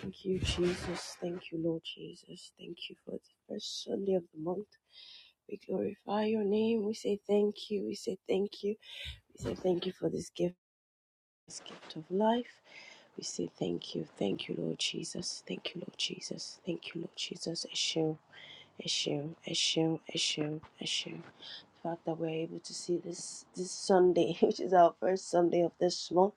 Thank you, Jesus. Thank you, Lord Jesus. Thank you for the first Sunday of the month. We glorify your name. We say thank you. We say thank you. We say thank you for this gift, this gift of life. We say thank you. Thank you, Lord Jesus. Thank you, Lord Jesus. Thank you, Lord Jesus. Ẹ ṣeun. It's you, it's you, The fact that we're able to see this this Sunday, which is our first Sunday of this month,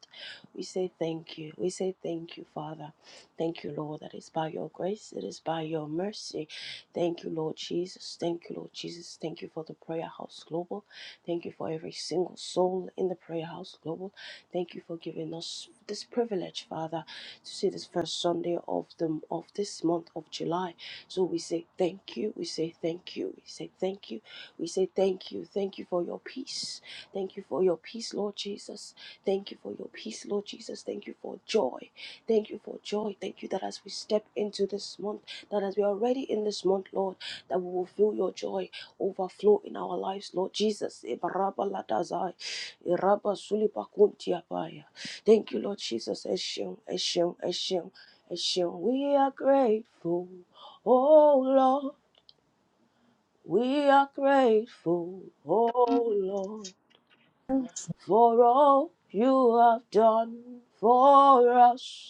we say thank you. We say thank you, Father. Thank you, Lord, that it's by your grace, it is by your mercy. Thank you, Lord Jesus. Thank you, Lord Jesus. Thank you for the Prayer House Global. Thank you for every single soul in the Prayer House Global. Thank you for giving us this privilege, Father, to see this first Sunday of the of this month of July. So we say thank you. We say thank you. We say thank you. We say thank you. Thank you for your peace. Thank you for your peace, Lord Jesus. Thank you for your peace, Lord Jesus. Thank you for joy. Thank you for joy. Thank you that as we step into this month, that as we are already in this month, Lord, that we will feel your joy overflow in our lives, Lord Jesus. Thank you, Lord Jesus. We are grateful. Oh Lord, we are grateful, oh Lord, for all you have done for us.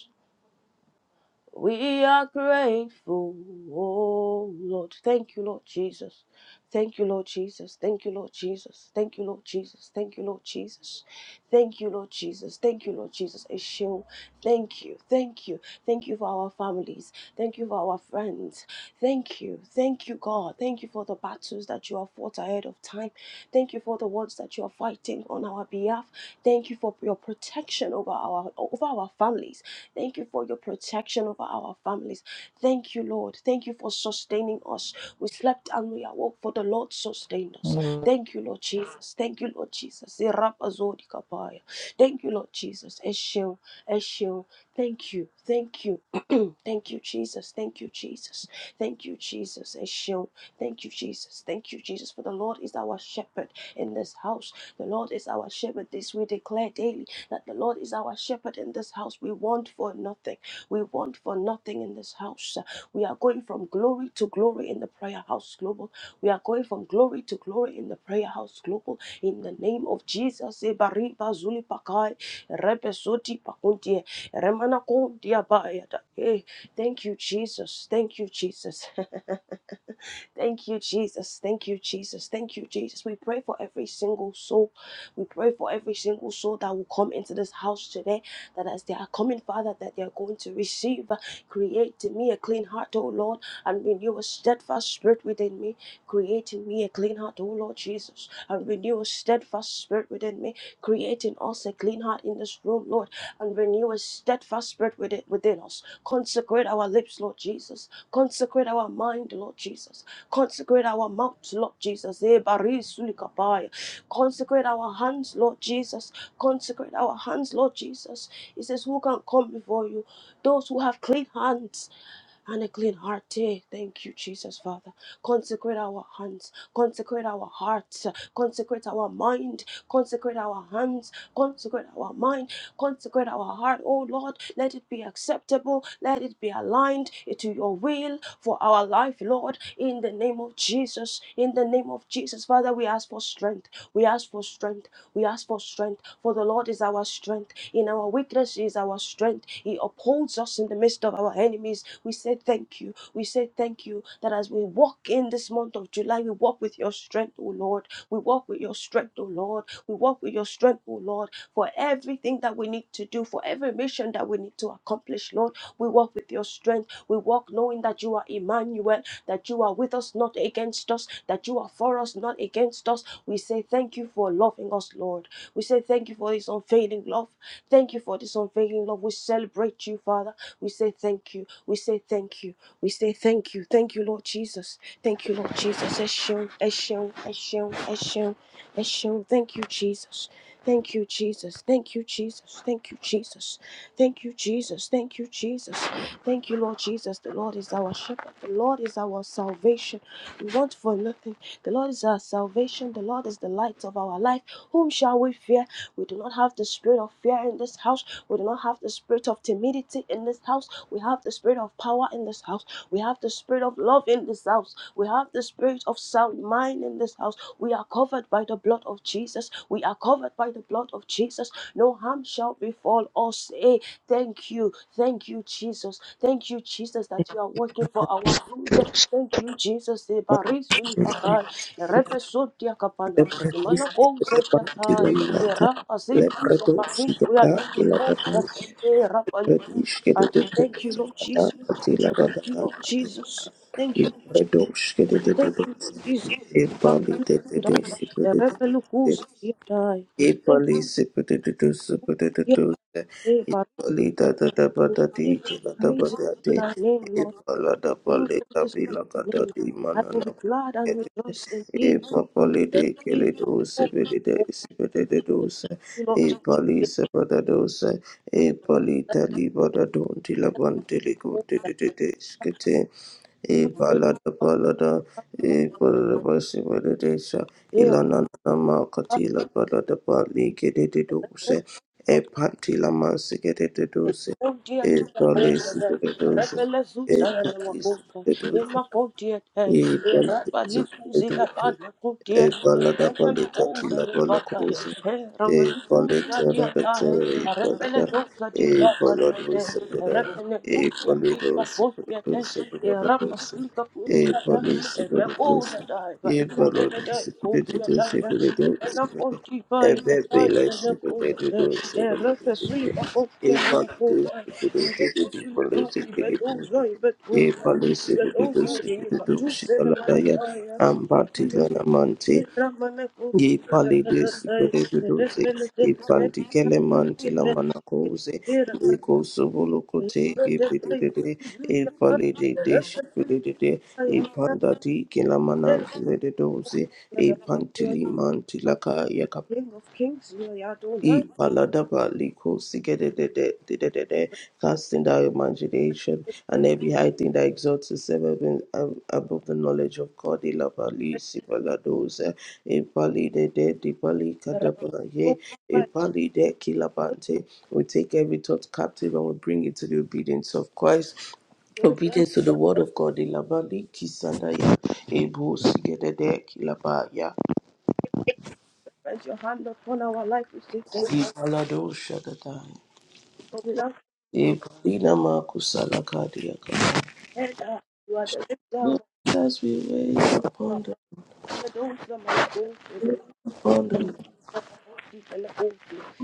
We are grateful, oh Lord. Thank you, Lord Jesus. Thank you, Lord Jesus. Thank you, Lord Jesus. Thank you, Lord Jesus. Thank you, Lord Jesus. Thank you, Lord Jesus. Thank you, Lord Jesus. Eshio. Thank you. Thank you. Thank you for our families. Thank you for our friends. Thank you. Thank you, God. Thank you for the battles that you have fought ahead of time. Thank you for the wars that you are fighting on our behalf. Thank you for your protection over our over our families. Thank you for your protection over our families. Thank you, Lord. Thank you for sustaining us. We slept and we awoke, for the Lord sustained us. Oh, Thank you, Lord Jesus. Thank you, Lord Jesus. Irapazodikapaya. Thank you, Lord Jesus. Eshio, Eshio. Thank you, thank you. Thank you, Jesus. Thank you, Jesus. Thank you, Jesus. Eshio. Thank you, Jesus. Thank you, Jesus. For the Lord is our shepherd in this house. The Lord is our shepherd. This we declare daily that the Lord is our shepherd in this house. We want for nothing. We want for nothing in this house. We are going from glory to glory in the prayer house global. We are going from glory to glory in the prayer house global. In the name of Jesus. Ebari Ebariba Zulipakai. Rebesoti Pakuntie. Remana Kuntia Bayata. Eh, Thank you, Jesus. Thank you, Jesus. Thank you, Jesus. Thank you, Jesus. Thank you, Jesus. We pray for every single soul. We pray for every single soul that will come into this house today. That as they are coming, Father, that they are going to receive. Create in me a clean heart, O Lord, and renew a steadfast spirit within me. Create in me a clean heart, O Lord Jesus, and renew a steadfast spirit within me creating us a clean heart in this room, Lord, and renew a steadfast spirit within within us. Consecrate our lips, Lord Jesus. Consecrate our mind, Lord Jesus. Consecrate our mouth, Lord Jesus. Eh, bari sulikapaya. Consecrate our hands, Lord Jesus. Consecrate our hands, Lord Jesus. He says, Who can come before you? Those who have clean hands and a clean heart. eh? Thank you, Jesus, Father. Consecrate our hands, consecrate our hearts, consecrate our mind, consecrate our hands, consecrate our mind, consecrate our heart. Oh Lord, let it be acceptable, let it be aligned to your will for our life, Lord, in the name of Jesus, in the name name of Jesus, Father, we ask for strength. We ask for strength. We ask for strength. For the Lord is our strength. In our weakness is our strength. He upholds us in the midst of our enemies. We say thank you. We say thank you that as we walk in this month of July, we walk with your strength, O Lord. We walk with your strength, O Lord. We walk with your strength, O Lord for everything that we need to do, for every mission that we need to accomplish, Lord. We walk with your strength. We walk knowing that you are Emmanuel, that you are with us, not against us, that you are for us, not against us. We say thank you for loving us, Lord. We say thank you for this unfailing love. Thank you for this unfailing love. We celebrate you, Father. We say thank you. We say thank you. We say thank you. Thank you, Lord Jesus. Thank you, Lord Jesus. Eshon, Eshon, Eshon, Eshon, Eshon. Thank you, Jesus. Thank you, Jesus. Thank you, Jesus. Thank you, Jesus. Thank you, Jesus. Thank you, Jesus. Thank you, Lord Jesus. The Lord is our shepherd. The Lord is our salvation. We want for nothing. The Lord is our salvation. The Lord is the light of our life. Whom shall we fear? We do not have the spirit of fear in this house. We do not have the spirit of timidity in this house. We have the spirit of power in this house. We have the spirit of love in this house. We have the spirit of sound mind in this house. We are covered by the blood of Jesus. We are covered by the blood of Jesus. No harm shall befall us. Eh, Thank you. Thank you, Jesus. Thank you, Jesus, that you are working for our good. Thank you, Jesus. ma Ibarisu ibaha, erebesotia kapana, imana lepradosi kouze de banti la tiata, malata erapa zika lepradosi sapati, de We da are da in che the la da banti kouze, erapa likouze. lepradosi Uh, che de de Thank you, banti Lord la da Jesus. banti la va da Thank you, da Lord Jesus. Thank you. Je- lepradosi che de de de Thank de you, Lord Jesus. e pali Rapa de de lukuda, de si de de erepe de lukouze tiata. e Thank you. pali si de de de de si de de de Yeah, eh, e barika, pali da da da ba da di che la da ba Amazing da to di thy name, e Lord. pala da King pali of da this vi good la va da name. di I will manana be glad and rejoice indeed. e for thank papalide you, kelidose Lord, belide for the good sibededose you not e just give palisa badadose us e that palita libada donti labante hope ligote that dededeskete you e look balada balada at us e and balada basibededesa hear ilana nama katila balada bali kedededose us. e patila Thank masigededose e palisi bededose e palisi bededose e palisi e balada balika tila bala kosa e balita da da te e balada e balado sabada e balido sabada sabada da dosa e bali sabada dosa e balado sabada da da sabada dosa e bebe la sabada da you. dosa Erekesui e bakokyan balido kodai, sabada da da di erekesui bali baki sabada dosa bedozai e bedozai, bali sabada bedozai dosa deka tu sele sabada dosa. manakaya, tekile Ambatilana Mante, tekra manakosu Ye Palides, tekatatai, Pereduze, erekele tekele Epanticele Mantila tekukite, Manacose, era Eco manakaya, Sobolocote, tekele tekele Epidide, Epalide, erekesui Deshpedide, kaya Epandati, manakaya, Kelamanantile Doze, yada, yada, Epantili Mantila King of Kings, you are Adonai, E Paladaba Liko Sigede de de de de de de casting thy imagination the and mighty, every high thing that exalts itself above ab- above the knowledge of God. Ilabali Sipaladosa E Pali de de de Pali Kadabala Ye E Pali de Kilabante. We take every thought captive and we bring it to the obedience of Christ. the Obedience to the word of God, Ilabali Kisandaya, Ebu Sigedede Kilabaya, Raise your hand upon our life. We say thank you Ibalado Shadadaya. for being our you. Ibrina Makusala Kadiaka. uh, you are the lifter of Let us we wait our head. Oh, upon the somebody go to Lord, the upon the Lord. and the old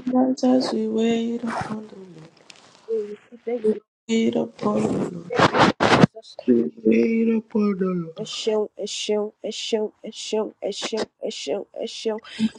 Let us we wait upon the We say thank Lord. you. Wait upon the Lord. Thank you, We wait upon the Lord. A show, a show, a show, a show, a show, a show, And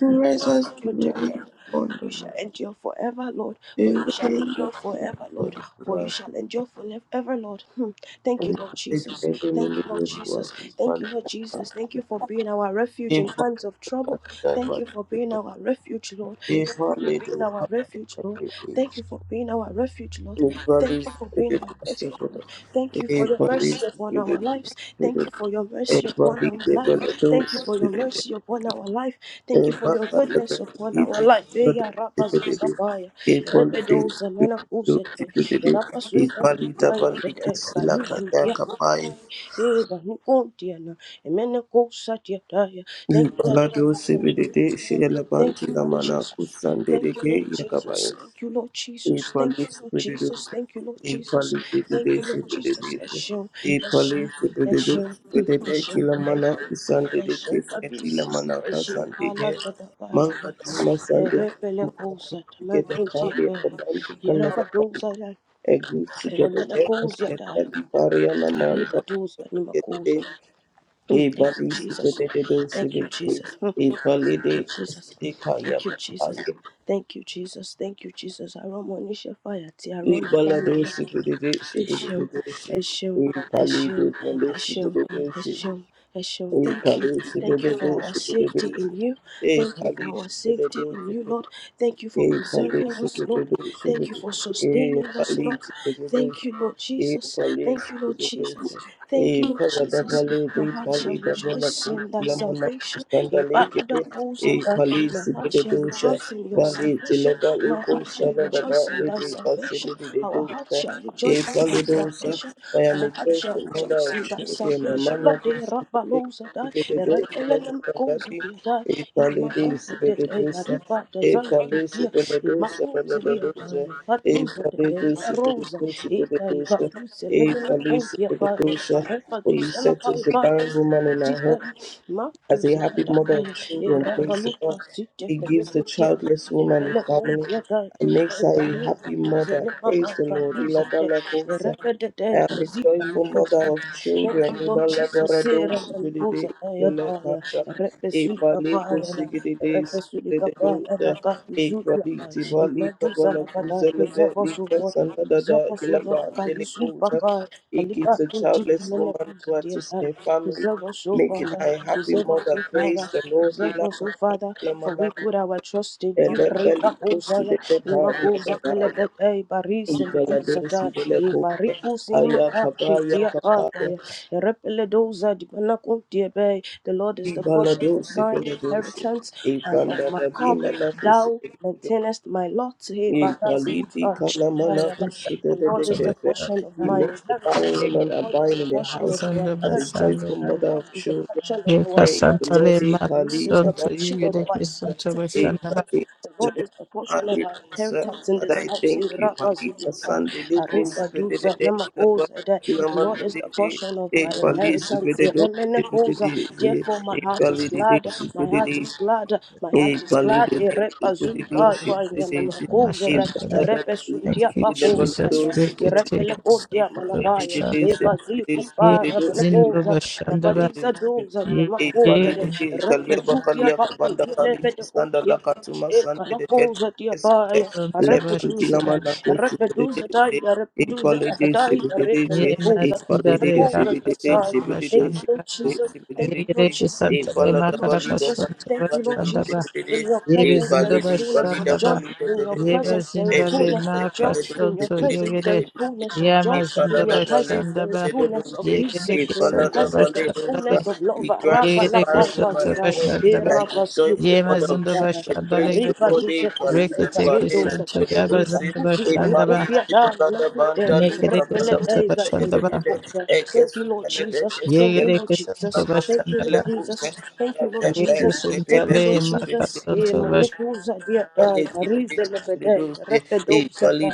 a us we show. wait upon for the you shall Lord. endure forever, Lord. For We you shall wait endure upon the forever, Lord. Lord. For you Lord, shall endure forever, Lord. Hmm. Thank you, and Lord the Jesus. great Thank enemy you, Lord of Jesus. us is Thank found you, Lord in us. Jesus. Thank you for being our refuge If in I times of trouble. had Thank you for being our refuge, Lord. if Thank you I for may being our refuge, Lord. Thank you for being our refuge, Lord. A police, Thank you for being get our refuge, it. Lord. Thank you for a your mercy police, upon get our it. a police, lives. Thank you for your mercy upon our the life. Thank you police, for your mercy upon our life. Thank you for your everybody, goodness upon our life. Eya rapa zuka paya. Repe doza nana kusete. Rapa suika a paya. Bete police, banu zutia the paya. E banu kontia na. Emene kosa tia taya. Thank you that you Ibalado are. sebedede shela Thank banti you, la Lord mana Jesus. kusandede Thank you, ke Lord Jesus. yakabayin. Thank you, Lord A Jesus. Thank you, police Lord predator, Jesus. Thank you, Lord a Jesus. police Thank you, predation Lord Jesus. predation, Eshem, a Eshem, police predator, Eshem, predator Eshem, killer mana Eshem. I kusande I de chief a killer mana show kasande I'm a manga tuma a repelacos at my get a twenty kali at fair. the anti Here kala are the doors I like, a good to and get I'm a gonna deck a cause yet step I read the Shukabis, Shukala at Sadabaya, Rebelecosa, Tamakuntia the Bay, pariana Yerabadosa, Remanacosia die, manta Ribados, get a Animacos. day a Thank you, body Jesus. predator Thank civil you, Jesus. Hmm. a Thank validate you, Jesus. a Thank you, Jesus. kayaka Thank you, Jesus. Thank you, Jesus. Aromonisha fire, Tiaron, Ibaladosi Bedeshi Eshem, Bedeshi Eshem, Ipalido Eshem, Baleshi Eshem, Bedeshi Eshem, Eshem. Thank you. Ipalisi Thank you for our Bedeshi safety Bedeshi in you. Thank you for Ipalisi our safety in you, Bedeshi Lord. Thank you for preserving Ipalisi us, Lord. Bedeshi Thank you for sustaining us, Lord. Ipalisi Bedeshi Thank you, Lord E Jesus. police Thank you, Lord Jesus. producer, Thank e you, Lord Jesus. polidavale, My e heart shall polidavale, rejoice in thy kulamana salvation. sandalike, e Ibaladakozada. My police heart shall producer, rejoice in your vali salvation. tileva My uko heart shall saladaba, rejoice in e thy salvation. possibility Our heart producer, shall e rejoice in thy polidosa. salvation. I am Our a heart shall grateful mother rejoice of in thy children, a salvation. man Lord, of the peace, a day, Rabalosa a die, the day, a day, Rebelenum a goes at day, your die, Ipalidi Imacosa de sibededusa, Ariba desire to Ipali dear, sibededusa, Imacosa die, bededusa, Hadusa Ipalidu de Rosa, sibededusa, Eka sibededusa, Ibafusa Lemena Ipali Pontia Fire, sibededusa. For you Repadusa la set us the Fiva, barren woman in our home. Sapatica, As a Matusa happy mother of Pataya, children, praise the Erabaluka God, Sita it gives the Pedopotia. childless woman a family Depele and makes her a Baruka happy duze mother. lepa Praise the kamba Lord. duze te. Ilabalakosa. Ereka de de I am a kazipa joyful lukuza. mother of Thank you, children. Lord Jesus. Ibalabarado Sera malukuza sigidide aya daya. ibelekata. Erepe suli Ibaleko kapaya na. sigidide Erepe suli kapaya sigididosa. na kapi zuli apaya. Ibaliti balika Imaduza na kadai. balakuza lebe Preserve us, O lika Lord. Preserve sanadada us, O Lord. Kalisuli ilabandelikosa. pakaya. It gives Kalipa the kunti childless kumele woman kuzi who are to dear. a family Preserve us, O making Father. her a happy Preserve us, mother. O Father. Praise the Lord. Preserve Ila us, O Father, for we kaklamana put our trust in you. elebeli Reba kusude Kozaya, debari Imakoze, edabaya. Elebete, Baris, and Ibaladosi Kusata, belekose. Ibarikus in Aya Makapi, kabaya dear kabaya. Papa, Erepeledoza, Dibanako, dear Bay. The Lord is the portion of Ibaladosi my beledosi. inheritance and of Ibanda my cup. dabima na Thou kusude dedo. maintainest my lot. Hey, Baba, Ipaliti kalamana Jesus. kusude The Lord is the dedekete. portion of He my makes the barren inheritance. woman The Lord is abide the in the portion of house our Santa as a inheritance. joyful Bashandra. The mother Lord of is the children. portion of our Yeka Praise the Santa Lord. inheritance. Eh, Lema The Lord Kali, is the Kaba, Santo portion of Kaba, our Yugereke Santa inheritance in Eh, the Bashandra. Kali, the Lord Kala, is the portion of Ali, our Musa. inheritance in Father, this I house. thank you. Malika, Irabaziliapai, Sunday, Leko, Sipede, Aribaduza, Dede, Kilaba, Namakozadai. The Lord Kilaman, is Dede, the Dede, portion of my Eh, Kali, inheritance. Sipede, Do, Sipede, Iremenekoza. Dede, Dede, Therefore, my Eh, heart is Kali, Dede, glad. My Sipede, heart Dede, is glad. My heart E is glad. validate with the shipulation, Irebazuliapai, Yugereke Santa Namakozadai. Mashandra. Thank you, Jesus. Irepesuntiapakozadai. Reke take Santa Irepelekotiamanakai. Bashandra. Ye Ibazilikupai, Zindo Abelekoza. Bashandra. Rabadizadoza, Ye A Ye Namakozadai. Irepesukiapakozelepetekotia. Manapoza Diabaya, Santa Reproduza, Bashandra. Reproduza, Dia, Reproduza, Abadai, Ye Reproduza, Mazindale Manapoza Raka Diabaya. Santa Thank you, Bashandra. Lord Jesus. Thank you, Lord Ipalidi, Yereke Jesus. santare Thank you, Lord Equality, makaraka Jesus. santa Rema Caracasanta Thank you, Lord bashandaba. Jesus. In equality, your Yebe presence there zinda is fullness equality, of bashandaba. joy. In your Yebe presence there is zindare fullness of joy. In your makasanto presence there yegere. is equality, fullness of joy. he Yama zinda In follows your the valley, presence there bashandaba. is he fullness of deduces. peace. He Yegereke In your follows santa the presence there valley, is bashandare. fullness of deduces. love. He grants Rapa the la Yegereke fire palpa santa woman a zagai. home, bashandaba. like a Irabas joyful Yema mother of zinda three. He prays bashandale to gere. Rica God, to he set is a follows Reke the teke redo valleys, set santo he Arriba tu yaba sete de Pareto Sata, Ipa deduces. zinda tu He Sipa bashandaba. follows Lupia Dama the Tute, bantala, he Nekereke follows I the santa mountains, Deva he bashandaba. Dama deduces. Poca. He Thank catches you, Lord the lede, he Jesus. catches the Thank you, Lord lede. Yegereke He santa Jesus. follows Thank you, the Lord bashandaba. Jesus. Thank you, Lord Yeke lede, Jesus. he Thank you, sentale Lord follows the lede. Jesus. E makasonto Manicusa dia dai, Thank Parise Lebede, Repedo Sata,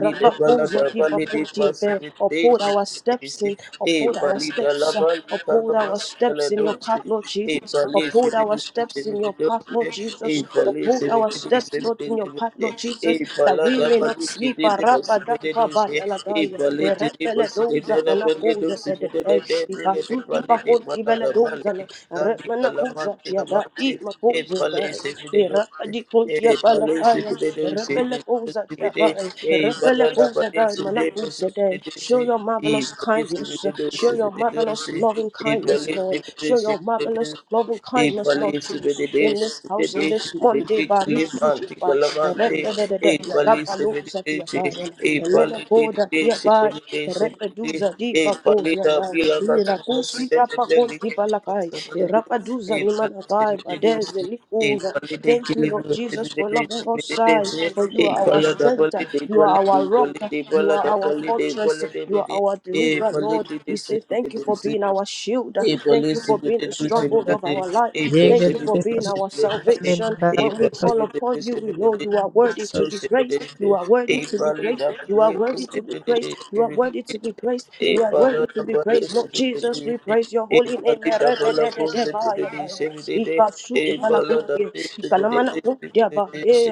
Rabaposa di Papunti, uphold our steps in, uphold our steps, uh, uphold our steps in your path, Lord Jesus. Uphold Uphold our steps in your path, Lord Jesus. Uphold our steps, Lord, in your path, Lord Jesus, that we may not sleep. Arabadakabayaladaya. Erebeledoza manakoze edete. Ikasuti pakonti beledoza na. Eremanakoza yada imakoze yada. you. Erabadikonti Hey police, if yapalakaya. they do see the Erebelekoza possibility, yabaya. eh, Balada Erebelekoza police, dai if they manakoze dai. possibility, Show see, your eh, marvelous police, if kindness. they do Show see your the marvelous dosi, loving eh, kindness marvelous, police, Lord. if they Show see your the marvelous dosi, love and eh, kindness, Lord police, if Jesus. they do In this see the house, in dosi, this the monte, dick, barisuti, limante, by calamante, Repedede, eh, police, if Rapalu, they do Satia, see, by eh, Elena police, if Goda, they do see, the herre dosi, Repeduza, di hey, police, if they do see, eh, police, Bagosia, the by bill of us, the most, the Irakusi, deadly, Rapakoti, the deadly, Balakai, the Rapaduza, eh, police, if Nimanakai, they do Badez, see, the dosi, Likuza. equally they Thank kill you, him Lord Jesus, for loving us, side, for you are our equally double strength, it you equally are our rock, you equally double are our double it fortress, you are equally our they deliverer, Lord. Lord. We say thank you for equally being our shield. a Thank police you for being the stronghold bashanda. of possibility, our life. a Yeke Thank you reke for possibility, being sentale our salvation. a bakasonto When we call upon you, we know possibility, you are worthy to be praised. You are a worthy to be praised. palida You are worthy to be praised. possibility, You are worthy to be praised. a You are worthy palada to be praised. Lord Jesus, we possibility, praise your a holy name. palida Merebedededevayadaya. possibility, a police, Ikasutipalakunde. Ikalamanakundeaba. Thank you.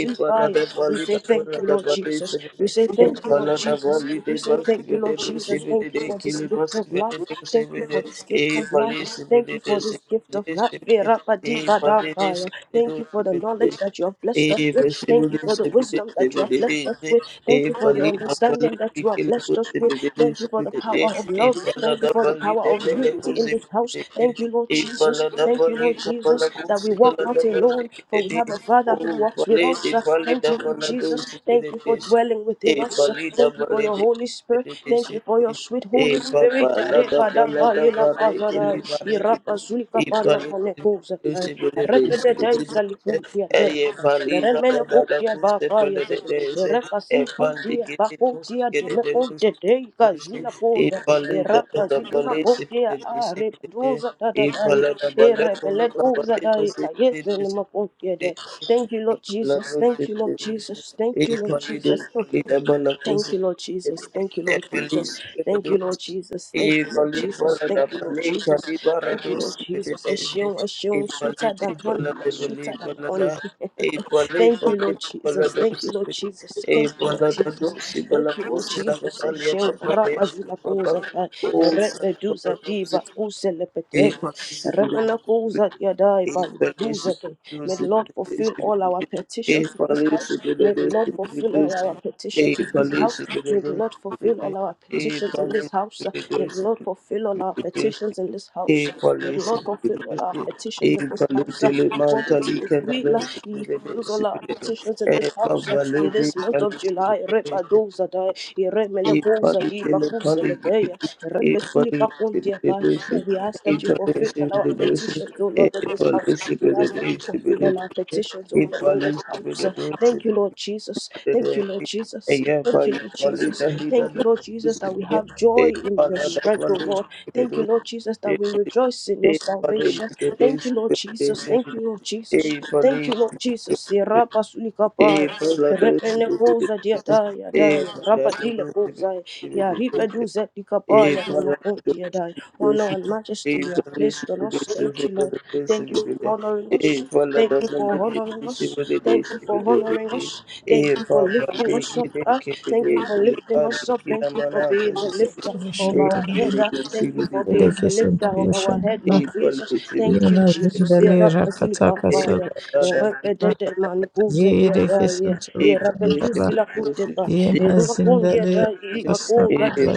Ipala da We bali say da thank bala you, da Lord bali Jesus. sibe. We say thank you, Lord Ipala Lord da Jesus. bali de We say bali thank sibe you, de Lord do Jesus. sibe Thank de you de for this kili bali gift of sibe life. de do Thank sibe you de. for this gift of life. Ipali sibe Thank de you do for this gift sibe of de life. sibe de. Ipali de Verapadipadapaya. sibe de do Thank you for the sibe de knowledge sibe. that you have blessed us with. Ipali sibe Thank you de for the sibe de wisdom that you sibe have de de blessed us sibe. with. Thank you for the Ipali da bali understanding that de you have kili bali blessed us sibe with. de do Thank you for sibe the de de. power of love. Ipala Thank you da for the bali power de of bali unity in this sibe house. de de. Thank you, si. Lord Thank Jesus. Thank you, Lord Jesus, that we walk not alone, for we have a Father who walks with us. Thank you, Lord Jesus. Jesus. Thank you for dwelling within us. Thank you for your Holy Spirit. Thank you for you. your sweet Holy E baba Spirit. la da ba la da ba re ke le ba re de e ba le se be de de se be de de se be de de e ye ba li da da ba la ku se pe le de de se e pa di ke de ku se ke de de lu se be de de se e ba li da da da ba le se be de de se be de de e ba la da ba la ku lu ka ba de de se ke de de se be Thank de you. Thank you, de e Lord ba la Jesus. do se Thank you, be Lord de de se Jesus. Thank e you, Lord ba li de Jesus. ba li da ba la ku Thank se you, be Lord de Jesus. de Thank you, e Lord ba li Jesus. se be de Thank de you, Lord Jesus. Thank you, Lord Ipali Jesus. Thank balada you, Lord pali Jesus. kali Thank barado you, Lord Jesus. A sibideje. shion, a shion, Ipali sweeter than honey, balada pali sweeter than balada. honey. Ipali Thank you, balada Lord Jesus. balado Thank you, Lord sibid. Jesus. Thank you, Lord Ipalada do Jesus. sibala Thank you, Lord kusila Jesus. kapali Eshe kapali ramazila kuza kapali. kai Osa erepe balado diba sibid. kuselepete Ipali sibid. remana kuza yadai ba Evalisi duza May dosi the Lord fulfill dosi all our petitions in this Evalisi house. dosi May the Lord fulfill all dosi our petitions in this house. Evalisi dosi Evalisi May the Lord fulfill dosi all our petitions in this house. May the Lord fulfill all our petitions in this house. May the Evalisi Lord fulfill all our dosi petitions in this house Evalitele according to mantali his kena will. uh, dosi He fulfills dosi all our petitions in this house uh, in Evalisi this month of July. dosi Repadoza die, Iremelekoza Everybody di in the body, Bakuselegea, everybody in Repesilipacontia the by. That doshi, we ask that you everybody fulfill in all our the doshi, petitions, O Lord, in this everybody house. in We the ask that you doshi, everybody in the fulfill all our doshi, petitions, O Lord, in everybody in this house. the Uh, Thank doshi, you, Lord Jesus. Thank everybody you, Lord in the doshi, Jesus. Thank you, everybody Lord Jesus. Thank you, Lord Jesus, that we have in joy in your strength, O Lord. Thank you, Lord Jesus. Jesus, that we rejoice in your salvation. Thank you, Lord Jesus. Thank you, Lord Jesus. Thank you, Lord Jesus. Irapa sulikapai. Repene koza diadai adai. Rapa dile kozai. Ya ripe the doshi, duze dikapai. everybody Namakunti adai. Deus Honor and majesty e you have fornece placed on us. desses Thank e you, Lord. quando Deus Thank you me for deu honoring us. e fala Thank da you for maldita honoring desse us. me deu Thank desse you for me deu honoring us. Thank e you for papa lifting e us up. que de ah. que de Thank que you for le lifting ali us up. que na Thank you for mana que being the lifter of e our bashanda. que head. de ah. desse Thank you me for deu being Yeke the lifter sento e of our head, bashanda. Lord fala Jesus. desse me Thank deu you, Yema Jesus. zindale rakataka e sonto Yerakasilikapaya, fala da que bashanda. na mana Yeke yerepedetemanikuzediadaya, sento e fala desse me bashanda. deu yerepetusilakutepa, Yema zindale erumakundiada, e kasonto bashanda.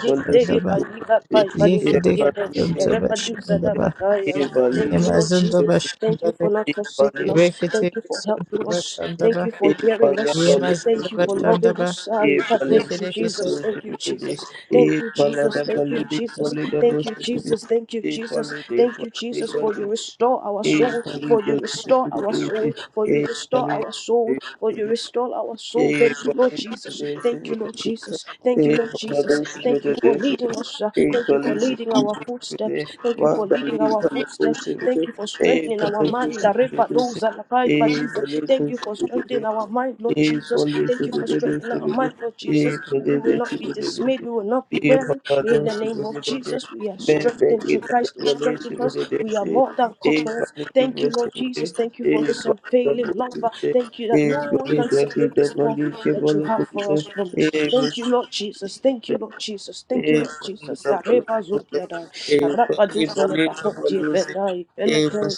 e Yeke reke sento bashanda. e erepatuzadabakaya. Thank you, you, Yema Lord zindo Jesus. Thank you bashanda. for not forsaking us. Thank Rekete you for sento helping us. bashanda. Thank you for hearing Thank Ye ye ye us. mazindo Thank you for bashanda loving ba. us. I Yeke thank you, deke Jesus. soto Thank you, Jesus. Thank you, Jesus. Thank you, Jesus. Thank you, Jesus. Thank you, Jesus. Thank you, Jesus, for you restore our soul. For you restore our soul. For you restore our soul. For you restore our soul. Thank you, Lord Jesus. Thank you, Lord Jesus. Thank you, Lord Jesus. Thank you for leading us. uh, Thank you for leading our footsteps. Thank you for leading our footsteps. Thank you for strengthening our mind. Arepadoza, lakaipadisa. Thank you for you. strengthening our mind, Lord E Jesus. for this, Thank you it is for this, strengthening it our is this. mind, Lord E Jesus. for And we this, will this, not be it is this. dismayed. We will not be E for weary. that, In the this, it name of is this. Jesus, we are Ben, ben, strengthened it is through that Christ who for this, strengthens it us. is We this. are more than E for conquerors. this, it Thank you, is Lord Jesus. this. Thank you for E this for that, unfailing this, love. it is Thank you this. that E no for one this, can that, separate it this is for love this, it that for you have this, for us from us. it is this. Thank you, Lord Jesus. Thank you, Lord Jesus. Thank you, E Lord for Jesus. this, for Sareba this, Zodiada, it is this. E for Rapadu this, for Selepaho, this, for this, E for this, it is Jebedai, Eleke,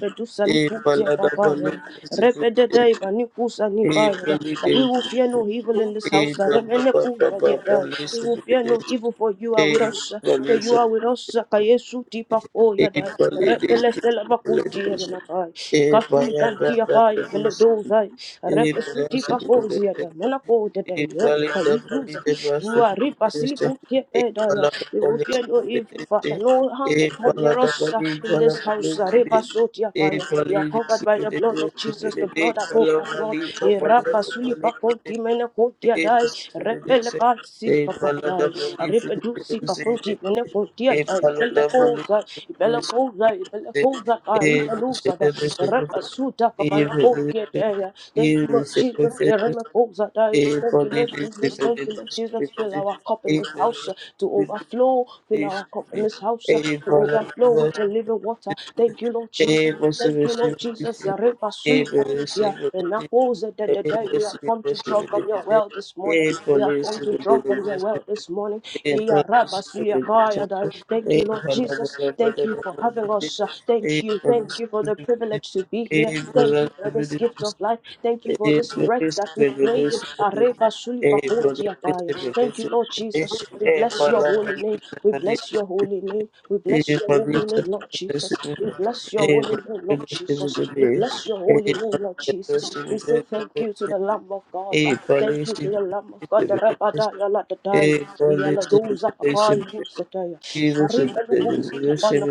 E for that, Salikantia for Papaya, this, Repedai, Banikusa E Nibaya, that we polidez. will fear no evil in this E house, baba Saremeneku, baba baba Yadai, we will fear no polidez. evil, for you are with E us, for polidez. you are with us, Sakayesu Tipapo E Yadai, polidez. Repele Selepakundi Polidez. Yanakai, E Kafili baya Kantia baba Pai, polidez. Beledozai, E Repesu polidez. Tipapo Ziada, Manako, E Dadai, polidez. Kayuza. Polidez. Waripa Polidez. silipu E kepedaya. polada We will fear polidez. no evil, Father. Polidez. No harm will E come near polada us uh, polidez. in this house. Aripa Polidez. sotiakaya. E We are polidez. covered by the blood of Jesus, the Polidez. blood Polidez. above our blood. Irapa Polidez. sulipa konti mene A konti adai. Repele kan silika pakai. Aripe du sika konti mene konti adai. Ibele koza, ibele koza, ibele koza kai. Ibele koza da. Repa suta kapana konti adai. Thank you you, Lord Jesus. Eremekozadai. Thank you, Lord Jesus. Thank you, Lord Jesus. Fill our cup in this house uh, to overflow. Fill our cup in this house uh, to overflow with the living water. Thank you, Lord Jesus. Thank you, Lord Jesus. Reba suli kapudia. And now, oh, The The Erebasulifakudia. Enakozadadadai. We have come to draw from your well this morning. We have come to draw from your Amen. well this morning. A produce production. Iyarabasuliakayadai. Thank a you, Lord police, Jesus. a Thank you for having us. uh, Thank you. Thank Thank produção you for the produzir, privilege to be A produção produzir, A here. Thank produção you for this produzir, gift of life. Thank you for this breath that we pray in. Areba A suli pakoti produção apaya. Thank you, produzir, Lord Jesus. A We bless your palavra holy name. produzir, We A bless your holy name. We bless produção your produzir, A produção holy name, Lord Jesus. produzir, We bless your holy name, Lord Jesus. We bless your A holy name, Lord Jesus. produção We say thank you to the Lamb of God. Uh, Thank you to produzir, the Lamb of God. The Rabada Yala Dadai. A Yala Doza police, Papai Thank even should you, the Lord leadership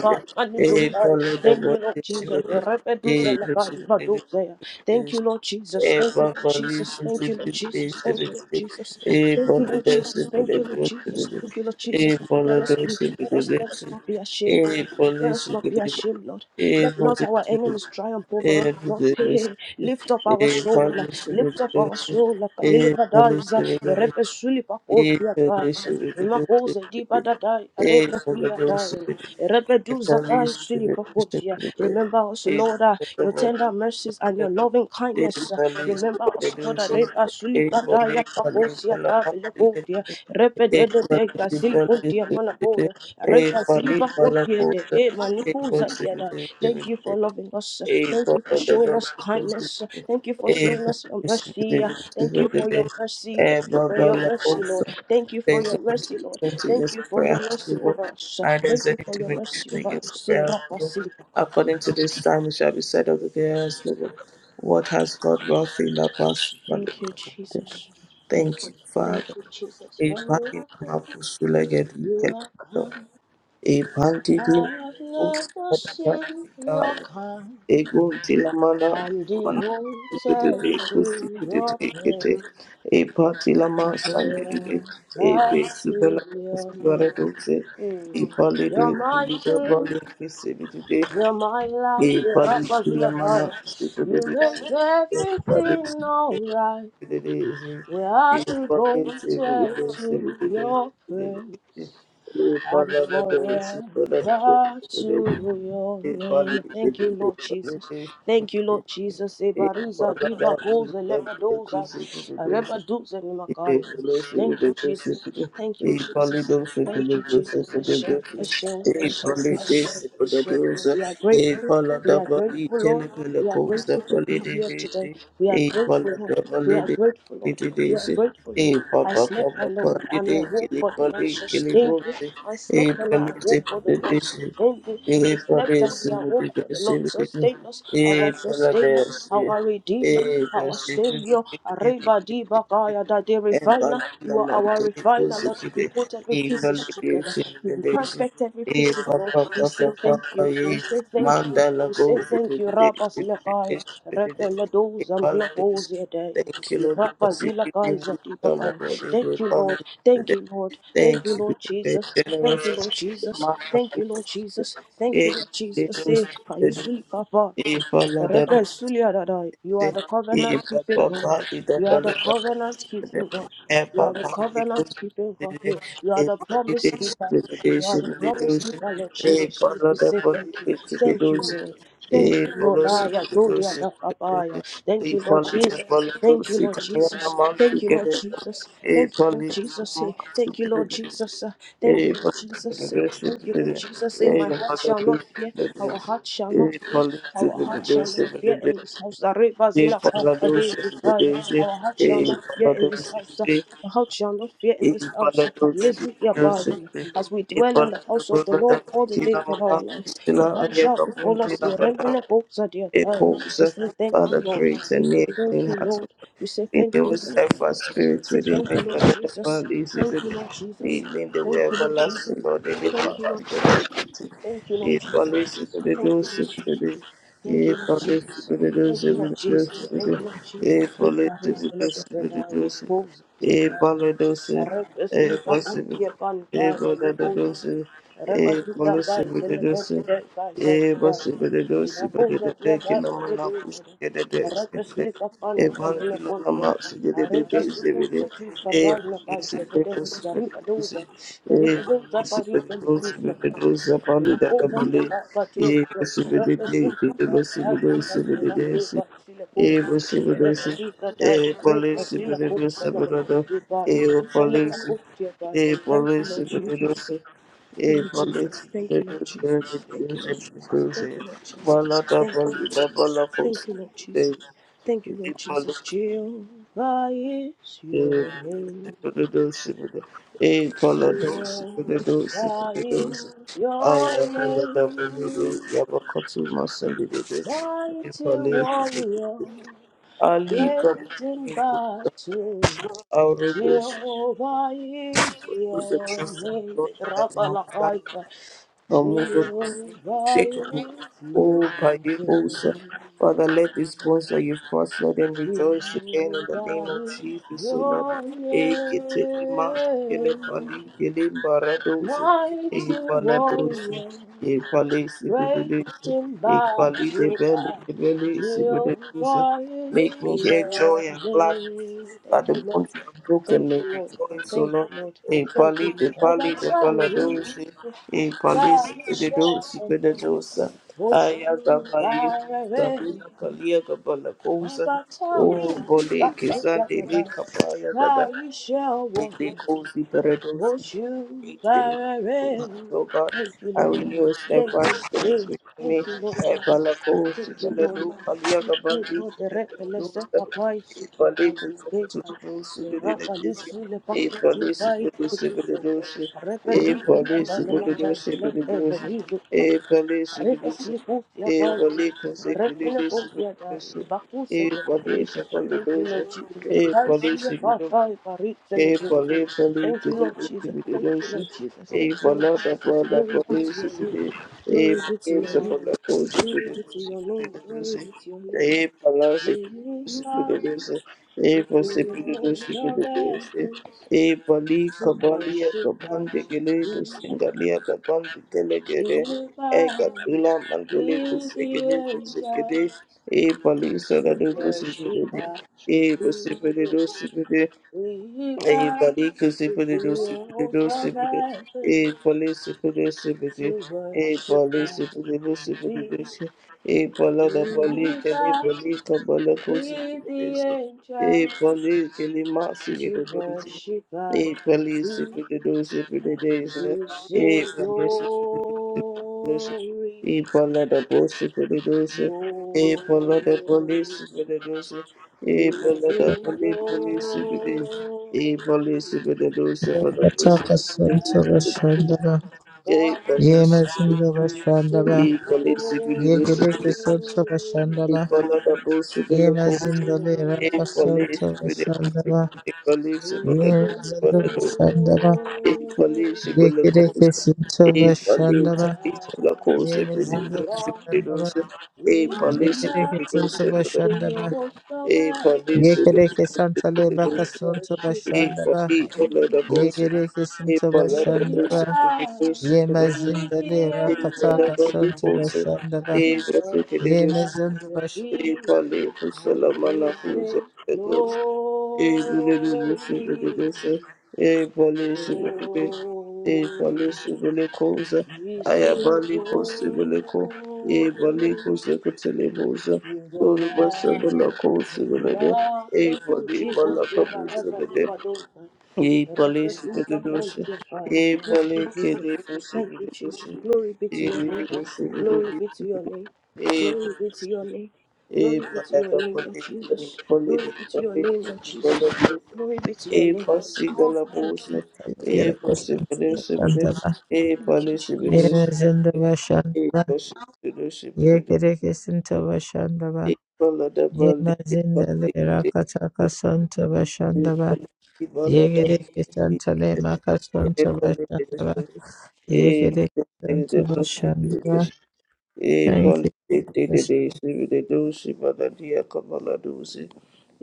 a follow the Jesus. motivation a Thank vision you, Lord a broccoli Jesus. Thank you, fifty Lord Jesus. a Thank you, Lord Jesus. Thank you, Lord Jesus. Thank you, bottle Lord Jesus. Thank you, Lord Jesus. Thank you, Lord a Jesus. Let us bottle be, let us, let us not be a ashamed, Lord. Let Police, a us police not be ashamed, Lord. a Let not our police enemies triumph a police a over us, police a Lord. Hey, hey. hey. Lift up our soul. Lift up our soul. Like a Makoze diba dadai, police a repetulia police dying, repeduza kai Italy's silipokotia. revolutionary Remember us, Italy's Lord, uh, your tender mercies and your loving kindness. uh, Remember us, Lord, uh, revolution repa sulipadaya pakosia dabelobodia, repedede dega silipodia manakoya, repa silipodia de Thank you for loving us. Thank you for showing us kindness. Thank you for showing us your mercy. yeah. Thank you for your Italy mercy. Thank you for your mercy, Lord. Italy Thank you there for is no your mercy, Lord. judgment Thank against you the for prayer your house mercy people, over us. and there Thank is you any for your mercy divination over against the prayer house people. us. According to this time, it shall be said of the prayer house people, What has God wrought in the past? Thank you, Jesus. Thank you, Thank Father. you, Jesus. For you Ipaki are na good. makusule gedi You are kele. kind. Ebantiti I have never seen your Kusikataya kind. Eguntilamana I'm Mana devoted Kete to your prayer. Kusikete Epatilama Glory Sandide to Ebisibela your name. Subaredoze Mm. You're Epalide my Palida king, Bali Kisibide you're my life, you're Rapazula Epalitilamana power. You Sibide make everything alright. Thank We are devoted to your praise and forever to your name. Thank you, Lord Jesus. Thank you, Lord Jesus. Ebariza diva koze lebadoza, you. rebedoza E nimakaiza. Thank you, Jesus. Thank you, Jesus. Thank you, Jesus. Hashem, Hashem, Hashem, Hashem, Hashem. We are grateful. We are grateful, Lord. We are grateful to be here today. We are grateful, Lord. We are grateful, Lord. We are grateful, Lord. I slept and, I- and I woke for the Lord sustained me. I slept and I woke for the Lord sustained me. We slept and we awoke for the Lord sustained us. Our sustainer, our redeemer, our savior. Arriba di bakaya da de refiner. You are our refiner, Lord. You put every pieces together. You perfect every pieces, Lord. We say thank you. We say thank you. We say thank you, Rabba Zilakaya, Rebbe Ladoza Manahosia Day, Thank you, Lord, Rabba because you give Zilakai me wisdom of Zatibakai. what you do Thank you, for me Lord. Thank today. you, Lord. Thank Thank you, you Lord because you're Jesus. Thank generous. you, Lord Jesus. Mama, Thank you, please. Lord Jesus. Thank you, Yeah, Lord Jesus. they do. They do. Say, They follow that. Rebbe Suliadadai, you are Thank the covenant keeping God. You are the covenant keeping God. You are the covenant keeping God. Hey, you are the promise keeper. You are the promise keeper, Lord Jesus. We say thank you. Thank you, Lord. Thank you, Lord. Aya, do dia da fa ba Thank you, Lord Jesus. Thank you, Lord Jesus. Thank you, Lord Jesus. Thank you, Lord Jesus. Hey, Thank you, Lord Jesus. Uh, Thank you, Lord Jesus. Hey, Thank you, Lord Jesus. Hey, My heart shall not fear. Our heart shall not fear. Our heart you. shall not fear in this house. The river E zilla Father, do day something fire. today. Our heart shall E not fear Father, in do this something house. today. Our heart shall not fear in E this house. Father, do something Yezu yabahi. today. As we E dwell in Father, the house do of the something Lord all the today. days of our life, no harm E shall Father, befall do us. something today Yeremene boksa fire. echoes We of say thank you, Father, Lord. create We in me say a clean thank you, heart. O Lord. God. We say thank you, Renew a Lord. steadfast spirit Say within thank me. you, Lord Identify Jesus. these Thank you, evident. Lord Jesus. Lead me in the Thank way you, Lord Jesus. everlasting, Lord. Deliver Thank us you, Lord from the liberty. Thank you, Lord If Jesus. only you could Thank do you, Lord Jesus. something. Thank you, If Lord only you Jesus. could do Thank you, Lord something. Jesus. Thank you, Lord Jesus. If You only are you his could and do the regard of something. those here. If only you could do something. If Representa os possible. que pantar If only no you could pouso. Representa do vai something. de If la terra possible. de casa de Eba casa. sigedede Na pousa de sigedede casa kinama de naku dois. sigedede sigedede Representa pantar no evangelo nama pouso. sigedede Arranca se tu sigedede se ti capaz eba na casa de de sigedede sigedede zariba dosa. Zariba eba dosa para ir de sigedede tu. sigedede zapali Thank you, dada bale Lord Jesus. eba sigedede eba sigedede sigedede si eba sigedede eba sigedede sigedede eba sigedede eba sigedede a police Thank you, Lord Jesus. Thank police you, Lord Jesus. the Thank you, using Lord Jesus. Thank cruising. you, Lord Jesus. Bala da Thank you, bala Lord da Jesus. bala cruise. Thank you, Lord E Jesus. Thank you, Lord Jesus. police Jehovah is e your name. police police police. E bala police police Jehovah is police. Aya bala your da bala da name. yabakatu masandi de. E Mighty police. warrior, Ali kapu. great in battle, Our rebels. Jehovah is Those that your trust in the name. Lord like Mount Rapalakaika, unmovable, Jehovah unshakable. is your Oh, Payehosa. Father, let these bones that you've crushed, let them rejoice name. again in the name of Jehovah is Jesus, O Lord. your Ekitele maskele name. pali Eketelema, kelepali, Mighty kelembaradosi, warrior. ekepaladosi, ekepalesibididosi, Waiting by July, will ekepalidebelidebelesibididosi. volume Make me hear your joy and gladness name. at Thank the you, Lord. bones you have broken Thank may you, Lord. rejoice, O Thank Lord. you, Lord. A Thank you, pali, the Lord. Every pali, the time we lift paladosi, we a palis, the dosi, show, the dosa. push you Ayagabaye, by the rain. Sabina Kalia Every Gabalakosa, O time we Bole, got Kizande, le, Kapaya Gada. we shall walk. They cause the paradox Won't you waiting direct? oh God. Thank you, I Lord. renew a Thank you, steadfast spirit Jesus. within Thank me. you, Lord I Jesus. balako Thank you, Lord. sibalado Thank kaliaga you, bandi Lord. Direct The sibalado less of a reckless Papa is here on Ipaleko the gate. sokoturubu So Rafa sugedelegezi. Lissu le Paku Ipale Tibai sibede Kitisa. sibededoshe. Repetit the Ipale Kabbalah sibededoshe Kazalet bededoshe. Evadizu. Ipale Rivers sibedoshe. Lipofia by Ipaleko sibededoshe Revenopofia by bededoshe. Bakusa. Dai. Ipale Thank you, sibededoshe. Lord Jesus. The Ipale Kaisia sibededoshe. Fakai A Paritzelogin. for live, for live, Thank to you, live, Lord to Jesus. be the Thank you, Lord notion. Jesus. Thank A you, for Lord love, that Jesus. one, that Glory one be to lives, your to name. be the A Glory for be to games, your that name. one, that one, to be Glory the be to notion, your to be name. the Glory be notion. to your name. A for loss, We to be are the notion. A with for sip, to the be the host notion, to be of the notion. heaven A for lee, to kabalia, worship kabang, de at gele, your feet. We A bow katula, with the angels. A police, so We worship the day. God, your A for food sip, is we a bow Baliki Sipidi do Sipidi before do the Sipidi. heaven Eh, Police Sipidi to Sipidi. Eh, worship Police God. Sipidi do We Sipidi do Sipidi. Eh, Palada we Baliki Ni bow Balika Balaku with the Sipidi do Eh, angels Baliki Ni Masi to Sipidi do Sipidi. worship at Eh, your Police feet, Sipidi and we sing Eh, police, glory, e pala da police police, glory. e pala da police police, We e pala da sing police police police, e police glory, police police, To the bashanda e God, police, e police you should glory. Receive police police, e ba. pala da police Ye police, mazindo le e raka police police, santo bashanda ba. e police Ye police mazindo glory. police bashanda ba e polisi la Yeke deke cosa santo e bashanda polizia ba e quella Ye cosa per il mazindo nostro God, per bashanda ba il e we will polisi Yeke per bow deke il santo nostro per to bashanda ba your il host of e heaven polisi per Yemazda Bashandaba, Yekedeke il nostro per il Sotaka to nostro Santa worship at e Bashandaba, your polisi quella da Yemazinda Bashandaba, feet. cosa Yekedeke e Santa Bashandaba, Yemazinda Leraka Santa Bashandaba, Yemazinda Bashandaba, Yekedeke Santa bashanda ba Bashandaba, Yekedeke Santa Bashandaba, Yekedeke Santa Lebaka Santa Bashandaba, Yekedeke We bashanda ba polizia da cosa per il bow, we the Yemezindele e la angels rakataka da di santa bashandala. to e questa worship che at Yemezindu your bashandala. e feet, polizia quella and we mana say, cosa a bali kosi Glory, bade doshe, a bali se bade, a glory. bali se bade kosa, We aya sing bali kosi bade koh, a bali glory, kosi kot se le kosa, you the tod bali light bala koh se of bade, God. a Thank you, bali Jesus. bala We kabul se baraza di bade, badosa. a bali Rata se suka bade doshe, pantia fire. a Thank bali you, ke Jesus. le kosi Thank you, bade Jesus. doshe, Glory be a to your name. bali se bade, Glory be to your name. a Glory be to your name. a bali Glory be to bala your koh, a name, Lord bali Jesus. bala Glory be koh, to a your name, Lord bali Jesus. bala koh Glory be to your e name, Lord pasiga Jesus. la Thank you. bosa, Thank you. e Yereke santa pasibile Thank you, sibile, bashandala. Jesus. e Thank you, Jesus. palisibile Yemezindu sibile, e bashandala. pasibile sibile, Yekereke santa bashandala. e balada bali, e Yemezindele pasibile rakataka sibile, santa e bashandala. pali balada Yekereke bali, santa le maka e santa palisibile bashandala. sibile, e Yekereke santa pasibile sibile, e Thank you. palisibile sibile, dosi baladia kabala dosi,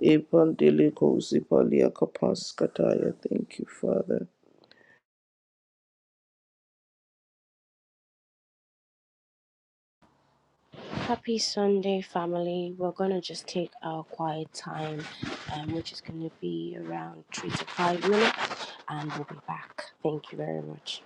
e pandile kosi palia kapas kataya. Thank you, Father. Happy Sunday, family. We're going to just take our quiet time, um, which is going to be around three to five minutes, and we'll be back. Thank you very much.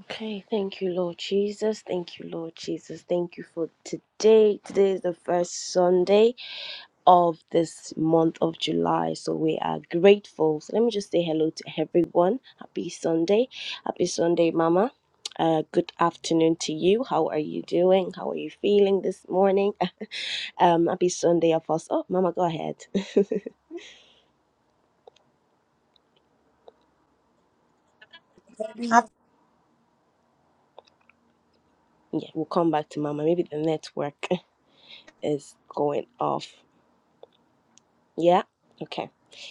Okay, thank you, Lord Jesus. Thank you, Lord Jesus. Thank you for today. Today is the first Sunday of this month of July. So we are grateful. So let me just say hello to everyone. Happy Sunday. Happy Sunday, Mama. Uh, good afternoon to you. How are you doing? How are you feeling this morning? Um, happy Sunday, Apostle. Oh, Mama, go ahead. Jesus. Yeah, we'll come back to Mama. Maybe the network is going off. Yeah. Okay,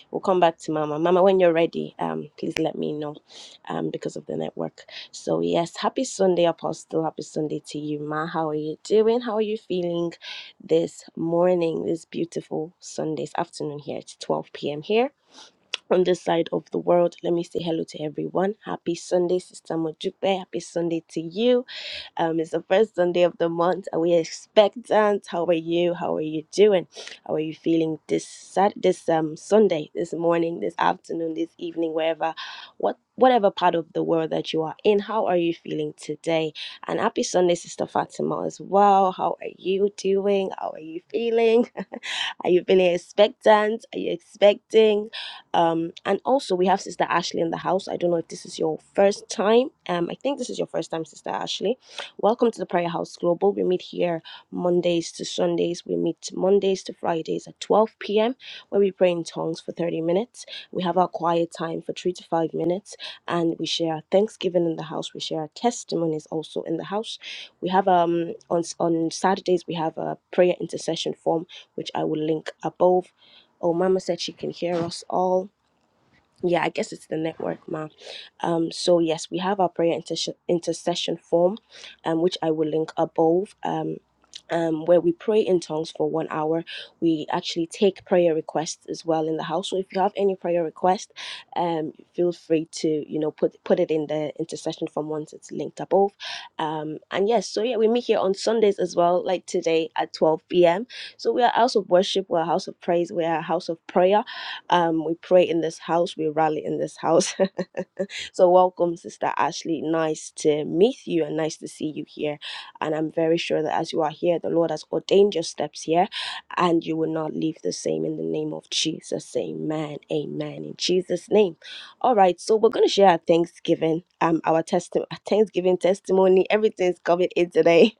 we'll come back to Mama. Mama, when you're ready, um, please let me know, um, because of the network. So yes, happy Sunday, Apostle. Happy Sunday to you, Ma. How are you doing? How are you feeling this morning? This beautiful Sunday's afternoon here. It's 12 p.m. here on this side of the world. Let me say hello to everyone. Happy Sunday, Sister Mojupe. Happy Sunday to you. Um, it's the first Sunday of the month. Are we expectant? How are you? How are you doing? How are you feeling this Sat this um Sunday, this morning, this afternoon, this evening, wherever, what whatever part of the world that you are in? How are you feeling today? And happy Sunday, Sister Fatima, as well. How are you doing? How are you feeling? Are you feeling expectant? Are you expecting? Um, and also, we have Sister Ashley in the house. I don't know if this is your first time. Um, I think this is your first time, Sister Ashley. Welcome to the Prayer House Global. We meet here Mondays to Sundays. We meet Mondays to Fridays at 12 p.m., where we pray in tongues for 30 minutes. We have our quiet time for three to five minutes, and we share our Thanksgiving in the house. We share our testimonies also in the house. We have um on on Saturdays we have a prayer intercession form which I will link above. Oh, Mama said she can hear us all yeah, I guess it's the network, ma. Um, so yes, we have our prayer intercession intercession form, um, which I will link above. Um, um, where we pray in tongues for one hour, we actually take prayer requests as well in the house. So if you have any prayer request, um, feel free to you know put put it in the intercession form once it's linked above. Um, and yes, so yeah, we meet here on Sundays as well, like today at twelve p.m. So we are a house of worship, we're a house of praise, we are a house of prayer um, we pray in this house, we rally in this house. so, welcome, Sister Ashley. Nice to meet you and nice to see you here. And I'm very sure that as you are here, the Lord has ordained your steps here and you will not leave the same in the name of Jesus. Amen. Amen. In Jesus' name. All right. So, we're going to share our Thanksgiving, um, our testi- our Thanksgiving testimony. Everything's coming in today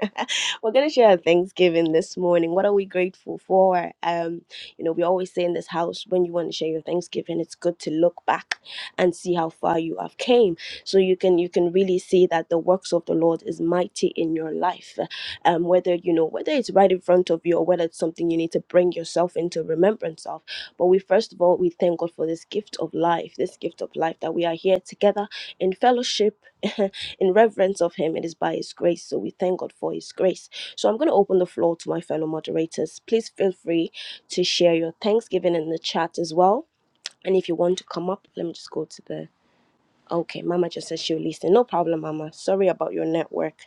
we're going to share our Thanksgiving this morning. What are we grateful for? Um, you know, we always say in this house, when you want to share your Thanksgiving, it's good to look back and see how far you have came, so you can you can really see that the works of the Lord is mighty in your life. Um, whether you know whether it's right in front of you or whether it's something you need to bring yourself into remembrance of. But we first of all we thank God for this gift of life, this gift of life that we are here together in fellowship, in reverence of Him. It is by His grace, so we thank God for His grace. So I'm going to open the floor to my fellow moderators. Please feel free to share your Thanksgiving in the chat as well. And if you want to come up, let me just go to the. Okay, Mama just said she'll listen. No problem, Mama. Sorry about your network.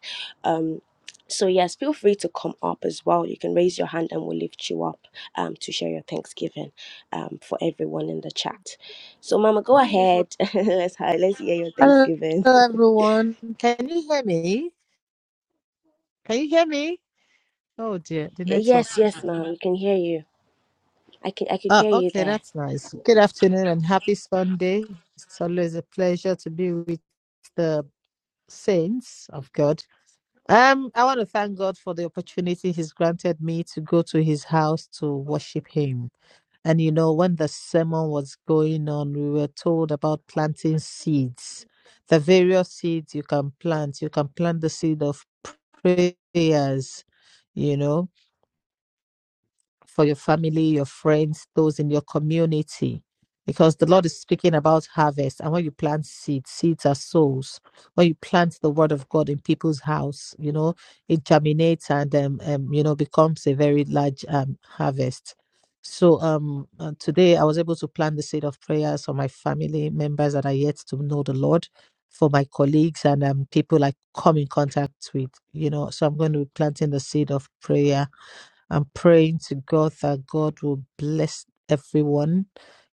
Um, so yes, feel free to come up as well. You can raise your hand and we'll lift you up um, to share your Thanksgiving um, for everyone in the chat. So, Mama, go ahead. let's hi- let's hear your Hello Thanksgiving. everyone. Can you hear me? Can you hear me? Oh dear, the yes, network. yes, Mama, we can hear you. I can I could Uh, hear you okay, there. that's nice. Good afternoon and happy Sunday. It's always a pleasure to be with the saints of God. Um, I want to thank God for the opportunity He's granted me to go to His house to worship Him. And you know, when the sermon was going on, we were told about planting seeds. The various seeds you can plant. You can plant the seed of prayers, you know. for your family, your friends, those in your community. Because the Lord is speaking about harvest. And when you plant seeds, seeds are souls. When you plant the word of God in people's house, you know, it germinates and, um, um, you know, becomes a very large um, harvest. So um, uh, today I was able to plant the seed of prayers for my family members that are yet to know the Lord, for my colleagues and um, people I come in contact with, you know. So I'm going to be planting the seed of prayer I'm praying to God that God will bless everyone,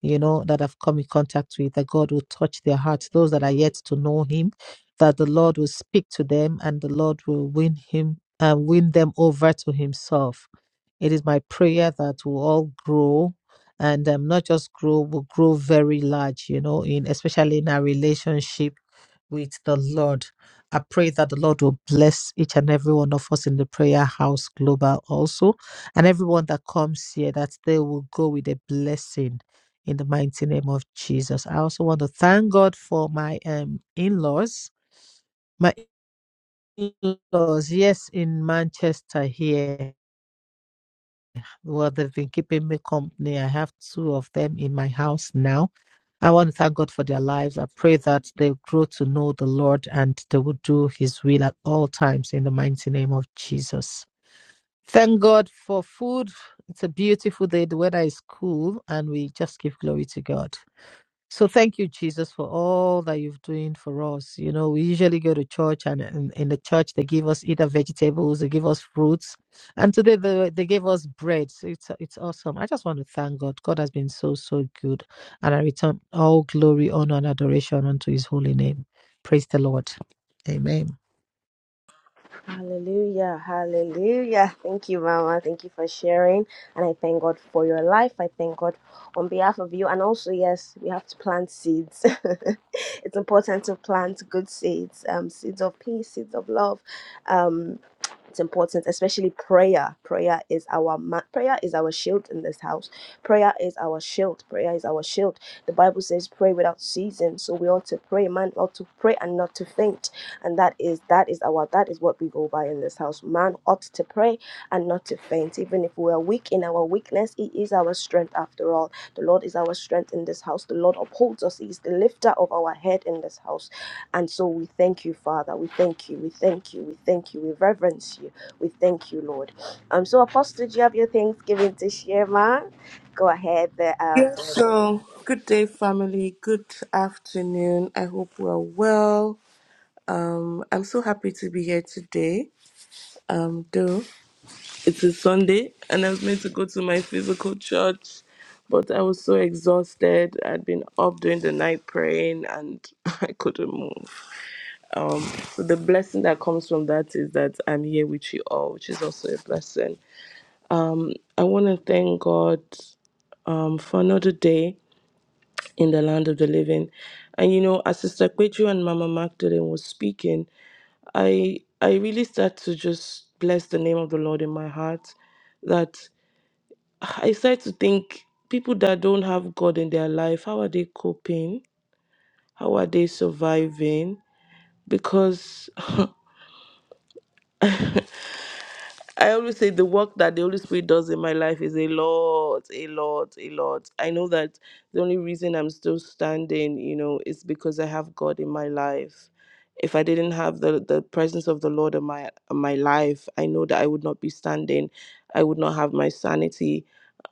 you know, that I've come in contact with, that God will touch their hearts, those that are yet to know Him, that the Lord will speak to them and the Lord will win Him and win them over to Himself. It is my prayer that we'll all grow and um, not just grow, we'll grow very large, you know, in especially in our relationship with the Lord. I pray that the Lord will bless each and every one of us in the prayer house global also, and everyone that comes here, that they will go with a blessing in the mighty name of Jesus. I also want to thank God for my um, in laws. My in laws, yes, in Manchester here. Well, they've been keeping me company. I have two of them in my house now I want to thank God for their lives. I pray that they grow to know the Lord and they will do His will at all times in the mighty name of Jesus. Thank God for food. It's a beautiful day. The weather is cool and we just give glory to God. So thank you, Jesus, for all that you've doing for us. You know, we usually go to church, and in, in the church they give us either vegetables, they give us fruits, and today they they gave us bread. So it's it's awesome. I just want to thank God. God has been so so good, and I return all glory, honor, and adoration unto His holy name. Praise the Lord. Amen. Hallelujah, hallelujah. Thank you, Mama. Thank you for sharing. And I thank God for your life. I thank God on behalf of you. And also, yes, we have to plant seeds. it's important to plant good seeds, um, seeds of peace, seeds of love. Um, it's important especially prayer prayer is our ma- prayer is our shield in this house prayer is our shield prayer is our shield the bible says pray without ceasing so we ought to pray man ought to pray and not to faint and that is that is our that is what we go by in this house man ought to pray and not to faint even if we are weak in our weakness he is our strength after all the lord is our strength in this house the lord upholds us he is the lifter of our head in this house and so we thank you, Father. We thank you. We thank you. We thank you. We reverence you. We thank you, Lord. Um, so Apostle, do you have your Thanksgiving to share, ma? Go ahead. There, Yes, uh, so good day, family. Good afternoon. I hope we're well. Um, I'm so happy to be here today. Um, though it's a Sunday and I was meant to go to my physical church, but I was so exhausted. I'd been up during the night praying and I couldn't move. Um, so the blessing that comes from that is that I'm here with you all, which is also a blessing. Um, I want to thank God um, for another day. in the land of the living. And you know, as Sister Kweju and Mama Magdalene was speaking, I I really start to just bless the name of the Lord in my heart. That I start to think people that don't have God in their life, how are they coping? How are they surviving? Because I always say the work that the Holy Spirit does in my life is a lot, a lot, a lot. I know that the only reason I'm still standing, you know, is because I have God in my life. If I didn't have the, the presence of the Lord in my in my life, I know that I would not be standing. I would not have my sanity.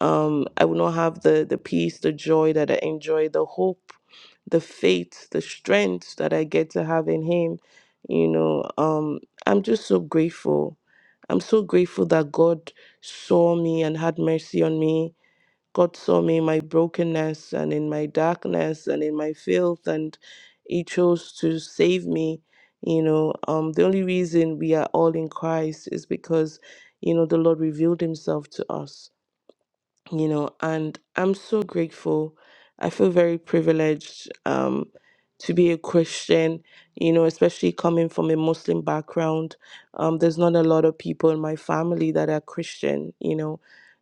Um, I would not have the the peace, the joy that I enjoy, the hope, the faith, the strength that I get to have in Him. You know, um, I'm just so grateful I'm so grateful that God saw me and had mercy on me. God saw me in my brokenness and in my darkness and in my filth, and He chose to save me. You know, um, the only reason we are all in Christ is because, you know, the Lord revealed Himself to us you know, and I'm so grateful. I feel very privileged um, to be a Christian, you know, especially coming from a Muslim background. Um, there's not a lot of people in my family that are Christian, you know,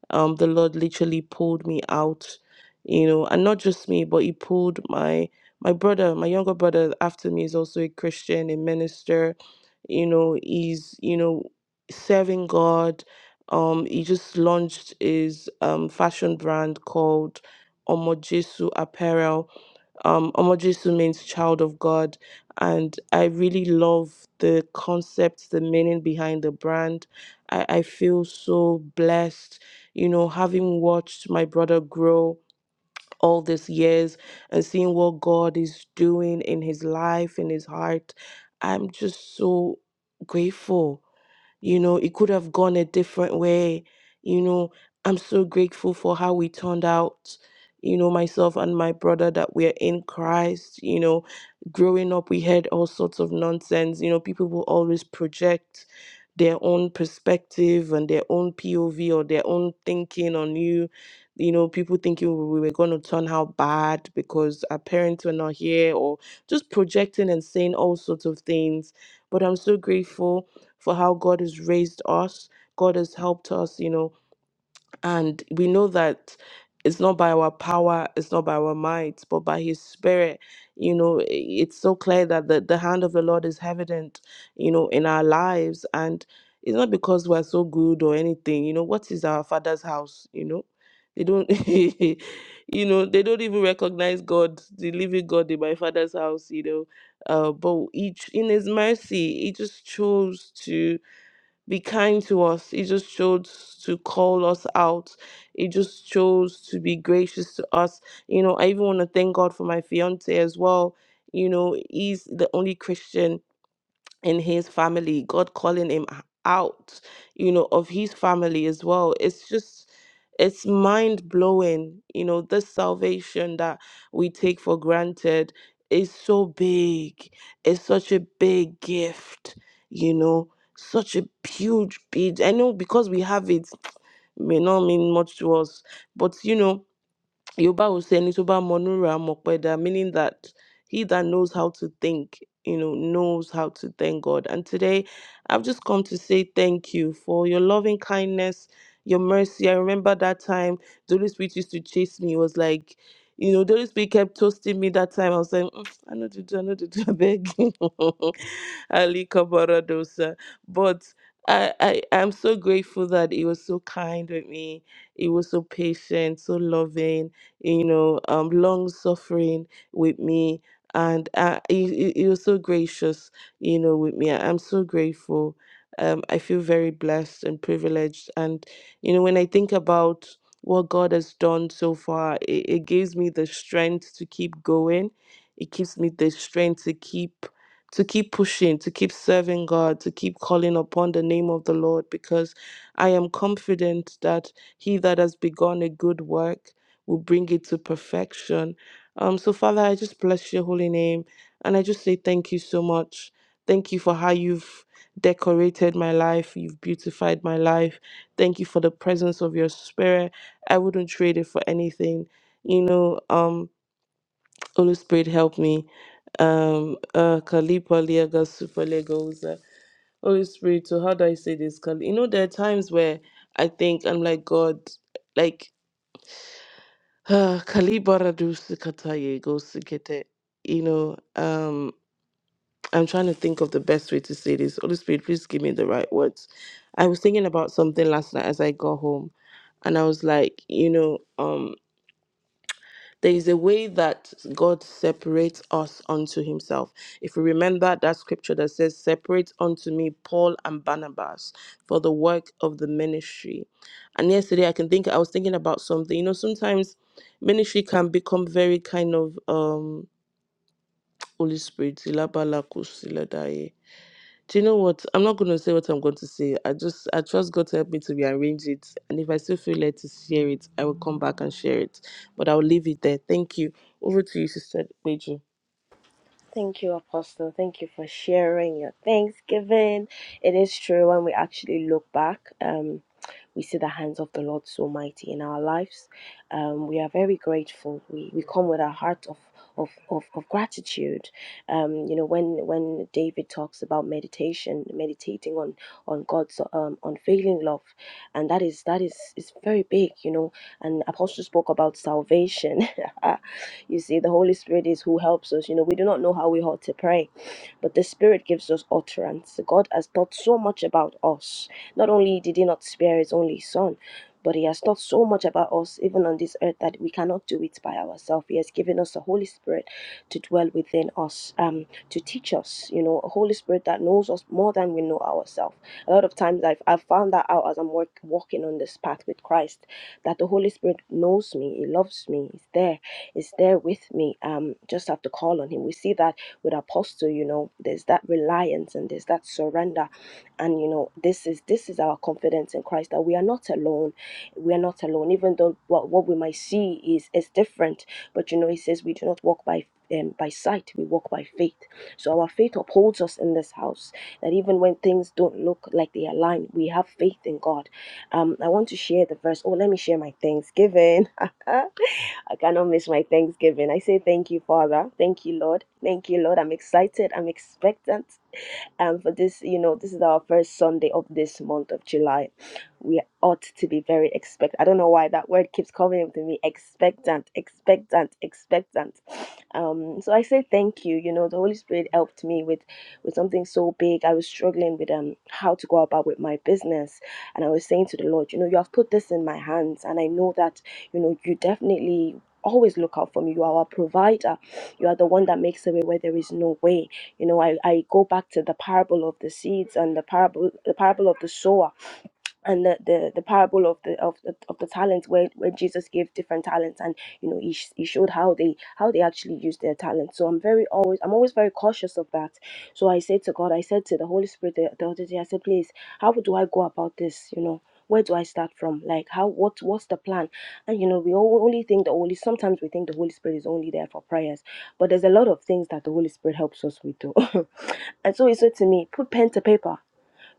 um, the Lord literally pulled me out, you know, and not just me, but He pulled my my brother, my younger brother after me is also a Christian, a minister, you know, he's you know serving God. Um, he just launched his um fashion brand called Omojesu Apparel um, Omojesu means child of God. And I really love the concept, the meaning behind the brand. I, I feel so blessed, you know, having watched my brother grow all these years and seeing what God is doing in his life, in his heart. I'm just so grateful. You know, it could have gone a different way. You know, I'm so grateful for how we turned out. You know, myself and my brother that we're in Christ. You know, growing up, we heard all sorts of nonsense. You know, people will always project their own perspective and their own POV or their own thinking on you. You know, people thinking we were going to turn out bad because our parents were not here or just projecting and saying all sorts of things. But I'm so grateful for how God has raised us. God has helped us, you know, and we know that it's not by our power, it's not by our might, but by His Spirit. You know, i- it's so clear that the, the hand of the Lord is evident, you know, in our lives. And it's not because we're so good or anything, you know, what is our Father's house, you know? They don't, you know, they don't even recognize God, the living God in my Father's house, you know. Uh, but each in His mercy, He just chose to be kind to us. He just chose to call us out. He just chose to be gracious to us. You know, I even want to thank God for my fiance as well. You know, he's the only Christian in his family, God calling him h- out, you know, of his family as well. It's just, it's mind blowing, you know, this salvation that we take for granted is so big. It's such a big gift, you know, such a huge bid. I know because we have it may not mean much to us, but you know, Yoruba will say "Ẹni tó bá monura da, meaning that he that knows how to think, you know, knows how to thank God. And today, I've just come to say thank you for your loving kindness, your mercy. I remember that time the Holy Spirit used to chase me. It was like, you know, the Holy Spirit kept toasting me that time. I was like, "Mm, I know to do, I know to do, I beg. Ali Kabaradosa. But I, I, I'm so grateful that he was so kind with me. He was so patient, so loving you know, um, long suffering with me. And uh, he, he he was so gracious, you know, with me. I'm so grateful. Um, I feel very blessed and privileged. And, you know, when I think about what God has done so far, it, it gives me the strength to keep going. It gives me the strength to keep to keep pushing, to keep serving God, to keep calling upon the name of the Lord, because I am confident that he that has begun a good work will bring it to perfection. Um, so, Father, I just bless your holy name and I just say thank you so much. Thank you for how you've decorated my life, you've beautified my life. Thank you for the presence of your spirit. I wouldn't trade it for anything. You know, um, Holy Spirit, help me. Um, uh, Kalipa Liaga Super Legoza. Holy Spirit, so how do I say this? Kal- You know, there are times where I think I'm like, God, like uh, Kalibara do sikataye go sikete. You know, um, I'm trying to think of the best way to say this. Holy Spirit, please give me the right words. I was thinking about something last night as I got home, and I was like, you know, um, there is a way that God separates us unto himself. If we remember that scripture that says, Separate unto me Paul and Barnabas for the work of the ministry. And yesterday I can think I was thinking about something. You know, sometimes ministry can become very kind of um Holy Spirit. Do you know what? I'm not going to say what I'm going to say. I just, I trust God to help me to rearrange it. And if I still feel led to share it, I will come back and share it. But I'll leave it there. Thank you. Over to you, Sister Pedro. Thank you, Apostle. Thank you for sharing your Thanksgiving. It is true when we actually look back, um, we see the hands of the Lord so mighty in our lives. Um, we are very grateful. We, we come with a heart of of, of, of gratitude um, you know when when david talks about meditation meditating on on god's um, unfailing love and that is that is is very big you know and apostle spoke about salvation You see, the Holy Spirit is who helps us. You know, we do not know how we ought to pray but the Spirit gives us utterance. God has thought so much about us. Not only did He not spare His only Son, but He has thought so much about us, even on this earth, that we cannot do it by ourselves. He has given us the Holy Spirit to dwell within us, um, to teach us, you know, a Holy Spirit that knows us more than we know ourselves. A lot of times I've, I've found that out as I'm work, walking on this path with Christ, that the Holy Spirit knows me, He loves me, He's there, He's there with me. Um, just have to call on Him. We see that with apostle you know there's that reliance and there's that surrender and you know this is this is our confidence in christ that we are not alone we are not alone even though what, what we might see is is different but you know he says we do not walk by um, by sight we walk by faith so our faith upholds us in this house that even when things don't look like they align we have faith in god um i want to share the verse oh let me share my thanksgiving I cannot miss my Thanksgiving. I say thank you, Father. Thank you, Lord. Thank you, Lord. I'm excited. I'm expectant and for this you know this is our first sunday of this month of july we ought to be very expect i don't know why that word keeps coming up to me expectant expectant expectant um so i say thank you you know the holy spirit helped me with with something so big i was struggling with um how to go about with my business and i was saying to the lord you know you have put this in my hands and i know that you know you definitely always look out for me you are our provider you are the one that makes a way where there is no way you know, I, I go back to the parable of the seeds and the parable the parable of the sower and the, the the parable of the of the of the talents where where Jesus gave different talents and you know he, sh- he showed how they how they actually use their talents so I'm very always I'm always very cautious of that so I said to God I said to the Holy Spirit the, the other day I said please how do I go about this you know where do I start from like how what what's the plan and you know we all, only think the Holy sometimes we think the Holy Spirit is only there for prayers but there's a lot of things that the Holy Spirit helps us with too and so he said to me put pen to paper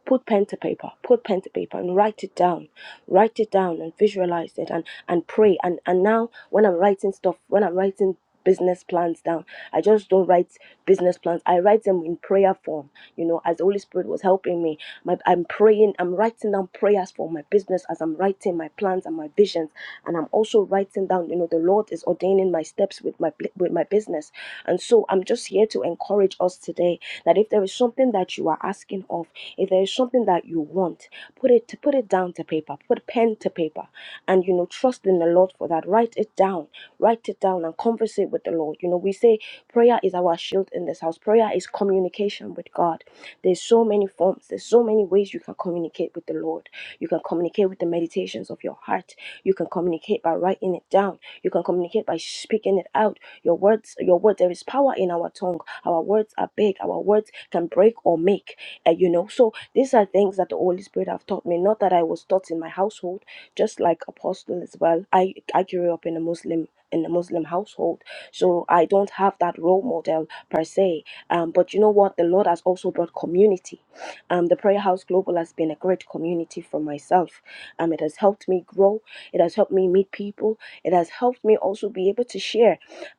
Put pen to paper, put pen to paper and write it down. Write it down and visualize it and, and pray. And and now when I'm writing stuff, when I'm writing business plans down, I just don't write business plans. I write them in prayer form, you know, as the Holy Spirit was helping me. My, I'm praying, I'm writing down prayers for my business as I'm writing my plans and my visions. And I'm also writing down, you know, the Lord is ordaining my steps with my with my business. And so I'm just here to encourage us today that if there is something that you are asking of, if there is something that you want, put it to put it down to paper, put pen to paper, and you know, trust in the Lord for that. Write it down, write it down, and converse it with the Lord. You know, we say prayer is our shield in this house. Prayer is communication with God. There's so many forms. There's so many ways you can communicate with the Lord. You can communicate with the meditations of your heart. You can communicate by writing it down. You can communicate by speaking it out. Your words, your words. There is power in our tongue. Our words are big. Our words can break or make uh, you know so these are things that the holy spirit have taught me not that i was taught in my household just like apostle as well i i grew up in a muslim in a muslim household so i don't have that role model per se um, but you know what the lord has also brought community um, the prayer house global has been a great community for myself um, it has helped me grow it has helped me meet people it has helped me also be able to share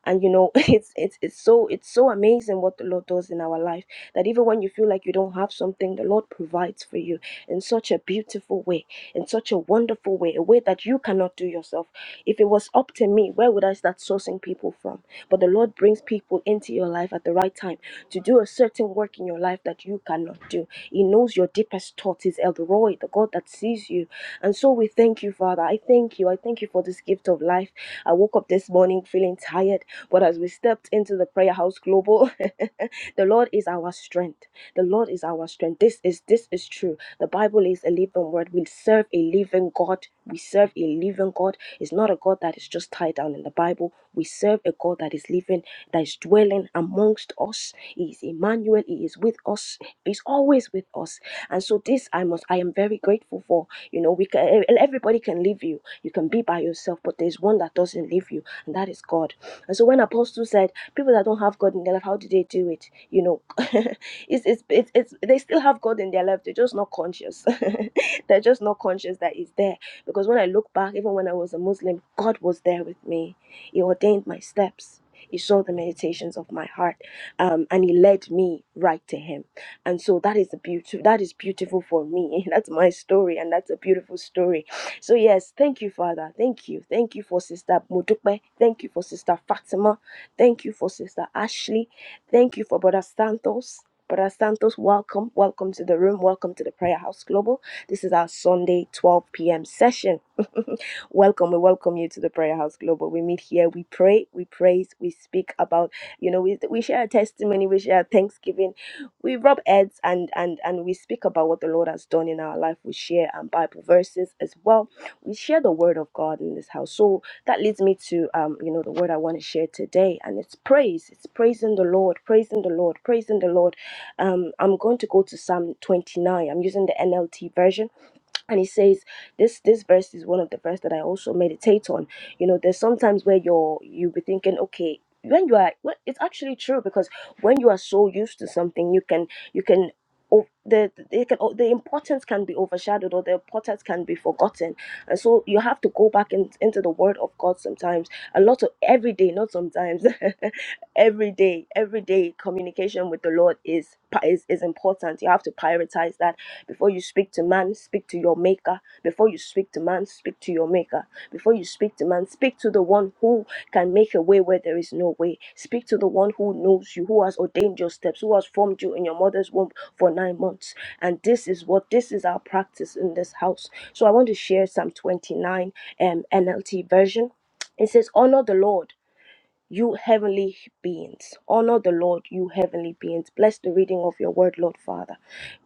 and you know it's it's it's so it's so amazing what the lord does in our life that even when you feel like you don't have something the lord provides for you in such a beautiful way in such a wonderful way a way that you cannot do yourself if it was up to me, where would I start sourcing people from? But the Lord brings people into your life at the right time to do a certain work in your life that you cannot do. He knows your deepest thoughts. He's El Roy, the God that sees you. And so we thank you, Father. I thank you. I thank you for this gift of life. I woke up this morning feeling tired, but as we stepped into the prayer house global, the Lord is our strength. The Lord is our strength. This is this is true. The Bible is a living word. We serve a living God. We serve a living God. It's not a God that is just tied down in the Bible. We serve a God that is living, that is dwelling amongst us. He is Emmanuel. He is with us. He's always with us. And so this I must, I am very grateful for. You know, we can e-, everybody can leave you. You can be by yourself, but there's one that doesn't leave you, and that is God. And so when Apostle said, people that don't have God in their life, how do they do it? You know, it's, it's it's it's they still have God in their life. They're just not conscious. They're just not conscious that He's there because when I look back, even when I was a Muslim, God was there with me. He ordained my steps. He saw the meditations of my heart, um, and he led me right to him. And so that is a beautiful. That is beautiful for me. That's my story, and that's a beautiful story. So yes, thank you, Father. Thank you. Thank you for Sister Modupe. Thank you for Sister Fatima. Thank you for Sister Ashley. Thank you for Brother Santos. Brother Santos, welcome, welcome to the room, welcome to the Prayer House Global. This is our Sunday 12 p.m. session. welcome. We welcome you to the Prayer House Global. We meet here, we pray, we praise, we speak about, you know, we, we share our testimony, we share our thanksgiving, we rub heads and and and we speak about what the Lord has done in our life. We share um, Bible verses as well. We share the word of God in this house. So that leads me to um, you know, the word I want to share today, and it's praise. It's praising the Lord, praising the Lord, praising the Lord um, I'm going to go to Psalm 29. I'm using the NLT version and he says this this verse is one of the verse that i also meditate on you know there's sometimes where you're you'll be thinking okay when you are well, it's actually true because when you are so used to something you can you can o- the they can o- the importance can be overshadowed or the importance can be forgotten and so you have to go back in, into the word of god sometimes a lot of every day, not sometimes, every day, every day communication with the Lord is is is important. You have to prioritize that before you speak to man, speak to your maker. Before you speak to man, speak to your maker. Before you speak to man, speak to the one who can make a way where there is no way. Speak to the one who knows you, who has ordained your steps, who has formed you in your mother's womb for nine months. And this is what this is our practice in this house. So I want to share Psalm 29 um, NLT version it says, Honor the Lord, you heavenly beings. Honor the Lord, you heavenly beings. Bless the reading of your word, Lord Father.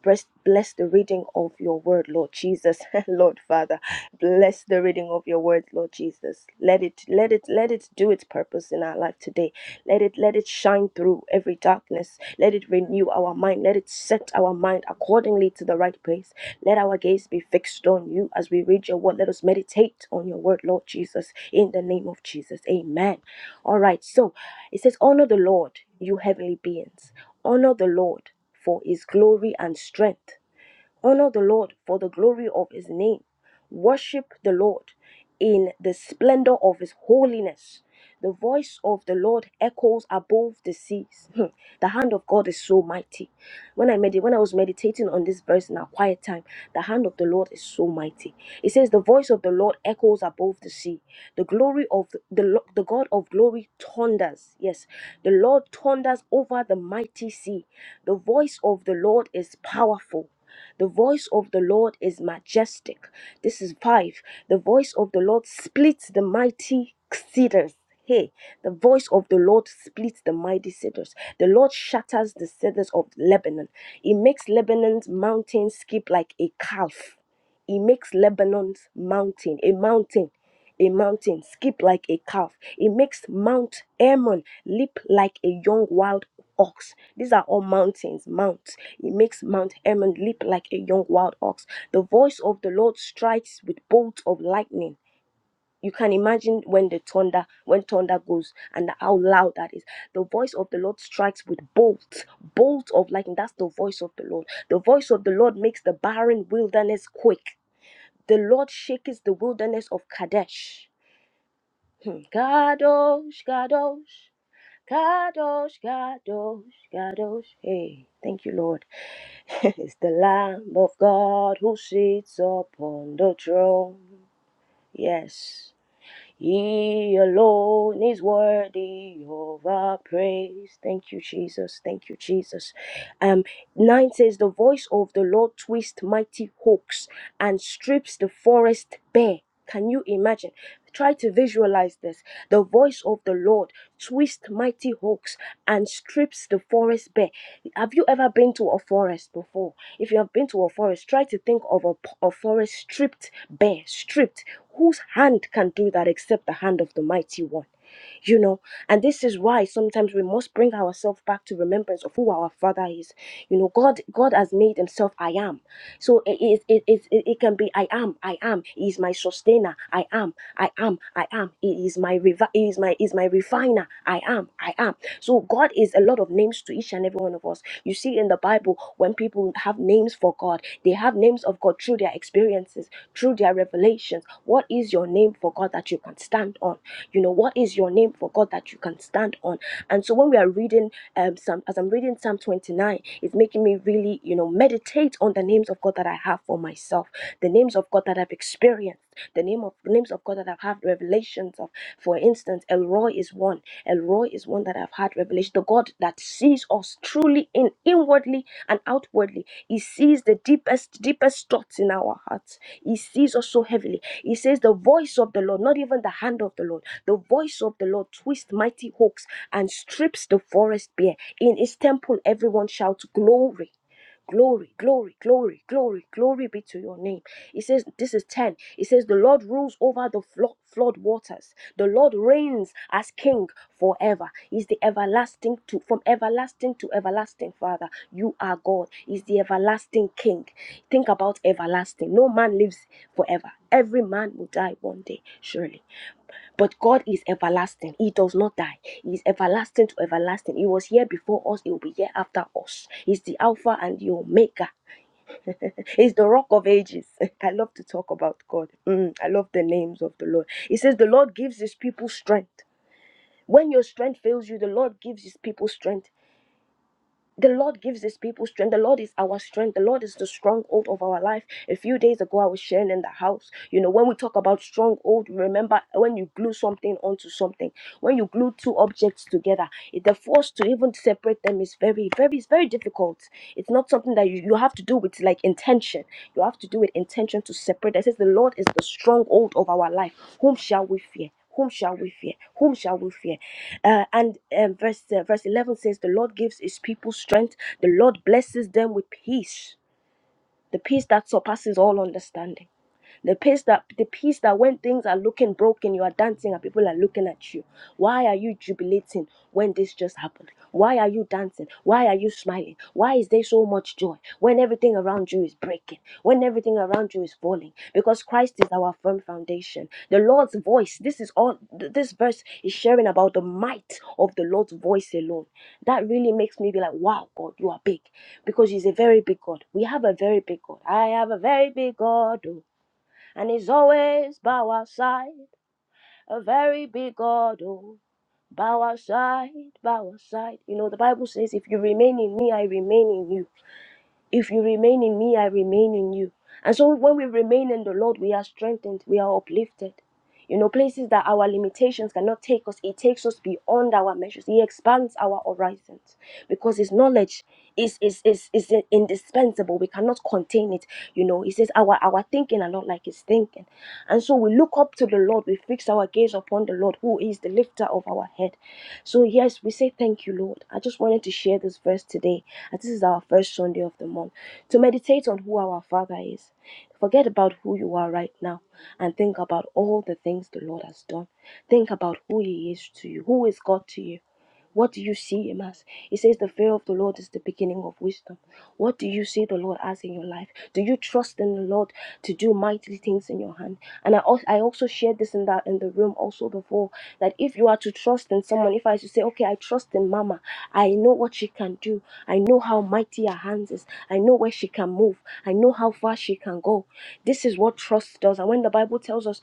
Bless, bless the reading of your word, Lord Jesus, Lord Father. Bless the reading of your word, Lord Jesus. Let it, let it, let it do its purpose in our life today. Let it, let it shine through every darkness us. Let it renew our mind. Let it set our mind accordingly to the right place. Let our gaze be fixed on you as we read your word. Let us meditate on your word, Lord Jesus, in the name of Jesus. Amen. All right. So it says, Honor the Lord, you heavenly beings. Honor the Lord for his glory and strength. Honor the Lord for the glory of his name. Worship the Lord in the splendor of his holiness. The voice of the Lord echoes above the seas. Hmm. The hand of God is so mighty. When I medit- when I was meditating on this verse in our quiet time, the hand of the Lord is so mighty. It says, "The voice of the Lord echoes above the sea. The glory of the the, Lo- the God of glory thunders. Yes, the Lord thunders over the mighty sea. The voice of the Lord is powerful. The voice of the Lord is majestic. This is five. The voice of the Lord splits the mighty cedars. Hey, the voice of the Lord splits the mighty cedars. The Lord shatters the cedars of Lebanon. He makes Lebanon's mountains skip like a calf. He makes Lebanon's mountain a mountain, a mountain skip like a calf. He makes Mount Hermon leap like a young wild ox. These are all mountains, mounts. He makes Mount Hermon leap like a young wild ox. The voice of the Lord strikes with bolts of lightning. You can imagine when the thunder, when thunder goes, and how loud that is. The voice of the Lord strikes with bolts, bolts of lightning. That's the voice of the Lord. The voice of the Lord makes the barren wilderness quake. The Lord shakes the wilderness of Kadesh. Hmm. Kadosh, Kadosh, Kadosh, Kadosh, Kadosh. Hey, thank you, Lord. it's the Lamb of God who sits upon the throne. Yes. He alone is worthy of our praise. Thank you, Jesus. Thank you, Jesus. Um, nine says, The voice of the Lord twists mighty hawks and strips the forest bare. Can you imagine? Try to visualize this. The voice of the Lord twists mighty hawks and strips the forest bare. Have you ever been to a forest before? If you have been to a forest, try to think of a, p- a forest stripped bare, stripped. Whose hand can do that except the hand of the mighty one? you know and this is why sometimes we must bring ourselves back to remembrance of who our father is you know god god has made himself i am so it is it it, it it can be i am i am he is my sustainer i am i am i am he is my revi- he is my is my refiner i am i am so god is a lot of names to each and every one of us you see in the bible when people have names names for God. They have names of God through their experiences, through their revelations. What is your name for God that you can stand on? You know, what is your name for God that you can stand on? And so when we are reading um Psalm, as I'm reading Psalm 29, it's making me really, you know, meditate on the names of God that I have for myself, the names of God that I've experienced, the name of names of God that I've had revelations of, for instance, Elroy is one. Elroy is one that I've had revelation. The God that sees us truly in inwardly and outwardly. He sees the deepest, deepest thoughts in our hearts. He sees us so heavily. He says, The voice of the Lord, not even the hand of the Lord, the voice of the Lord twists mighty hooks and strips the forest bare. In his temple, everyone shouts glory. Glory, glory, glory, glory, glory be to your name. It says, This is 10. It says, The Lord rules over the flo- flood waters. The Lord reigns as king forever. He's the everlasting to from everlasting to everlasting, Father. You are God. He's the everlasting king. Think about everlasting. No man lives forever. Every man will die one day, surely. But God is everlasting. He does not die. He is everlasting to everlasting. He was here before us. He will be here after us. He's the Alpha and the Omega. He's the Rock of Ages. I love to talk about God. Mm, I love the names of the Lord. He says, The Lord gives his people strength. When your strength fails you, the Lord gives his people strength the Lord gives his people strength. The Lord is our strength. The Lord is the stronghold of our life. A few days ago, I was sharing in the house. You know, when we talk about stronghold, remember when you glue something onto something, when you glue two objects together, it- the force to even separate them is very, very, it's very difficult. It's not something that you, you have to do with like intention. You have to do with intention to separate. It says the Lord is the stronghold of our life. Whom shall we fear? whom shall we fear? Whom shall we fear? Uh, and um, verse uh, verse eleven says, "The Lord gives His people strength. The Lord blesses them with peace, the peace that surpasses all understanding." The peace that the peace that when things are looking broken, you are dancing and people are looking at you. Why are you jubilating when this just happened? Why are you dancing? Why are you smiling? Why is there so much joy when everything around you is breaking? When everything around you is falling? Because Christ is our firm foundation. The Lord's voice. This is all. th- This verse is sharing about the might of the Lord's voice alone. That really makes me be like, wow, God, you are big, because He's a very big God. We have a very big God. I have a very big God. oh and he's always by our side. A very big God, oh, by our side, by our side. You know, the Bible says, if you remain in me, I remain in you. If you remain in me, I remain in you. And so when we remain in the Lord, we are strengthened, we are uplifted. You know, places that our limitations cannot take us, He takes us beyond our measures. He expands our horizons because His knowledge is, is, is, is indispensable. We cannot contain it. You know, He says our, our thinking are not like His thinking. And so we look up to the Lord, we fix our gaze upon the Lord, who is is the lifter of our head. So, yes, we say thank you, Lord. I just wanted to share this verse today, as this is our first Sunday of the month, to meditate on who our Father is. Forget about who you are right now and think about all the things the Lord has done. Think about who He is to you. Who is God to you? What do you see in us? It says the fear of the Lord is the beginning of wisdom. What do you see the Lord as in your life? Do you trust in the Lord to do mighty things in your hand? And I also, I also shared this in that in the room also before that if you are to trust in someone, if I was to say, okay, I trust in Mama, I know what she can do. I know how mighty her hands is. I know where she can move. I know how far she can go. This is what trust does. And when the Bible tells us.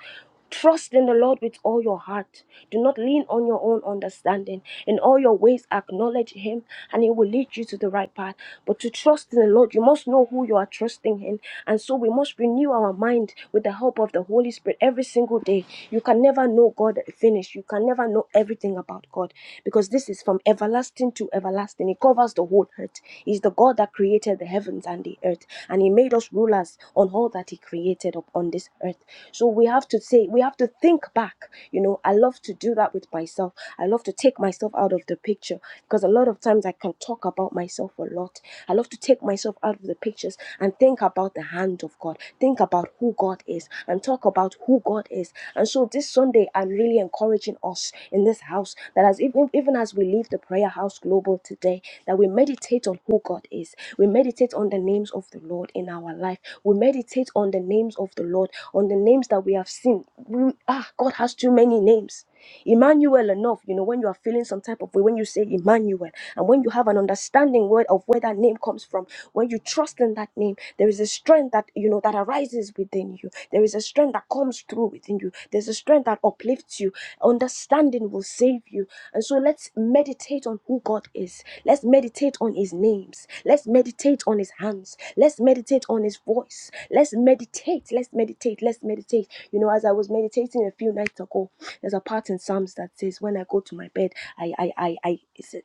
Trust in the Lord with all your heart. Do not lean on your own understanding. In all your ways, acknowledge Him, and He will lead you to the right path. But to trust in the Lord, you must know who you are trusting in. And so we must renew our mind with the help of the Holy Spirit every single day. You can never know God finished. You can never know everything about God because this is from everlasting to everlasting. He covers the whole earth. He's the God that created the heavens and the earth, and He made us rulers on all that He created upon this earth. So we have to say, we have to think back. You know, I love to do that with myself. I love to take myself out of the picture because a lot of times I can talk about myself a lot. I love to take myself out of the pictures and think about the hand of God, think about who God is, and talk about who God is. and so this Sunday, I'm really encouraging us in this house that as even, even as we leave the prayer house global today, that we meditate on who God is. We meditate on the names of the Lord in our life. We meditate on the names of the Lord, on the names that we have seen. We, ah, God has too many names. Emmanuel enough, you know, when you are feeling some type of way, when you say Emmanuel, and when you have an understanding word of where that name comes from, when you trust in that name, there is a strength that you know that arises within you. There is a strength that comes through within you. There's a strength that uplifts you. Understanding will save you. And so let's meditate on who God is. Let's meditate on his names. Let's meditate on his hands. Let's meditate on his voice. Let's meditate. Let's meditate. Let's meditate. You know, as I was meditating a few nights ago, there's a part in Psalms that says, When I go to my bed, I I I I,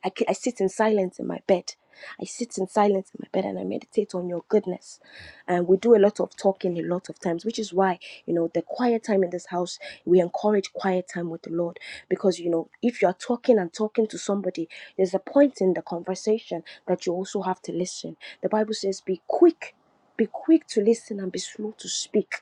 I, I sit in silence in my bed. I sit in silence in my bed and I meditate on your goodness. And we do a lot of talking a lot of times, which is why, you know, the quiet time in this house, we encourage quiet time with the Lord. Because, you know, if you're talking and talking to somebody, there's a point in the conversation that you also have to listen. The Bible says, be quick be quick to listen and be slow to speak.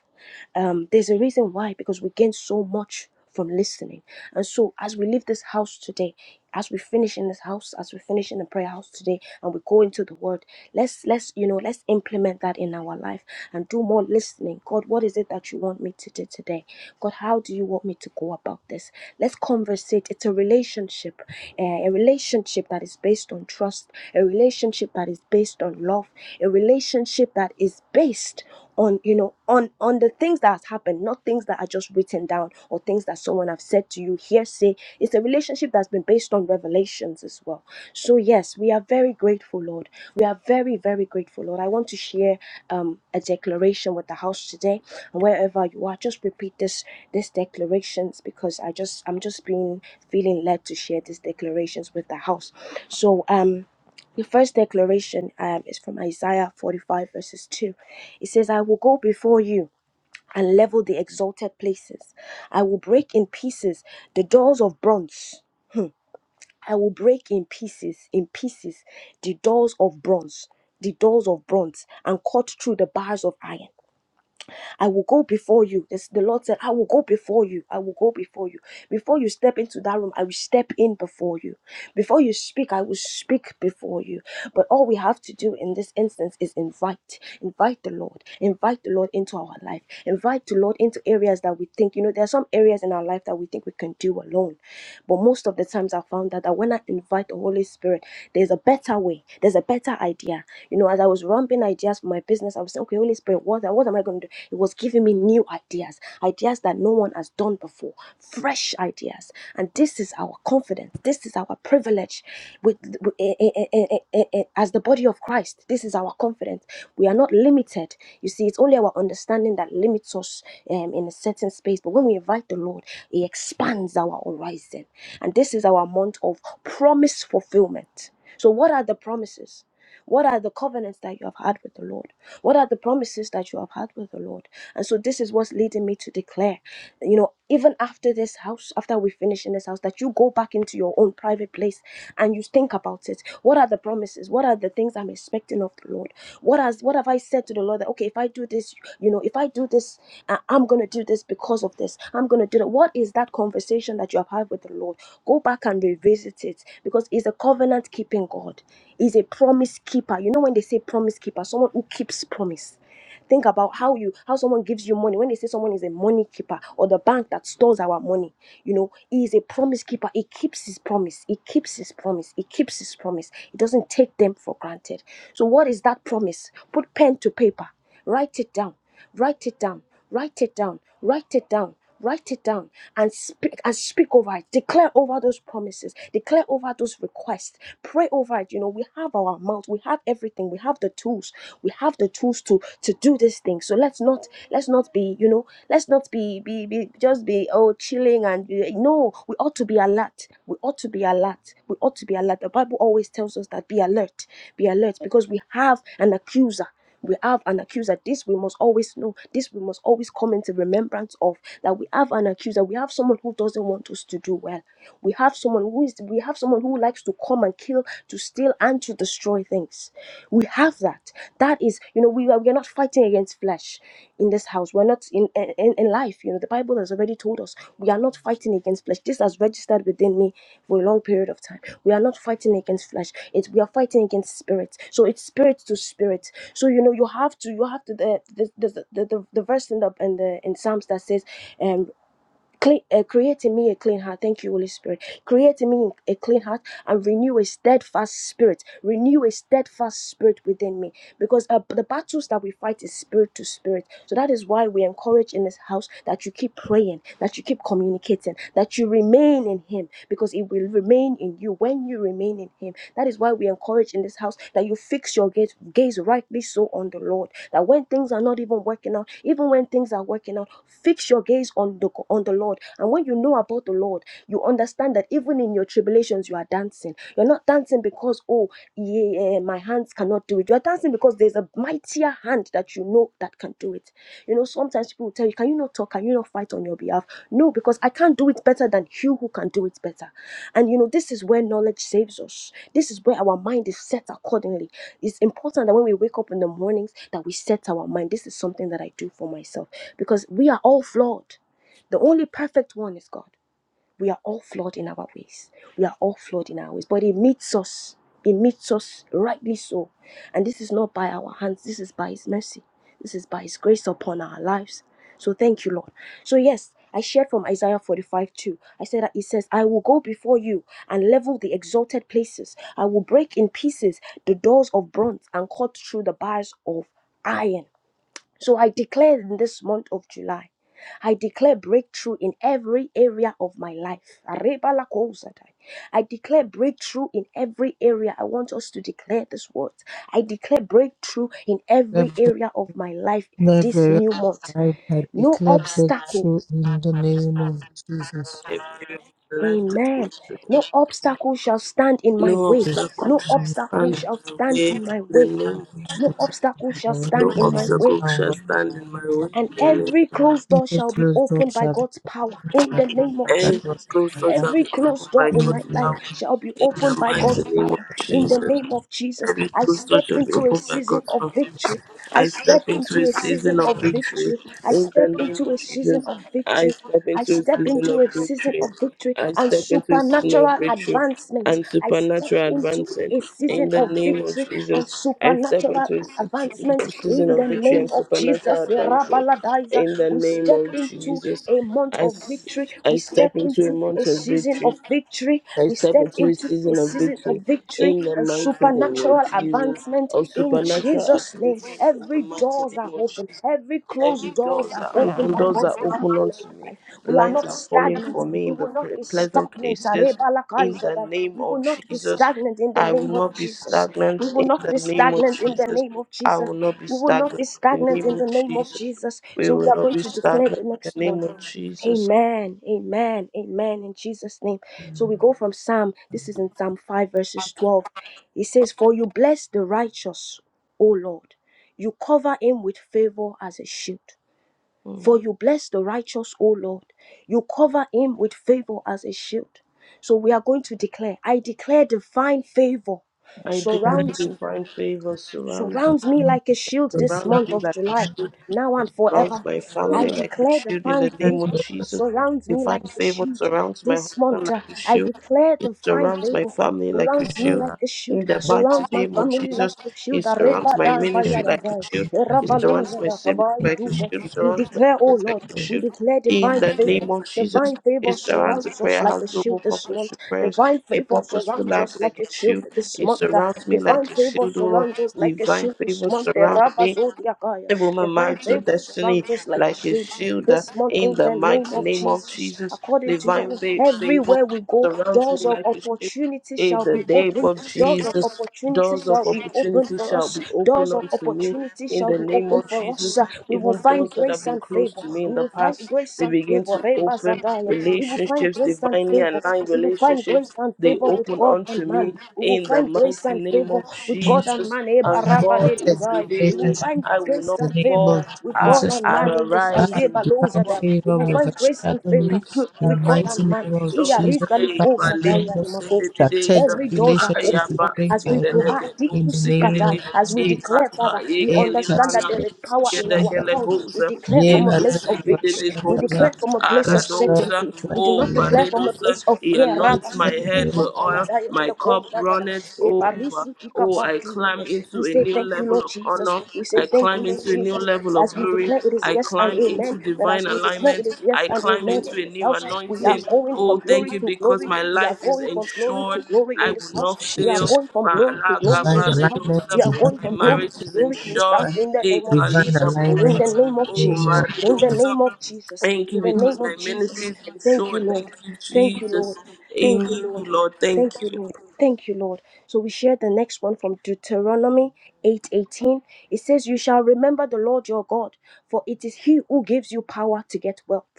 Um, there's a reason why, because we gain so much from listening. And so, as we leave this house today, as we finish in this house, as we finish in the prayer house today, and we go into the Word, let's let's you know let's implement that in our life and do more listening. God, what is it that you want me to do today? God, how do you want me to go about this? Let's conversate. It's a relationship, eh, a relationship that is based on trust, a relationship that is based on based on love, a relationship that is based on you know on on the things that has happened, not things that are just written down or things that someone have said to you hearsay. It's a relationship that's been based on revelations as well. So yes, we are very grateful, Lord. We are very very grateful, Lord. I want to share um, a declaration with the house today, and wherever you are, just repeat this this declarations because I just I'm just being feeling led to share these declarations with the house. So um. The first declaration um, is from Isaiah 45, verses 2. It says, I will go before you and level the exalted places. I will break in pieces the doors of bronze. I will break in pieces, in pieces, the doors of bronze, the doors of bronze, and cut through the bars of iron. I will go before you. This, the Lord said, I will go before you. I will go before you. Before you step into that room, I will step in before you. Before you speak, I will speak before you. But all we have to do in this instance is invite. Invite the Lord. Invite the Lord into our life. Invite the Lord into areas that we think, you know, there are some areas in our life that we think we can do alone. But most of the times I found that that when I invite the Holy Spirit, there's a better way, there's a better idea. You know, as I was rumping ideas for my my business, I was saying, okay, Holy Spirit, what, what am I going to do? It was giving me new ideas, ideas that no one has done before, fresh ideas. And this is our confidence. This is our privilege with, with- eh, eh, eh, eh, eh, eh, eh, as the body of Christ. This is our confidence. We are not limited. You see, it's only our understanding that limits us um, in a certain space. But when we invite the Lord, He expands our horizon. And this is our month of promise fulfillment. So, what are the promises? What are the covenants that you have had with the Lord? What are the promises that you have had with the Lord? And so this is what's leading me to declare, you know, even after this house, after we finish in this house, that you go back into your own private place and you think about it. What are the promises? What are the things I'm expecting of the Lord? What has what have I said to the Lord that okay, if I do this, you know, if I do this, uh, I'm gonna do this because of this. I'm gonna do that. What is that conversation that you have had with the Lord? Go back and revisit it because He's a covenant keeping God. He's a promise keeper. You know when they say promise keeper, someone who keeps promise. Think about how you how someone gives you money. When they say someone is a money keeper or the bank that stores our money, you know, He is a promise keeper. He keeps His promise. He keeps His promise. He keeps His promise. He doesn't take them for granted. So, what is that promise? Put pen to paper, write it down. Write it down. Write it down. Write it down. Write it down and speak and speak over it. Declare over those promises. Declare over those requests. Pray over it. You know, we have our mouth. We have everything. We have the tools. We have the tools to to do this thing. So let's not let's not be, you know, let's not be be, be just be oh chilling and be- no, we ought to be alert. We ought to be alert. We ought to be alert. The Bible always tells us that be alert, be alert because we have an accuser. We have an accuser. This we must always know. This we must always come into remembrance of that we have an accuser. We have someone who doesn't want us to do well. We have someone who is we have someone who likes to come and kill, to steal, and to destroy things. We have that. That is, you know, we are, we are not fighting against flesh in this house. We're not in, in in life. You know, the Bible has already told us we are not fighting against flesh. This has registered within me for a long period of time. We are not fighting against flesh. It's we are fighting against spirit. So it's spirit to spirit. So you know, you have to you have to the the the the, the, the verse in the in the in Psalms that says, um Clean, uh, create in me a clean heart. Thank you, Holy Spirit. Create in me a clean heart and renew a steadfast spirit. Renew a steadfast spirit within me. Because uh, the battles that we fight is spirit to spirit. So that is why we encourage in this house that you keep praying, that you keep communicating, that you remain in Him. Because He will remain in you when you remain in Him. That is why is why we encourage in this house that you fix your gaze, gaze rightly so on the Lord. That when things are not even working out, even when things are working out, fix your gaze on the on the Lord. And when you know about the Lord, you understand that even in your tribulations, you are dancing. You're not dancing because oh yeah, yeah, my hands cannot do it. You're dancing because there's a mightier hand that you know that can do it. You know, sometimes people will tell you, Can you not talk? Can you not fight on your behalf? No, because I can't do it better than you who can do it better. And you know, this is where knowledge saves us. This is where our mind is set accordingly. It's important that when we wake up in the mornings that we set our mind. This is something that I do for myself because we are all flawed. The only perfect one is God. We are all flawed in our ways. We are all flawed in our ways. But He meets us. He meets us rightly so. And this is not by our hands. This is by His mercy. This is by His grace upon our lives. So thank you, Lord. So, yes, I shared from Isaiah 45 too. I said that He says, I will go before you and level the exalted places. I will break in pieces the doors of bronze and cut through the bars of iron. So I declare in this month of July, I declare breakthrough in every area of my life. Arebalakozatai. I declare breakthrough in every area. I want us to declare this word. I declare breakthrough in every area of my life this Never, new month. I No declare obstacle. breakthrough in the name of Jesus. Life this Amen. morning. No obstacle shall stand in my no way. obstacle No shall obstacle stand in shall my stand way. in my The way. name No obstacle shall Revelation no stand in my managed way. obstacle shall downward stand in my way. and the name every closed door Into shall be closed door opened by shall be God's power in the opened, name of that will every Jesus. closed door not shall Every be closed opened door by in my in God's life power. the name shall be In opened the by mighty of God's name of power. In the the Jesus, name of Jesus, every I closed door step shall be into a opened by season God's of power. victory. I I step step into into a a season season of of victory. victory. I In step the name into of a season Jesus, of I victory. step I into a step season into of a season victory. of victory I and step into a season of supernatural victory advancement. and I step supernatural into advancing. a season In the of name of victory and Jesus, I step supernatural into a situ- advancement season in the of victory name and of Jesus. supernatural advancing. Rabaladiza. In the We name step of into Jesus, a month I, of s- victory victory. I We step step into a into a month of season victory. of victory. I We step step into a into a season of season of victory victory in the and mighty name of supernatural Jesus, advancement of in supernatural Jesus' name. advancement in the Every mighty doors are name of open. Jesus. Every Every closed doors doors are are opened open, by doors are God's power open in our unto me, life. We are lines not are falling stagnant. for me We in the will not pre- be pleasant stagnant. places. In the Arebalakaisadai. name We will of not be Jesus, stagnant in the I will name of not be Jesus. stagnant. We will In not be the name of stagnant in the Jesus, name of I Jesus. will not be We will not stagnant. be In the stagnant name in of the name of Jesus, Jesus. we So we will are not going be to declare stagnant. the In the next name one. of Jesus. Amen, amen, amen, in Jesus' name. So we go from Psalm, this is in Psalm 5, verses 12. It says, For you bless the righteous, O Lord. You cover him with favor as a shield. Mm. For you bless the righteous, O Lord. You cover him with favor as a shield. So we are going to declare, I declare divine favor I declare Son surrounds me, divine favor surrounds of surrounds me God, like a shield we did this Surround not month me of like a July, shield. now and Surround forever. my I family like a declare shield in divine the name of favor manifest Jesus. surrounds me like Divine a favor shield surrounds my this month. husband uh, like a I shield. declare It divine surrounds my favor family like a surrounds with me shield. like our a shield, In the mighty surrounds my name of family like Jesus, a shield. it Areba surrounds my da ba fear ya ministry da like a ba. and shield. It aggression. Eraba lo surrounds za my da ka siblings ba yi It du like a ze. means shield. We Surrounds my declare, oh friends like Lord, a to we shield. declare In divine the favor. name of Jesus, Divine it favor surrounds the surrounds us prayer like house a global shield this purpose month. prayers. Divine A favor purposeful surrounds life us like like a a shield shield. this It month. uh, surrounds me Divine like a favor shield, O Lord. surrounds us like a Divine shield this favor month. surrounds Eraba me zo ya ka ya. it woman Divine march your favor destiny surrounds us like a like a shield shield uh, this month in in the the name mighty of name of Jesus. Jesus. According to your Divine word, fa- favor everywhere we go, surrounds doors me of like a shield opportunity in shall the be name opened. of Doors of Jesus. opportunity Doors of shall be opened opportunity for shall us. be Doors opened of unto me opportunity in shall the be name opened of for us. Jesus. We will Even find doors that have grace been and closed favor. to me in We the will find past grace They and begin favor. to Reba open Zadaya. We will find relationships, grace and divinely favor. aligned We will find grace relationships. and They favor with with open God unto and man. me We will in the find grace mighty and name favor of with God advance and Jesus. man. Eh, And baraba God le is strategic dazai. We within will me. relationship find I will grace not In the and name favor of fall. with Ah, God Jesus, and I man Lord in this God, house. arise Eh, in divine balozada. We favor will will find grace and overshadow Aradosa, me favor in the with God mighty and man. name of Iya Jesus. risa liko Divine sataya alignment, na makofi. strategic Every doors are relationships will open bring as we my way provide deep in the seek at name of that, as we Jesus. declare, Father, we understand that Emphasis, there is power in our Shinda, tongue. We declare for from a Yema, place of Zakuba, victory. We Shandaba, declare from a place of Yes, Lord, certainty. We do oh not declare from a Paredosa, place of he fear. Rabba anoints my sibiku head with oil, satayada my yebeleko cup zayada. runneth Eh, over. barisu Oh, Jesus I climb tikapatiyete. We into a say new thank you, level Lord of Jesus. honor. We say I thank you, climb Lord into a new Jesus. level of As we glory. declare it is I yes and climb amen. into That as divine we declare it alignment. is yes I and climb amen into in a this new house, we are anointing. Christ. going from Oh, glory thank you to because glory. my We are life is going from glory to ensured. glory I in Thank will this you, house. not We are fail. Jesus. going going from glory to glory Divine in this house. alignment, We Balagabaredosa. are going from divine My glory marriage to is glory in this ensured. house alignment, in the Eh, name of divine Jesus. In kaligabosa. the alignment name of in the Oh, name Jesus. of In the Jesus. maredosa. name of Jesus. Thank In you the because name of my ministry Jesus. is Thank you, ensured. Lord. Thank you, Thank you, Lord. Jesus. Thank In you, you, Lord. Lord. Thank Thank you, you. Lord. Thank you, Lord. So we share the next one from Deuteronomy 8:18. It says, You shall remember the Lord your God, for it is he who gives you power to get wealth.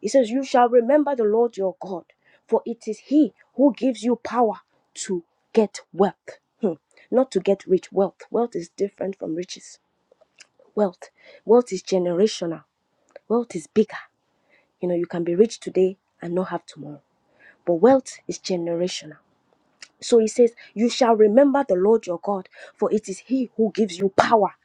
He says, You shall remember the Lord your God, for it is He who gives you power to get wealth. Hmm. Not to get rich. Wealth. Wealth is different from riches. Wealth. Wealth is generational. Wealth is bigger. You know, you can be rich today and not have tomorrow. But wealth is generational. So he says, You shall remember the Lord your God, for it is He who gives you power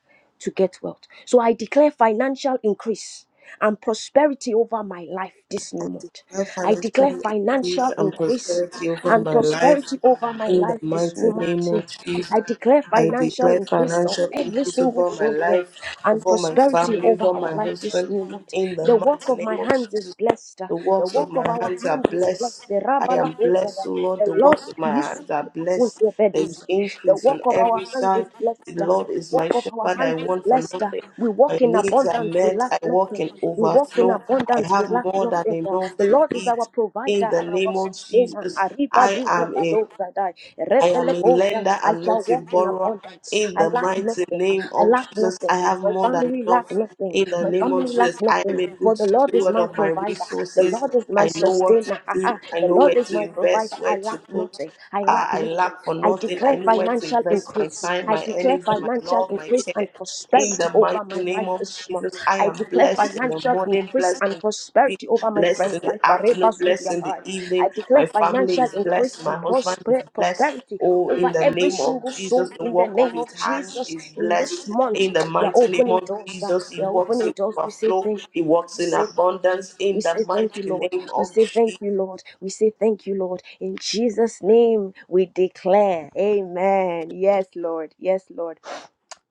to get wealth. So I declare financial increase and prosperity over my life this new I month. declare I declare financial increase financial and increase prosperity over and my life prosperity over my in the life this mighty new name month. of Jesus. I declare I financial declare increase of financial every increase single over my soul here life, and over my prosperity family, over over our my life this husband. new month. In the The work mighty of my name of hands is Jesus, blessed. the The works of work of my our hands are hands is blessed. blessed. The I Rabbala am Ozada, blessed, O Lord. the The Lord, works of my the hands are blessed. There's increase work on of our every hands side. is The blessed. Lord is The my work of our shepherd. I hands is want for blessed. uh, nothing. We My walk in needs are abundance. We met. lack I walk nothing. in We walk in overflow. I abundance. We have lack more than nothing. uh, enough The to Lord is our eat. provider In the and our name of sustainer. Jesus, Arriba do I de am a do zadai. I am Repele a koza. lender I and shall not a walk in borrower. abundance. In I the lack mighty nothing. name I of lack Jesus, I nothing. have My more than family lack enough. nothing. In the My name of family lack Jesus, I nothing. am a For good the Lord is steward my of my provider. The resources. Lord is my I know what to sustainer. do. I the know where Lord is to my provider. invest, I where to lack put. nothing. I Ah, lack I nothing. lack for I nothing. I declare know where to financial invest my increase. time, I my declare energy, my financial love, my increase care. and In prosperity the mighty over my life name of this month. Jesus, I I am declare declare blessed in the financial morning, increase blessed in and the prosperity over my blessed in friend's life. the afternoon, Barebas with blessed your in the heart. I evening. My declare family financial is blessed. increase My and husband is prosper- blessed. prosperity Oh, in over the every name of single Jesus, soul the in the work of name his of hands Jesus. is In this blessed. month, In the we are mighty name opening of doors. uh, Jesus, We he are walks opening in doors. We say overflow, thank he you. walks We in say thank you. abundance. We In the say thank you, mighty Lord. name We of say thank Jesus. you, Lord. We say thank you, Lord. In Jesus' name, we declare. Amen. Yes, Lord. Yes, Lord.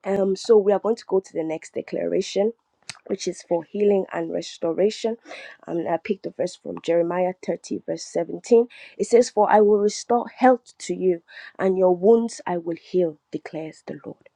Um, so we are going to go to the next declaration, which is for healing and restoration. And I picked the verse from Jeremiah 30, verse 17. It says, For I will restore health to you, and your wounds I will heal, declares the Lord.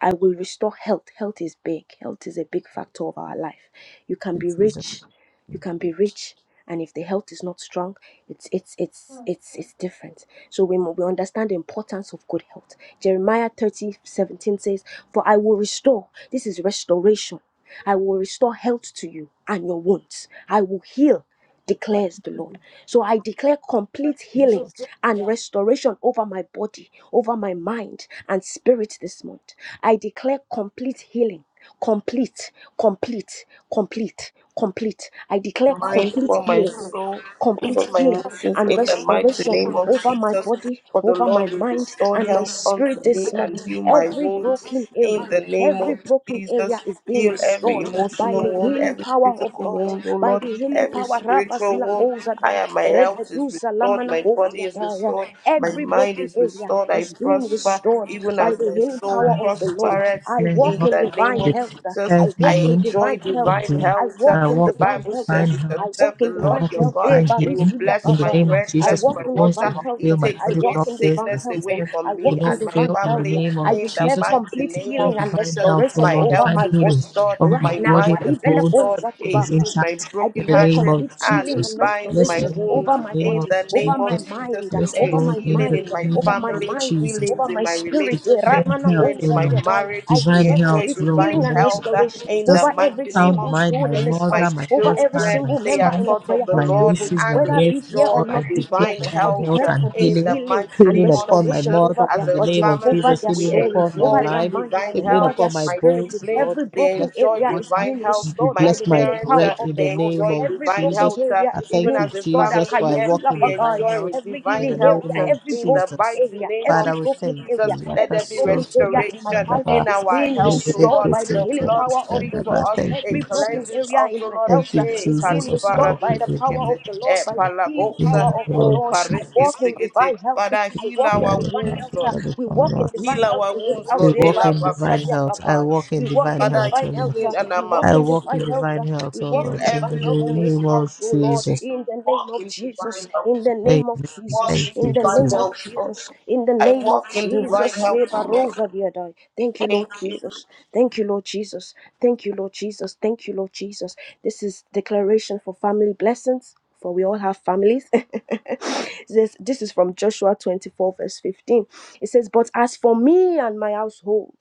I will restore health. Health is big. Health is a big factor of our life. You can be Jesus. rich, you can be rich, and if the health is not strong, it's it's it's it's it's different. So we mu- we understand the importance of good health. Jeremiah thirty seventeen says, For I will restore. This is restoration. I will restore health to you and your wounds. I will heal declares the Lord. So I declare complete healing and restoration over my body, over my mind and spirit this month. I declare complete healing, complete, complete, complete, complete. I declare mind, complete for my healing soul, and for complete my healing emotions and in the mighty restoration name of over my Jesus. body, For the over my Lord will mind, restore and my health spirit unto me this month. and heal my Every wounds broken in area, the name every of broken area Jesus. is being Heal every restored by emotional the wound, healing every power of physical God, wound, O by Lord, the healing every power. Rabba spiritual zila wound. koza I dai, am my rebe health is duza restored, my body kodia is dai. restored, my Every mind broken is area restored. I is being prosper restored even by as the my healing soul power of the Lord. prospereth I walk in Divine in the name divine of health. Jesus. I self walk I in healing. divine enjoy divine I health. divine in do. I health. walk I in The walk in divine Bible health. says divine you shall I health. walk serve the in I Lord divine walk your in health. God. Eh, divine He healing. will barisudia In bless the my name kabaya. of bread, I Jesus, bless my walk my in bones will divine water. not health. He fail, my I takes body will away walk not in fail, divine my sickness health. away system I from will walk me not in and my divine fail. In the health. family. name of I In the declare Jesus, mighty I complete name declare of healing and divine Jesus, health, oh restoration my Lord, over health divine my is body healing restored. over my right My now. body, mind my is Waribele bones, restored. kosa everything He is kibaka. heals my intact. I In broken the declare name hearted of complete and healing he Jesus. and binds Yes, my restoration Lord, in over wounds. my the name In of body, the name over my of Jesus. mind, Jesus, Yes, there over is Lord, my in healing the mind, in my over name family my of family, mind, Jesus. healing over in my my spirit. relationship, Declare health, healing O in my Lord. marriage. I We Divine declare health, enjoy complete Lord, in healing divine the and name health of uh, restoration in the Jesus. over every mighty name Sound single of mind, soul my in Jesus. this My mother, house, my over every husband, children, my single they member are son, in the taught prayer of the my house Lord global, nieces, my and whether they be here nephews, enjoy or Lord. I not be declare here. divine I divine health health declare uh, and complete in healing. the healing mighty and Healing name of upon my restoration Jesus. mother over As in their the a name body, of family, over Jesus. their we Healing soul, upon my over enjoy their life. mind, divine Healing over health. their upon my My spirit. bones, siblings, Lord. Every You they bless broken my enjoy area is water. divine being health. You restored My by bless the my healing parents, power uh, bread of in the the they Lord. name enjoy of Every divine broken Jesus. health. uh, area I is thank even you, being as a restored. family Jesus, for I here, walk in we divine enjoy health with Every healing in the divine healing area, name health uh, of every in the broken Jesus. mighty area, name of every Father, we broken thank you. Jesus. area, Let every there be broken area in my restoration life in Yakasotorasandaba, is our being health, O restored Lord. by the The healing blood power of the speaks for Liberekesotorasandaba. Lord. us, Thank you, it Every broken cleanses Jesus. area us, in O my Lord. health Thank you, uh, Eh, is being Jesus, of the restored work you by kalibarado the power divine. of sikete, the Lord, eh, by the healing In the power palagosa, of name the of oh, Lord. I pareke walk Jesus, in sikete. divine health. Father, I heal walk in our let the divine hand wounds, health. of uh, Lord. God We upon walk in us. divine Heal health our in this wounds, house. We Lord. eh, Eh, walk by in divine Rusalia labakus. health. I walk in We walk divine in Father, health, O divine Lord. health. healing uh, and We amount walk I in of walk divine in health. security. divine uh, health, We O walk Heal Lord. in In the divine every health in this in wound. this name of house, oh Lord, Jesus. in the name Walk of in Jesus, divine in health. the Amen. name of Jesus, Walk in Thank in you, the divine name Jesus. of health, Lord. Jesus, in the I name of walk in divine Jesus. health, Lord. Ebarovadiadai. Thank you, Lord Thank you. Jesus. Thank you, Lord Jesus. Thank you, Lord Jesus. Thank you, Lord Jesus. This is declaration for family blessings. For we all have families. this, this is from Joshua 24, verse 15. It says, But as for me and my household,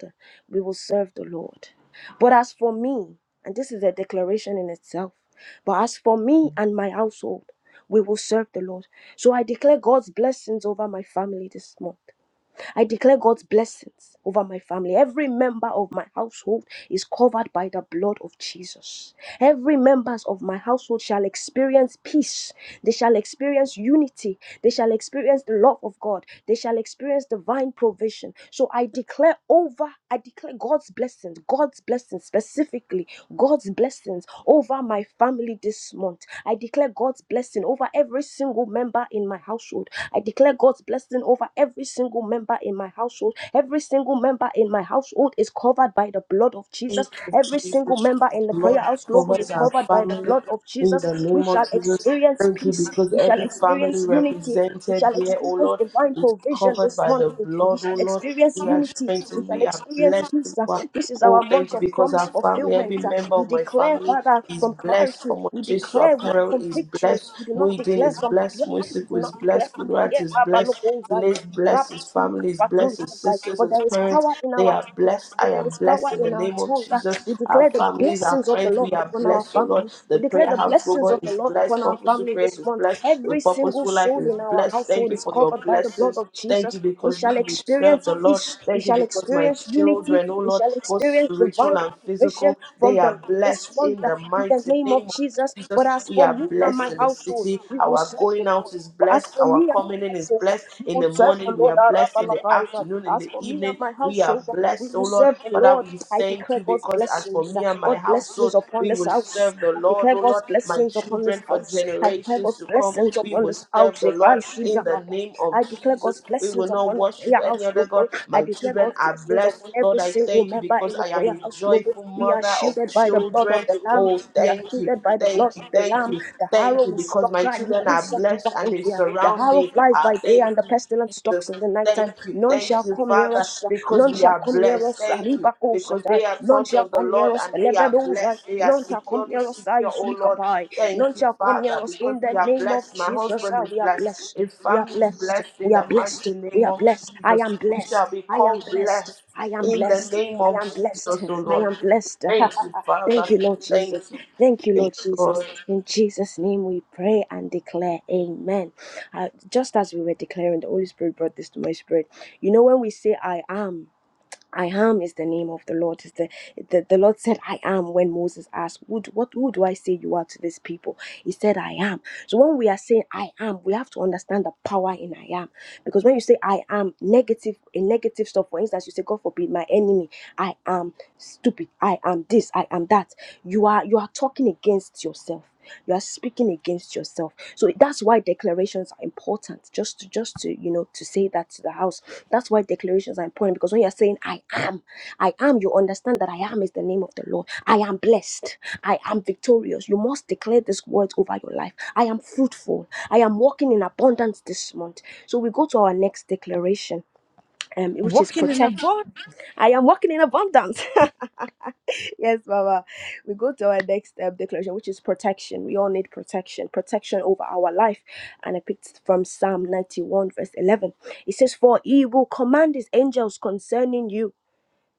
we will serve the Lord. But as for me, and this is a declaration in itself, but as for me and my household, we will serve the Lord. So I declare God's blessings over my family this month. I declare God's blessings over my family. Every member of my household is covered by the blood of Jesus. Every members of my household shall experience peace. They shall experience unity. They shall experience the love of God. They shall experience divine provision. So I declare over, I declare God's blessings, God's blessings specifically, God's blessings over my family this month. I declare God's blessing over over every single member in my household. I declare God's blessing over every single member in my household. Every single member in my household is covered by the blood of Thank Jesus. you, Every single Jesus, for member the in the Prayer blood that House Global covers is our covered by the family blood of in Jesus. the We name of shall Jesus. experience Thank you peace. because We shall every family experience unity. We represented shall here, oh experience Lord, divine is provision covered this by month. the We blood, oh shall Lord. experience We are unity. We strengthened, shall we are experience blessed. oh peace. Lord. This is Oh, our thank month you of because promise our family, every fulfillment uh, member we of my declare, family Father, is from blessed. clarity. We Omojesu declare with- Apparel from is victory. blessed. We do not Muidin declare is from blessed. fear. We do Musiku is not declare blessed. from Kudrat fear. is blessed. Tune Rabalokosai, is blessed. His family is blessed. His rabasulikapatuntukai. sisters, But his there is parents, power in they our are tongue. uh, blessed. I But there am is blessed power blessed in the in our name of tongue. uh. Jesus. We Our declare the families, our blessings of the friends, Lord we are upon our blessed, oh family. Lord. We The declare prayer the house blessings robot of the is Lord blessed. upon our Purposeful family prayers this is month. blessed. The Every single purposeful life soul is in our blessed. Thank household you is for your covered by the blood blessings. of Thank you Jesus. We because shall we will serve experience the Lord. peace. We Thank you shall because my experience unity. children, oh We Lord, shall both experience spiritual divine and provision physical, from they the Lord are this blessed month in uh, the in the mighty name of name of Jesus. But Jesus, as we for are me and blessed my in the household, city. we will Our serve the going Lord. out is But as blessed. for me Our and my coming in is household, uh, blessed. we In will the serve the morning, we Lord. are blessed. In the Arabalakaiza. afternoon, in As the for me and evening, my we are household, uh, we blessed, oh will Lord. serve the Father, Lord. we I thank declare you God's because as for blessings, uh, me and my God's blessings household, upon we this will house. serve the I Lord, declare oh God's Lord. My blessings upon this children for house. I declare generations God's to come, blessings we upon will this house. serve the If I Lord should, yeah, in the name of I declare declare Jesus. God's We will blessings not upon the worship prayer any house other God. global. I My declare children God's are blessings blessed. upon Lord, every I single thank you member because in the I prayer am a house global. joyful We are mother of shielded by the blood children of children. the Lamb. Oh, We are thank you, shielded by the blood thank you, of the thank Lamb. you, The thank arrow you, will because stalk my her. You children could are suck it blessed up and on they here. The surround arrow me. flies by Ah, day thank and the you, pestilence stalks Jesus. in the nighttime. Thank you, None thank shall you, come near Father, us. because None we shall are come near blessed. us. Thank you. Arriba Because Kosatai. they are None sons shall of the come near Lord us. and they are Elebedoza. blessed. They are None shall come securely near secure, us. oh Lord. Zukapai. Thank None you, shall come near Father, us because in we the are name of blessed. My Jesus. husband Ah, is We are blessed. blessed. His We are family is blessed. blessed in We are the blessed. mighty We name are of blessed. I Jesus. am We blessed. shall be I am called blessed. blessed I am in the blessed. name I of am blessed. Jesus, oh I Lord. am blessed. Thank you, Thank Father. you, Lord Jesus. Thank you. Thank you, Thank Lord you, Jesus. Lord. In Jesus' name we pray and declare. Amen. Uh, just as we were declaring, the Holy Spirit brought this to my spirit. You know, when we say, I am, I am is the name of the Lord. Is the, the the Lord said, I am when Moses asked, who, do- what who do I say you are to this people? He said, I am. So when we are saying I am, we have to understand the power in I am. Because when you say I am, negative in negative stuff, for instance, you say, God forbid, my enemy, I am stupid, I am this, I am that. You are you are talking against yourself you are speaking against yourself so that's why declarations are important just to just to you know to say that to the house that's why declarations are important because when you're saying i am i am you understand that i am is the name of the lord i am blessed i am victorious you must declare these words over your life i am fruitful i am walking in abundance this month so we go to our next declaration um, which is Walking in a protect body. i am walking in abundance Yes, Baba. We go to our next step declaration, which is protection. We all need protection, protection over our life. And I picked from Psalm 91, verse 11. It says, For he will command his angels concerning you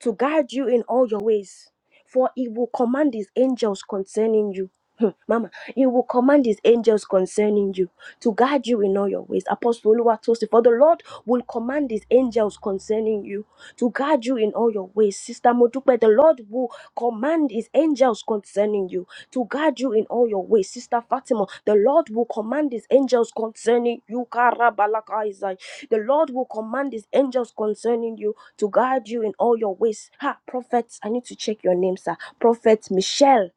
to guide you in all your ways. For he will command his angels concerning you. Hmm, Mama, he will command his angels concerning you to guide you in all your ways. Apostle Oluwatosin, for the Lord will command his angels concerning you to guard you in all your ways. Sister Modupe, the Lord will command his angels concerning you to guard you in all your ways. Sister Fatima, the Lord will command his angels concerning you. Karabalakaizai. The Lord will command his angels concerning you to guard you in all your ways. Ha, prophet, I need to check your name, sir. Prophet Michelle.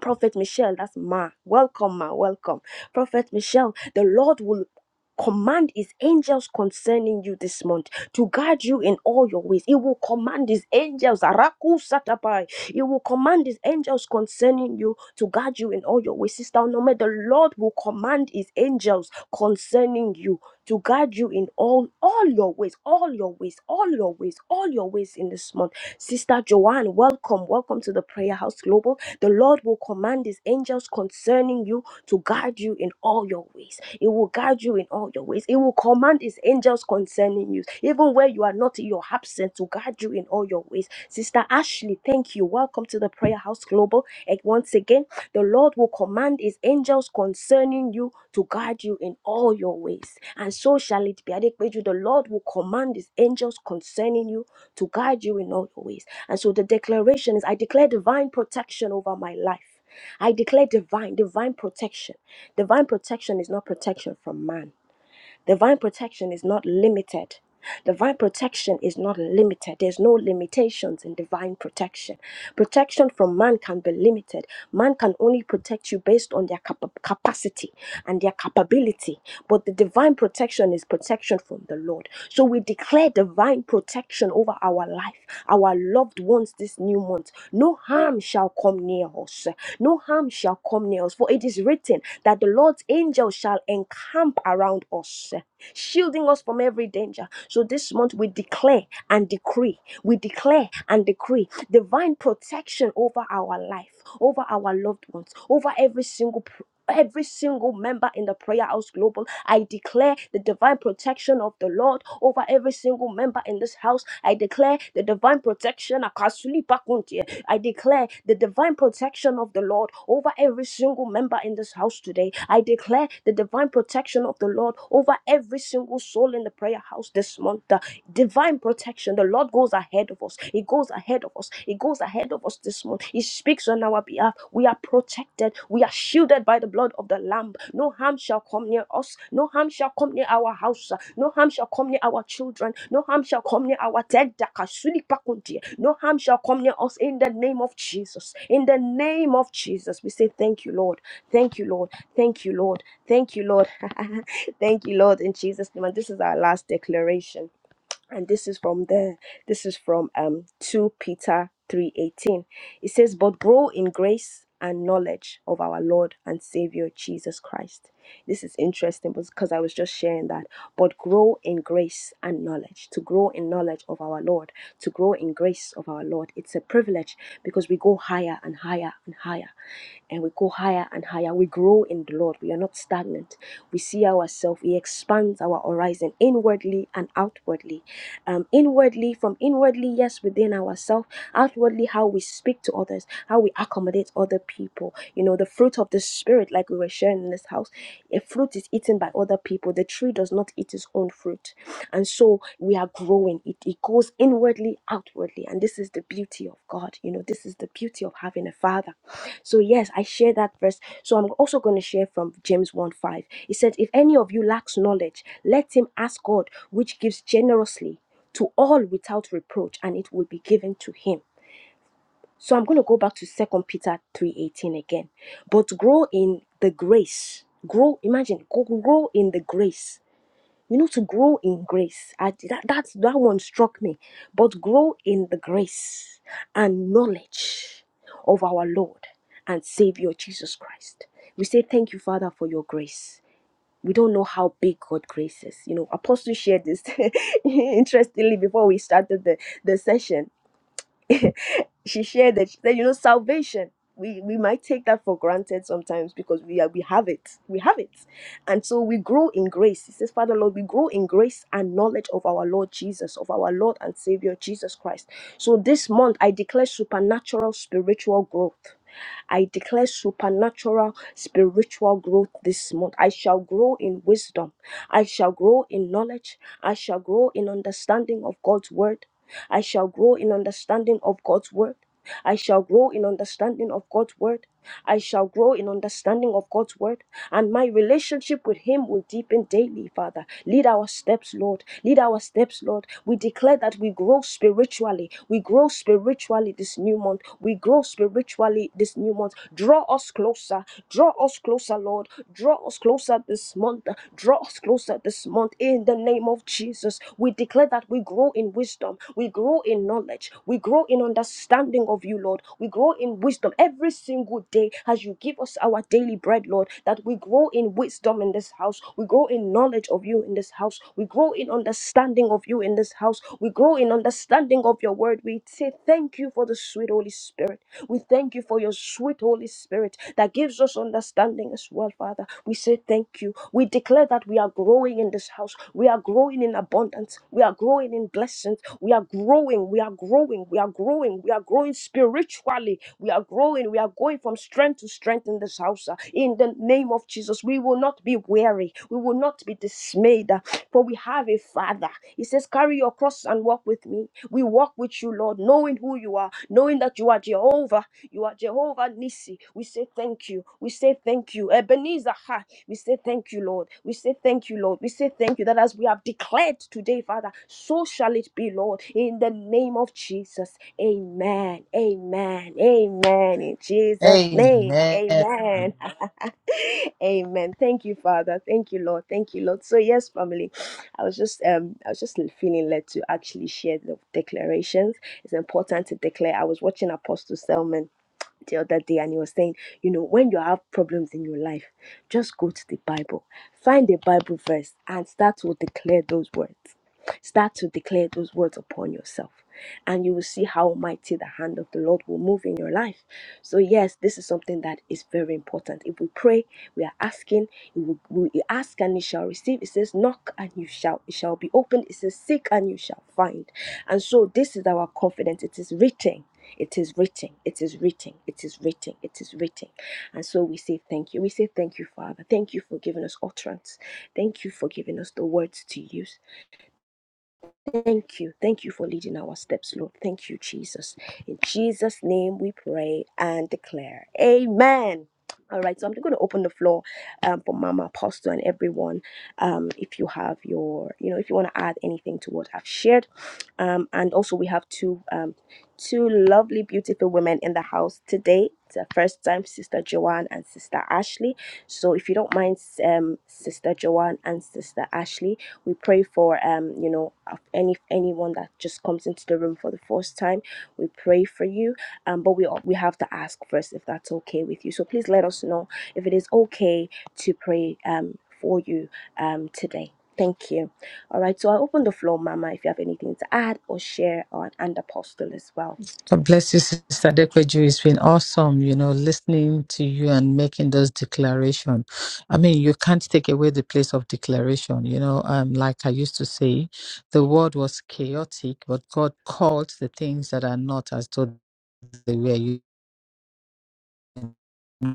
Prophet Michelle, that's Ma. Welcome, Ma. Welcome. Prophet Michelle, the Lord will command his angels concerning you this month to guide you in all your ways. He will command his angels. Araku Satapai. He will command his angels concerning you to guide you in all your ways. Sister Onome, the Lord will command his angels concerning you to guide you in all all your ways, all your ways, all your ways, all your ways in this month Sister Joanne, welcome. Welcome to the Prayer House Global. The Lord will command his angels concerning you to guard you in all your ways. It will guide you in all your ways. It will command his angels concerning you, even where you are not in your absence, to guide you in all your ways. Sister Ashley, thank you. Welcome to the Prayer House Global. And once again, the Lord will command his angels concerning you to guard you in all your ways. And so shall it be. Adepeju, The Lord will command his angels concerning you to guide you in all your ways. And so the declaration is I declare divine protection over my life. I declare divine, divine protection. Divine protection is not protection from man. Divine protection is not limited. Divine protection is not limited. There's no limitations in divine protection. Protection from man can be limited. Man can only protect you based on their capa- capacity and their capability. But the divine protection protection is protection from the Lord. So we declare divine protection over our life, our loved ones this new month. No harm shall come near us. No harm shall come near us. For it is written that the Lord's angels shall encamp around us, shielding us from every danger. So this month we declare and decree, we declare and decree divine protection over our life, over our loved ones, over every single every single member in the prayer house global i declare the divine protection of the lord over every single member in this house i declare the divine protection Akasuli Bakuntie. i declare the divine protection of the lord over every single member in this house today i declare the divine protection of the lord over every single soul in the prayer house this month divine protection. The Lord goes ahead of us. He goes ahead of us. He goes ahead of us this month. He speaks on our behalf. We are protected. We are shielded by the blood of the Lamb. No harm shall come near us. No harm shall come near our house. No harm shall come near our children. No harm shall come near our dead. No harm shall come near us in the name of Jesus. In the name of Jesus, we say thank you, Lord. Thank you, Lord. Thank you, Lord. Thank you, Lord. Thank you, Lord, in Jesus' name. And this is our last declaration and this is from there this is from um 2 peter 3.18 it says but grow in grace and knowledge of our lord and savior jesus christ this is interesting because i was just sharing that but grow in grace and knowledge to grow in knowledge of our lord to grow in grace of our lord it's a privilege because we go higher and higher and higher and we go higher and higher. We grow in the Lord. We are not stagnant. We see ourselves. We expand our horizon inwardly and outwardly um, inwardly, from inwardly, yes, within ourselves, outwardly, how we speak to others, how we accommodate other people. You know, the fruit of the Spirit, like we were sharing in this house, a fruit is eaten by other people. The tree does not eat its own fruit. And so we are growing. It, it goes inwardly outwardly and this is the beauty of god you know this is the beauty of having a father so yes i share that verse so i'm also going to share from james 1 5 it said if any of you lacks knowledge let him ask god which gives generously to all without reproach and it will be given to him so i'm going to go back to Second peter 3.18 again but grow in the grace grow imagine go- grow in the grace you know, to grow in grace. I, that, that's, that one struck me. But grow in the grace and knowledge of our Lord and Savior Jesus Christ. We say thank you, Father, for your grace. We don't know how big God grace is. You know, Apostle shared this interestingly before we started the, the session she shared that she said, you know, salvation. We we might take that for granted sometimes because we are we have it. We have it. And so we grow in grace. He says, Father Lord, we grow in grace and knowledge of our Lord Jesus, of our Lord and Savior Jesus Christ. So this month I declare supernatural spiritual growth. I declare supernatural spiritual growth this month. I shall grow in wisdom. I shall grow in knowledge. I shall grow in understanding of God's word. I shall grow in understanding of God's word. I shall grow in understanding of God's word. I shall grow in understanding of God's word, and my relationship with Him will deepen daily, Father. Lead our steps, Lord. Lead our steps, Lord. We declare that we grow spiritually. We grow spiritually this new month. We grow spiritually this new month. Draw us closer. Draw us closer, Lord. Draw us closer this month. Draw us closer this month in the name of Jesus. We declare that we grow in wisdom. We grow in knowledge. We grow in understanding of you, Lord. We grow in wisdom every single day as you give us our daily bread, Lord. That we grow in wisdom in this house. We grow in knowledge of you in this house. We grow in understanding of you in this house. We grow in understanding of your word. We say thank you for the sweet Holy Spirit. We thank you for your sweet Holy Spirit that gives us understanding as well, Father. We say thank you. We declare that we are growing in this house. We are growing in abundance. We are growing in blessings. We are growing. We are growing. We are growing. We are growing spiritually. We are growing. We are going from strength to strength in this house. uh, In the name of Jesus, we will not be weary. We will not be dismayed, uh, for we have a Father. He says, Carry your cross and walk with me. We walk with you, Lord, knowing who you are, knowing that you are Jehovah. You are Jehovah Nissi. We say thank you. We say thank you. Ebenezer, ha. we say thank you, Lord. We say thank you, Lord. We say thank you that as we have declared today, Father, so shall it be, Lord, in the name of Jesus. Amen. Amen. Amen. In Jesus' name. Amen. Amen. Amen. Thank you, Father. Thank you, Lord. Thank you, Lord. So yes, family, I was just um I was just feeling led to actually share the declarations. It's important to declare. I was watching Apostle Selman the other day and he was saying, you know, when you have problems in your life, just go to the Bible, find a Bible verse and start to declare those words. Start to declare those words upon yourself, and you will see how mighty the hand of the Lord will move in your life. So, yes, this is something that is very important. If we pray, we are asking, If we, we ask and you shall receive. It says, knock and you shall, it shall be opened. It says, seek and you shall find. And so, this is our confidence. It is written. It is written. It is written. It is written. It is written. And so we say thank you. We say thank you, Father. Thank you for giving us utterance. Thank you for giving us the words to use. Thank you. Thank you for leading our steps, Lord. Thank you, Jesus. In Jesus' name we pray and declare. Amen. All right, so I'm going to open the floor um, for Mama Apostle and everyone. Um, if you have your, you know, if you want to add anything to what I've shared, um, and also we have two, um, two lovely, beautiful women in the house today. It's the first time, Sister Joanne and Sister Ashley. So if you don't mind, um, Sister Joanne and Sister Ashley, we pray for um, you know, any anyone that just comes into the room for the first time. We pray for you, um, but we we have to ask first if that's okay with you. So please let us know if it is okay to pray um for you um today. Thank you. All right. So I open the floor, Mama, if you have anything to add or share, or and Apostle as well. God bless you, Sister Dekweju. It's been awesome, you know, listening to you and making those declaration. I mean, you can't take away the place of declaration. You know, um, like I used to say, the world was chaotic, but God called the things that are not as though they were. You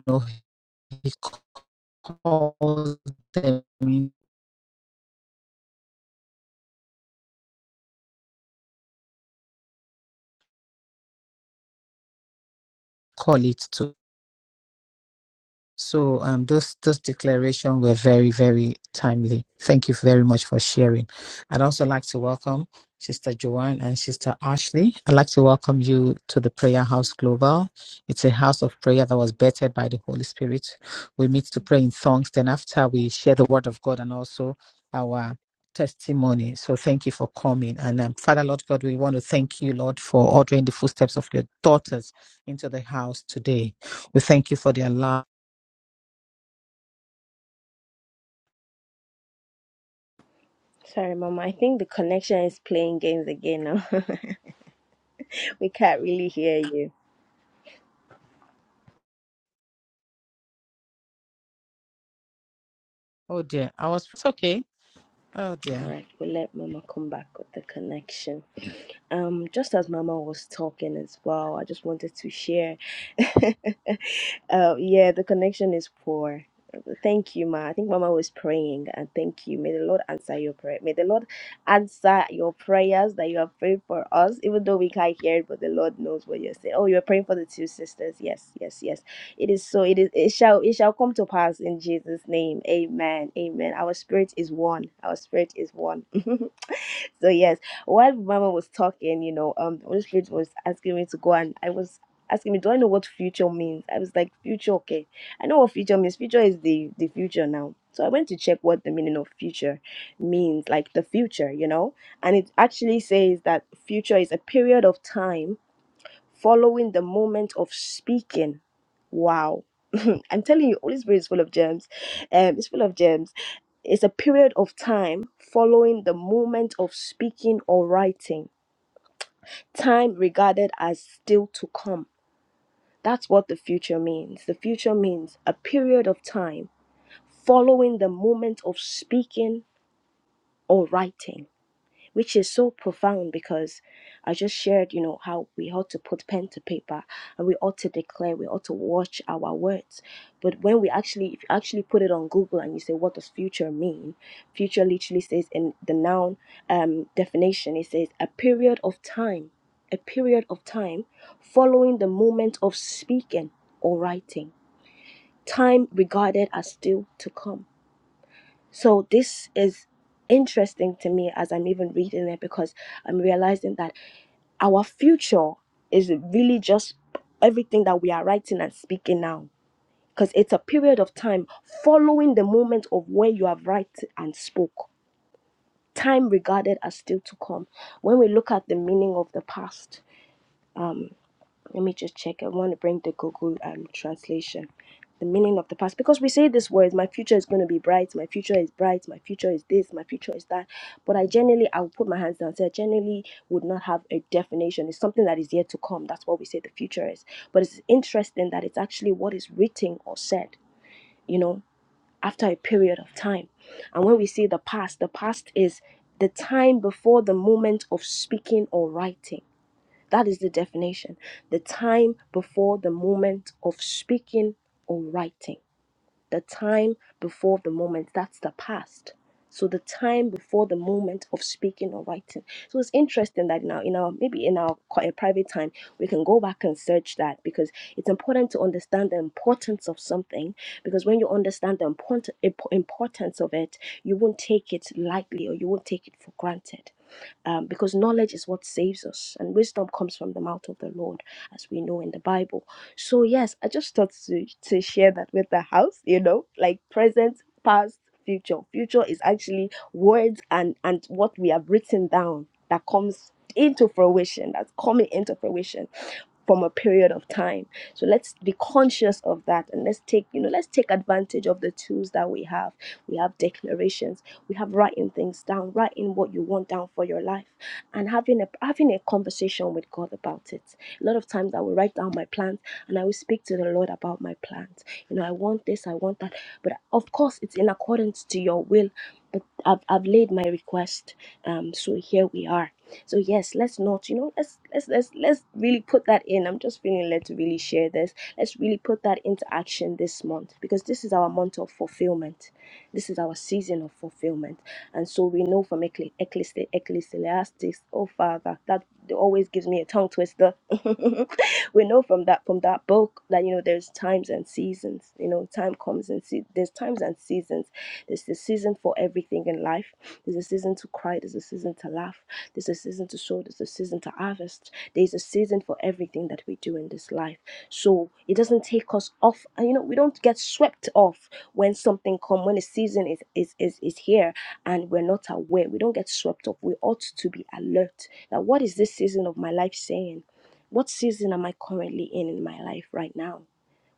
know, He called them, call it to So um, those those declarations were very very timely. Thank you very much for sharing. I'd also like to welcome Sister Joanne and Sister Ashley. I'd like to welcome you to the Prayer House Global. It's a house of prayer that was bettered by the Holy Spirit. We meet to pray in tongues. Then after we share the Word of God and also our testimony. So thank you for coming. And um, Father Lord God, we want to thank you, Lord, for ordering the footsteps of your daughters into the house today. We thank you for their love Sorry, Mama. I think the connection is playing games again now. we can't really hear you. Oh dear, I was it's okay. Oh dear. All right, we'll let Mama come back with the connection. Um, just as Mama was talking as well, I just wanted to share. uh, yeah, the connection is poor. Thank you, Ma. I think Mama was praying, and thank you. May the Lord answer your prayer. May the Lord answer your prayers that you have prayed for us, even though we can't hear it, but the Lord knows what you're saying. Oh, you're praying for the two sisters. Yes, yes, yes. It is so. It is. It shall. It shall come to pass in Jesus' name. Amen. Amen. Our spirit is one. Our spirit is one. so yes, while Mama was talking, you know, um, the Holy Spirit was asking me to go, and I was asking me, do I know what future means? I was like, future, okay. I know what future means. Future is the the future now. So I went to check what the meaning of future means, like the future, you know, and it actually says that future is a period of time following the moment of speaking. Wow. I'm telling you, Holy Spirit is full of gems. Um, it's full of gems. It's a period of time following the moment of speaking or writing, time regarded as still to come. That's what the future means. The future means a period of time following the moment of speaking or writing which is so profound because I just shared, you know, how we ought to put pen to paper and we ought to declare, we ought to watch our words. But when we actually, if you actually put it on Google and you say, what does future mean? Future literally says in the noun um, definition, it says a period of time, a period of time following the moment of speaking or writing, time regarded as still to come. So this is interesting to me as I'm even reading it because I'm realizing that our future is really just everything that we are writing and speaking now. Because it's a period of time following the moment of when you have write and spoke. Time regarded as still to come. When we look at the meaning of the past, um, let me just check. I want to bring the Google um, translation. The meaning of the past. Because we say this word, my future is going to be bright, my future is bright, my future is this, my future is that. But I generally, I will put my hands down. So I generally would not have a definition. It's something that is yet to come. That's what we say the future is. But it's interesting that it's actually what is written or said, you know, after a period of time. And when we say the past, the past is the time before the moment of speaking or writing that is the definition. The time before the moment of speaking or writing. The time before the moment, that's the past. So the time before the moment of speaking or writing. So it's interesting that now, you know, maybe in our qu- uh, private time, we can go back and search that because it's important to understand the importance of something. Because when you understand the import- imp- importance of it, you won't take it lightly or you won't take it for granted um, because knowledge is what saves us, and wisdom comes from the mouth of the Lord, as we know in the Bible. So yes, I just thought to to share that with the house, you know, like present, past, future. Future is actually words and and what we have written down that comes into fruition, that's coming into fruition from a period of time. So let's be conscious of that and let's take, you know, let's take advantage of the tools that we have. We have declarations, we have writing things down, writing what you want down for your life and having a having a conversation with God about it. A lot of times I will write down my plans and I will speak to the Lord about my plans. You know, I want this, I want that. But of course, it's in accordance to your will. But I've, I've laid my request. Um, so here we are. So yes, let's not, you know, let's let's let's let's really put that in. I'm just feeling led to really share this. Let's really put that into action this month because this is our month of fulfillment this is our season of fulfillment. And so we know from Ecclesi- Ecclesi- Ecclesiastes, oh Father, that always gives me a tongue twister. we know from that from that book that you know there's times and seasons. You know, time comes and se- there's times and seasons. There's the season for everything in life. There's a season to cry. There's a season season to laugh. There's a season to sow. There's a season to harvest. There's a season for everything that we do in this life. So it doesn't take us off. And, You know, we don't get swept off when something comes. when a season is is is is here and we're not aware. We don't get swept off. We ought to be alert. That what is this season of my life saying? What season am I currently in in my life right now?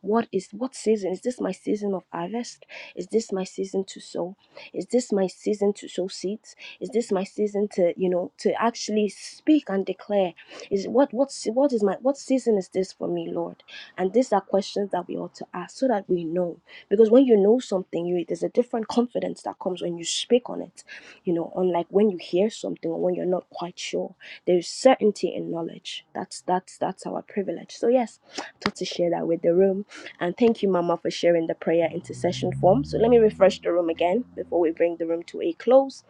What is what season? Is this my season of harvest? Is this my season to sow? Is this my season to sow seeds? Is this my season to, you know, to actually speak and declare? Is what what what is my what season is this for me, Lord? And these are questions that we ought to ask so that we know. Because when you know something, you there's a different confidence that comes when you speak on it. You know, unlike when you hear something or when you're not quite sure. There's certainty in knowledge. That's that's that's our privilege. So yes, I thought to share that with the room. And thank you, Mama, for sharing the prayer intercession form. So let me refresh the room again before we bring the room to a close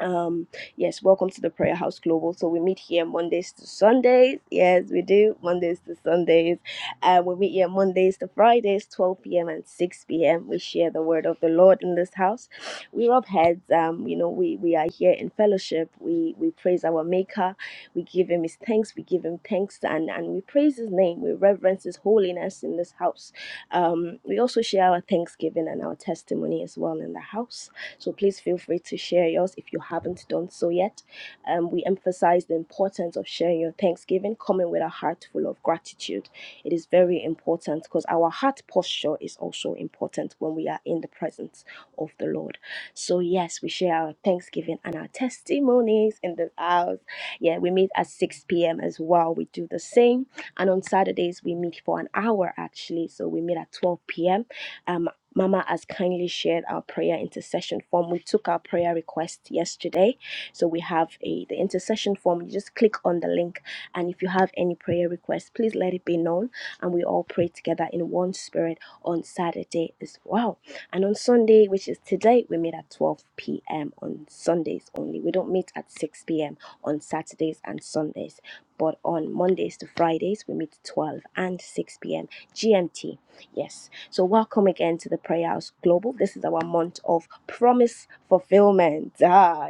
um yes welcome to the prayer house global so we meet here mondays to sundays yes we do mondays to sundays and we meet here mondays to fridays 12 p.m and 6 p.m we share the word of the lord in this house we rub heads um you know we we are here in fellowship we we praise our maker we give him his thanks we give him thanks and and we praise his name we reverence his holiness in this house um we also share our thanksgiving and our testimony as well in the house so please feel free to share yours if you haven't done so yet. Um, we emphasize the importance of sharing your Thanksgiving, coming with a heart full of gratitude. It is very important because our heart posture is also important when we are in the presence of the Lord. So, yes, we share our Thanksgiving and our testimonies in the house. Yeah, we meet at 6 p.m. as well. We do the same. And on Saturdays, we meet for an hour actually. So, we meet at 12 p.m Um. Mama has kindly shared our prayer intercession form. We took our prayer request yesterday. So we have a the intercession form. You just click on the link. And if you have any prayer requests, please let it be known. And we all pray together in one spirit on Saturday as well. And on Sunday, which is today, we meet at 12 p.m. on Sundays only. We don't meet at 6 p.m. on Saturdays and Sundays. But on Mondays to Fridays, we meet 12 and 6 p.m. GMT. Yes. So, welcome again to the Prayer House Global. This is our month of promise fulfillment. Ah,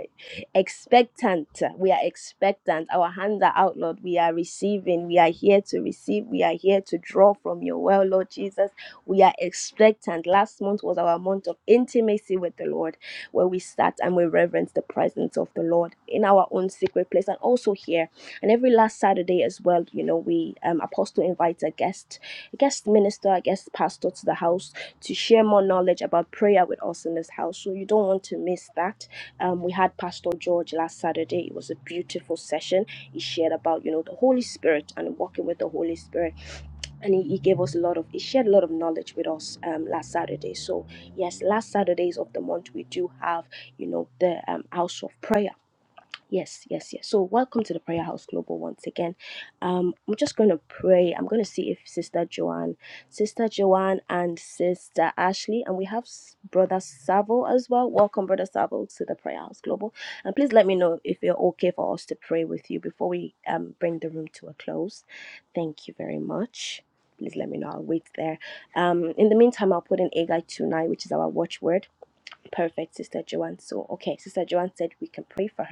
expectant. We are expectant. Our hands are out, Lord. We are receiving. We are here to receive. We are here to draw from your well, Lord Jesus. We are expectant. Last month was our month of intimacy with the Lord, where we sat and we reverence the presence of the Lord in our own secret place and also here. And every last Saturday as well, you know, we um, Apostle invites a guest guest minister, a guest pastor to the house to share more knowledge about prayer with us in this house. So you don't want to miss that. Um, we had Pastor George last Saturday. It was a beautiful session. He shared about you know the Holy Spirit and walking with the Holy Spirit, and he, he gave us a lot of he shared a lot of knowledge with us um, last Saturday. So yes, last Saturdays of the month we do have you know the um, house of prayer. Yes, yes, yes. So, welcome to the Prayer House Global once again. Um, I'm just going to pray. I'm going to see if Sister Joanne, Sister Joanne, and Sister Ashley, and we have S- Brother Savo as well. Welcome, Brother Savo, to the Prayer House Global. And please let me know if you're okay for us to pray with you before we um, bring the room to a close. Thank you very much. Please let me know. I'll wait there. Um, in the meantime, I'll put in Agai tonight, which is our watchword. Perfect, Sister Joanne. So, okay, Sister Joanne said we can pray for her.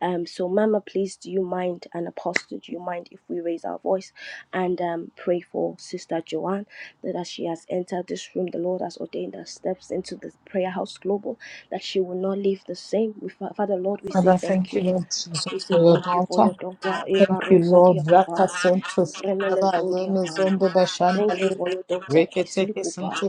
Um, so, Mama, please, do you mind, and Apostle, do you mind if we raise our voice and um, pray for Sister Joanne that as she has entered this room, the Lord has ordained her steps into the Prayer House Global, that she will not leave the same. We, Father, Lord, we say Father, thank thank you. you, Lord We Jesus, say for your thank you for daughter. your daughter, Eva Thank you, Rosa Lord. Raka Diakopa, Santo Remele Sandaba, Yemi Zodiakai. Zondo Thank you Bashandale, for your daughter, Reketeke Paisilukupa. Santo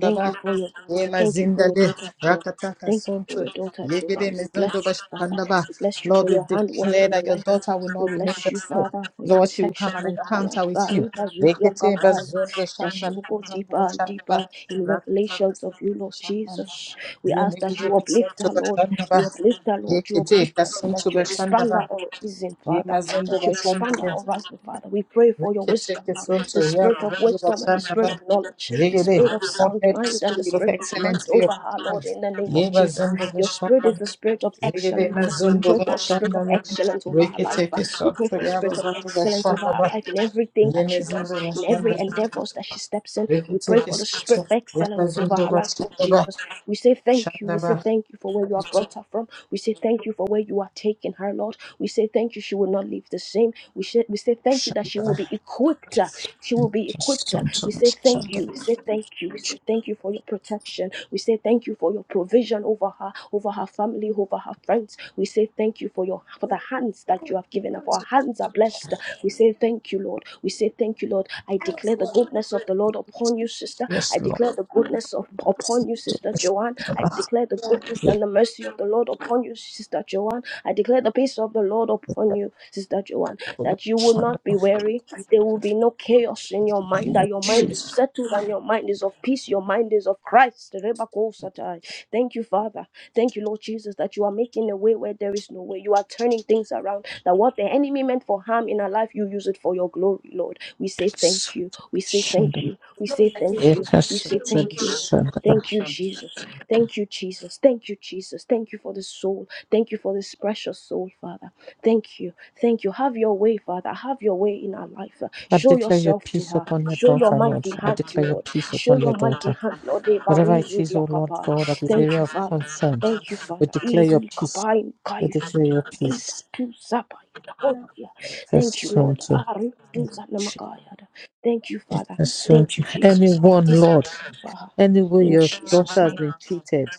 Thank you for your daughter. Yema Thank you for your Zindale, daughter, Joe. Rakataka Thank you for Santo, your daughter, Yegede Joanne. We bless Mizundo you, Father. Bashandaba. We bless you Lord, for we your handwork declare in our that your life. daughter will We not remain bless the you, same. Father, for your Lord, she will protection have an over her encounter life. with you. Barika Rekete Zudiakapaya, Bazondo that she Shandale, will go Mizundo deeper and Bashandaba, deeper in Rakataka revelations of Santo you, Lord Bashandale. Jesus. We ask that you Yemegideki uplift Santo her, Lord. Bashandaba, You uplift her, Lord. You Yekete, uplift her, Lord. That Kasunto you expand her Bashandaba, horizon, Father. Yemazondo That you expand Bashandaba, her horizon, Father. We pray for your for your wisdom, Reketeke Lord. Santo, The spirit of Yamazondo wisdom and the spirit Bashandaba, of knowledge, the Yegede, spirit of God sound let the mind and the spirit of spirit of excellence might be over her, upon Lord, us. in the name of Jesus. Yemazondo Your spirit is Bashandaba, the spirit of Yegede excellence. We Mazondo pray for a spirit of Bashandaba, excellence over her life. Reketeke We pray Santo, for a spirit of Yamazondo excellence over her Bashandaba, life in everything that she does, Yemazondo in every Bashandaba, endeavors that she steps in. We pray Reketeke for the spirit Santo, of excellence over Yamazondo her life, Lord Bashandaba, Jesus. We say thank you. We say thank you for where you have brought her from. We say thank you for where you are taking her, Lord. We say thank you, she will not leave the same. We, say we say thank you that she Shandaba, will be equipped. uh, She will be equipped. uh, We say thank you. We say thank you. We say thank you for your protection. We say thank you for your provision over her, over her family, over her friends. We say thank you for your for the hands that you have given up. Our hands are blessed. We say thank you, Lord. We say thank you, Lord. I declare the goodness of the Lord upon you, sister. Yes, I Lord. declare the goodness of upon you, sister Joanne. I declare the goodness and the mercy of the Lord upon you, sister Joanne. I declare the peace of the Lord upon you, Sister Joanne, that you will not be weary. There will be no chaos in your mind, that your mind is settled and your mind is of peace, your mind is of Christ. Rebakosatai. Thank you, Father. Thank you, Lord Jesus, that you are making a way where there is no way. You are turning things around, that what the enemy meant for harm in our life, you use it for your glory, Lord. We say thank you. We say thank you. We say thank you. We say thank you. Thank you, Jesus. Thank you, Jesus. Thank you, Jesus. Thank you for the soul. Thank you for this precious soul, Father. Thank you. Thank you. Have your way, Father. Have your way in our life. I Show declare your yourself to peace her. upon your Show your daughter, Lord. mighty I hand, declare your Lord. peace Show upon your your mighty daughter. hand, Lord. Whatever it Ebarizu is, O Lord diakapa. God, that is Thank area you, of Father. concern, Thank you, we Father. declare your Easily peace. kapai We kaius. declare your peace. Tu sapa. Oh, yeah. Thank you, Lord. Ekasonto. Ari tu zanamakaya. Thank you, Father. Thank you, Ekasonto. Jesus. Anyone, This Lord, is for her. any way In your Jesus' daughter has name. been cheated.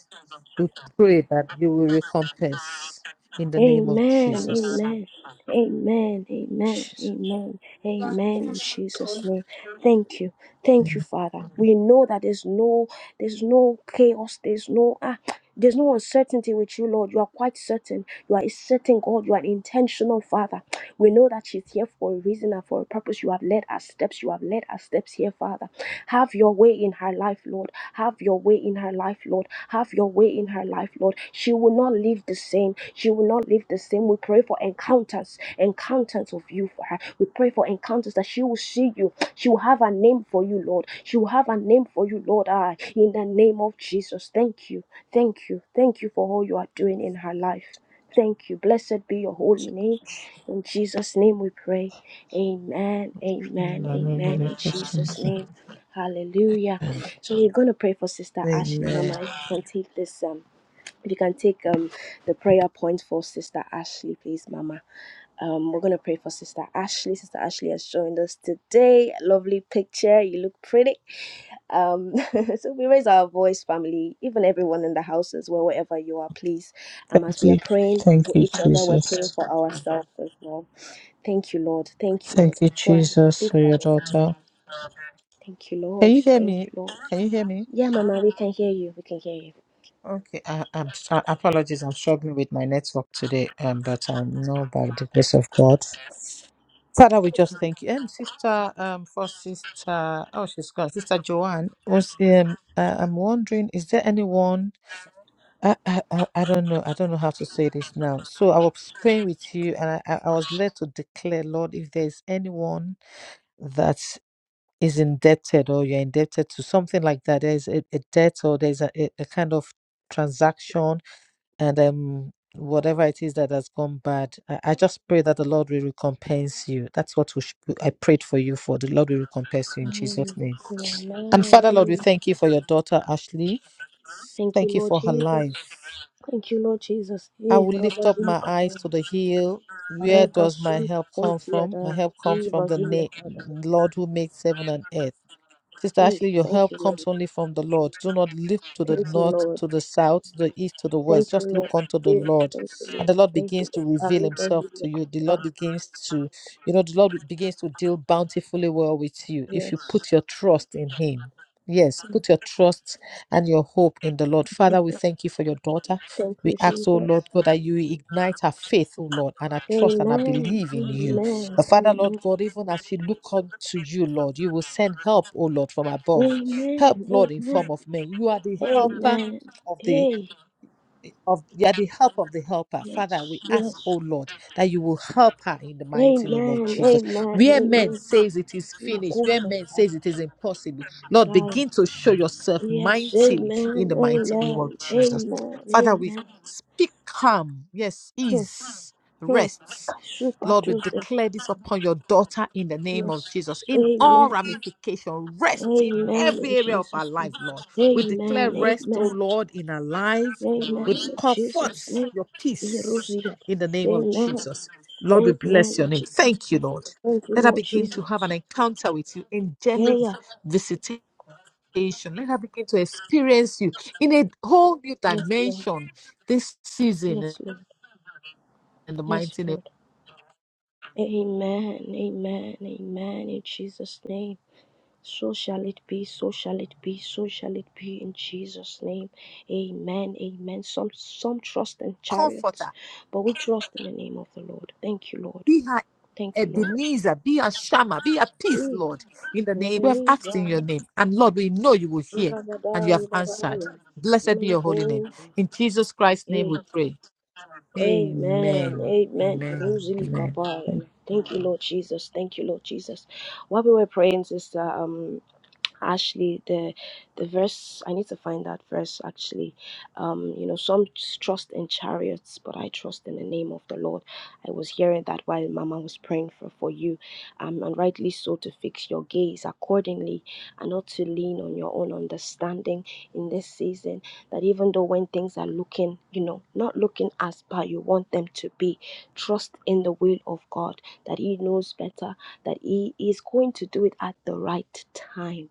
We pray that you will recompense in the name of Amen. Amen. Jesus. Amen. Amen. Jesus. Amen. Let Amen. In Jesus' name. Thank you. Thank you, Father. We know that there's no there's no chaos. There's no ah there's no uncertainty with you, Lord. You are quite certain. You are a certain God. You are intentional, Father. We know that she's here for a reason and for a purpose. You have led our steps. You have led our steps here, Father. Have your way in her life, Lord. Have your way in her life, Lord. Have your way in her life, Lord. She will not live the same. She will not live the same. We pray for encounters, encounters of you for her. We pray for encounters that she will see you. She will have a name for you, Lord. She will have a name for you, Lord. Ah, in the name of Jesus. Thank you. Thank you. Thank you for all you are doing in her life. Thank you. Blessed be your holy name. In Jesus' name we pray. Amen. Amen. me get Amen. a In question. Jesus' name. Hallelujah. So we're gonna pray for Sister Ashley. Amen. Mama, if you can take this um if you can take um the prayer point for Sister Ashley, please, Mama. Um, we're gonna pray for Sister Ashley. Sister Ashley has joined us today. Lovely picture. You look pretty. Um, so we raise our voice, family, even everyone in the house as well, wherever you are, please. Um, as Thank we are you. praying Thank for you, each other, we're praying Jesus. for ourselves as well Thank you, Lord. Thank you, Thank Lord. you, Go ahead. Jesus, Please for go your ahead. daughter. Thank you, Can Lord. you hear Thank me? you, Lord. Can you hear me? Yeah, Mama, we can hear you. We can hear you. Okay, I, I'm sorry. Apologies. I'm struggling with my network today, um, but I know by the grace of God. Father, we just thank you. Um, sister, um, for sister, oh, she's gone. Sister Joanne was um, uh, I'm wondering, is there anyone? I, I I I don't know. I don't know how to say this now. So I was praying with you, and I I I was led to declare, Lord, if there is anyone that is indebted or you're indebted to something like that, there's a, a debt or there's a, a a kind of transaction and um whatever it is that has gone bad I, I just pray that the lord will recompense you that's what we sh- i prayed for you for the lord will recompense you in jesus name and father lord we Amen. thank you for your daughter ashley Thank you, thank you Lord for her Jesus. life Thank you, Lord Jesus. i Eh, will lift Rabba up Zulu my Kappa, eyes to the hill where Reba does my Zulu help Kappa, come from my Tiada, help comes Di from the Zulu Kappa. na- lord who makes heaven and earth Sister Eesh, Ashley, your thank help you, comes Lord. only from the Lord. Do not look to the Thank you, north, Lord. to the south, to the east, to the Thank west. you, Just look Lord. unto the Yes, Lord. thank you, And Lord. the Lord Thank you, begins to Lord. Our reveal leaders himself will to look you. The up. Lord begins to, you know, the Lord begins to deal bountifully well with you if you Yes. put your trust in him. Yes, put your trust and your hope in the Lord. Father, we Mhm. thank you for your daughter. Thank We you, ask, oh Jesus. Lord God, that you ignite her faith, oh Lord, and her trust and her Amen. belief in you. Amen. But Father, Lord Amen. God, even as she look unto you, Lord, you will send help, O Lord, from above. Help, Amen. Lord, in form Amen. of men. You are the helper Amen. of the Hey. of you are the help of the helper. Father, Yes. we ask, Yes. oh Lord, that you will help her in the mighty name of Amen. Jesus. Amen. Where men Amen. says it is finished, where men Kushata. says it is impossible, Lord, Aye. begin to show yourself Yes. mightily in Amen. the mighty name of Amen. Jesus. Amen. Father, we Amen. speak calm, yes, Hmm. ease, Hmm. rest. Super Lord, we Tuesday. declare this upon your daughter in the name of Yes. Jesus. In all Amen. ramification, rest in Amen. In every area of our Jesus' name. life, Lord. We declare Amen. rest, O Amen. Lord, in our life Amen. with In Jesus' comforts, name. your peace Yerusia. in the name of Amen. Jesus. Lord, we Amen. bless your In name. Jesus' Thank you, name. Lord. Thank you, Let her Lord begin to Jesus. have an encounter with you, Yeah, angelic yeah. visitation. Let her begin to experience you in a whole new Yes, Lord. dimension this season Yes, Lord. in the Yes, mighty name. Lord. Amen. Amen. Amen. In Jesus' name. So shall it be, so shall it be, so shall it be in Jesus' name. Amen. Amen. Some some trust in chariots, Comforter, but we trust in the name of the Lord. Thank you, Lord. be her Thank you, Lord. Ebenezer, be her Shammah, be her peace, Ooh. Lord, in the name. We have asked Ebenezer, in your name, and Lord, we know you will hear and you Rabadai, have answered. Badaya, Blessed be your holy name. Melekoza. In Jesus Christ's name Eh, we pray. Amen, Amen. amen. Amen. Rosely Amen. Kapaya. Thank you, Lord Jesus. Thank you, Lord Jesus. While we were praying, sister, Um actually the the verse i need to find that verse actually um you know some trust in chariots but i trust in the name of the lord i was hearing that while mama was praying for for you um and rightly so to fix your gaze accordingly and not to lean on your own understanding in this season that even though when things are looking you know not looking as bad you want them to be trust in the will of god that he knows better that he is going to do it at the right time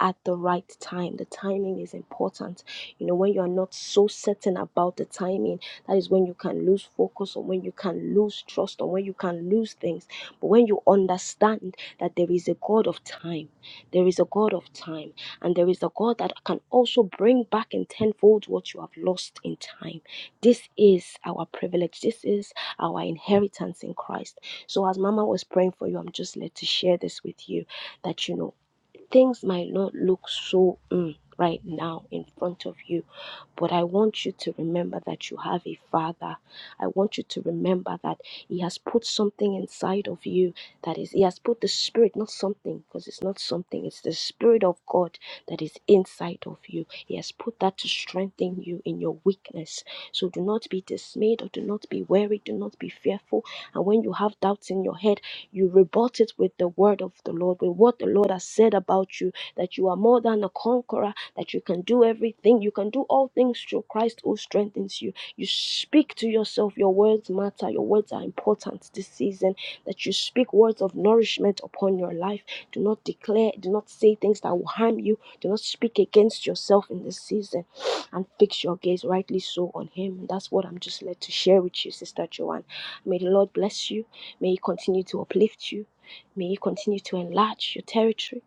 at the right time. The timing is important. You know, when you are not so certain about the timing, that is when you can lose focus or when you can lose trust or when you can lose things. But when you understand that there is a God of time, there is a God of time, and there is a God that can also bring back in tenfold what you have lost in time. This is our privilege. This is our inheritance in Christ. So as Mama was praying for you, I'm just led to share this with you that you know Things might not look so mm, right now in front of you, but I want you to remember that you have a father. I want you to remember that he has put something inside of you that is, he has put the spirit, not something, because it's not something, it's the spirit of God that is inside of you. He has put that to strengthen you in your weakness. So do not be dismayed or do not be weary, do not be fearful. And when you have doubts in your head, you rebut it with the word of the Lord, with what the Lord has said about you, that you are more than a conqueror, that you can do everything. You can do all things through Christ who strengthens you. You speak to yourself. Your words matter. Your words are important this season. That you speak words of nourishment upon your life. Do not declare, do not say things that will harm you. Do not speak against yourself in this season. And fix your gaze rightly so on Him. That's what I'm just led to share with you, Sister Joanne. May the Lord bless you. May He continue to uplift you. May He continue to enlarge your territory.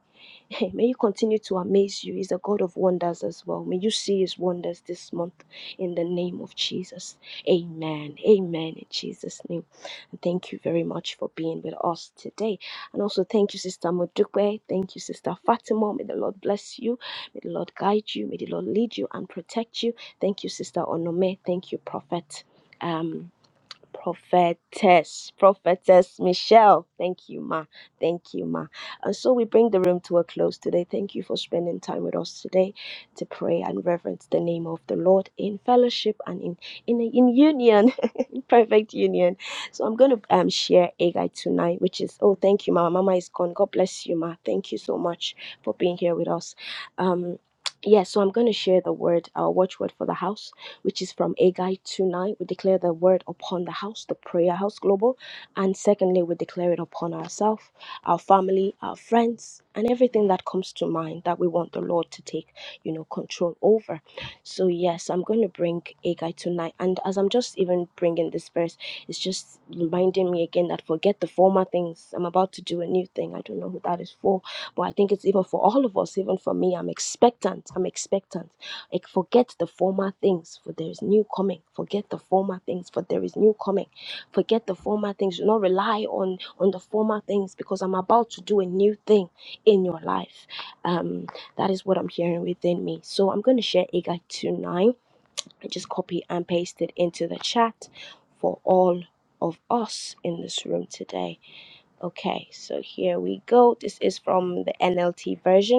May He continue to amaze you. He's a God of wonders as well. May you see His wonders this month in the name of Jesus. Amen. Amen. In Jesus' name. And thank you very much for being with us today. And also thank you, Sister Modupe. Thank you, Sister Fatima. May the Lord bless you. May the Lord guide you. May the Lord lead you and protect you. Thank you, Sister Onome. Thank you, Prophet. Um, prophetess, prophetess Michelle. Thank you, ma. Thank you, ma. And so we bring the room to a close today. Thank you for spending time with us today to pray and reverence the name of the Lord in fellowship and in in in union. Perfect union. So I'm going to um share a guide tonight, which is oh thank you, Mama. Mama is gone. God bless you, Ma. Thank you so much for being here with us. Um. Yeah, so I'm going to share the word, our watchword for the house, which is from Agai tonight. We declare the word upon the house, the prayer house global. And secondly, we declare it upon ourselves, our family, our friends, and everything that comes to mind that we want the Lord to take, you know, control over. So, yes, I'm going to bring Agai tonight. And as I'm just even bringing this verse, it's just reminding me again that forget the former things. I'm about to do a new thing. I don't know who that is for, but I think it's even for all of us, even for me. I'm expectant. I'm expectant. Like, forget the former things, for there is new coming. Forget the former things, for there is new coming. Forget the former things. Do not rely on on the former things because I'm about to do a new thing in your life. Um, that is what I'm hearing within me. So I'm going to share Agai 2.9 and just copy and paste it into the chat for all of us in this room today. Okay, so here we go. This is from the NLT version.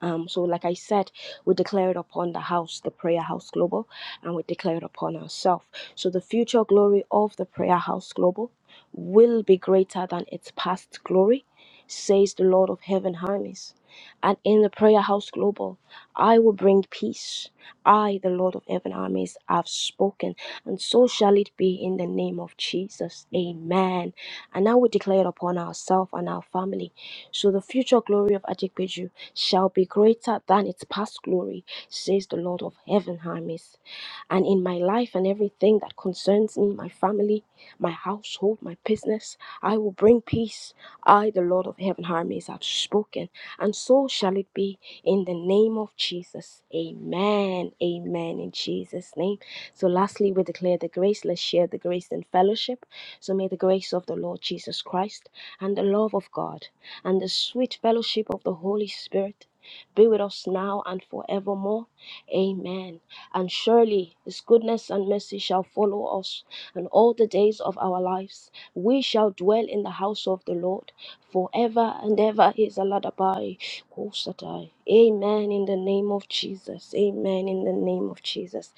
Um, so, like I said, we declare it upon the house, the Prayer House Global, and we declare it upon ourselves. So, the future glory of the Prayer House Global will be greater than its past glory, says the Lord of Heaven, Hermes. And in the Prayer House Global, I will bring peace. I, the Lord of Heaven, Hermes, have spoken, and so shall it be in the name of Jesus. Amen. And now we declare it upon ourselves and our family. So, the future glory of Ajikpeju shall be greater than its past glory, says the Lord of heaven, armies. And in my life and everything that concerns me, my family, my household, my business, I will bring peace. I, the Lord of heaven, armies, have spoken, and so shall it be in the name of Jesus. Amen. Amen. In Jesus' name. So, lastly, we declare the grace. Let's share the grace in fellowship. So may the grace of the Lord Jesus Christ and the love of God and the sweet fellowship of the Holy Spirit be with us now and forevermore. Amen. And surely his goodness and mercy shall follow us, and all the days of our lives we shall dwell in the house of the Lord forever and ever. Is Aladabai Kosatai. Amen. In the name of Jesus. Amen. In the name of Jesus.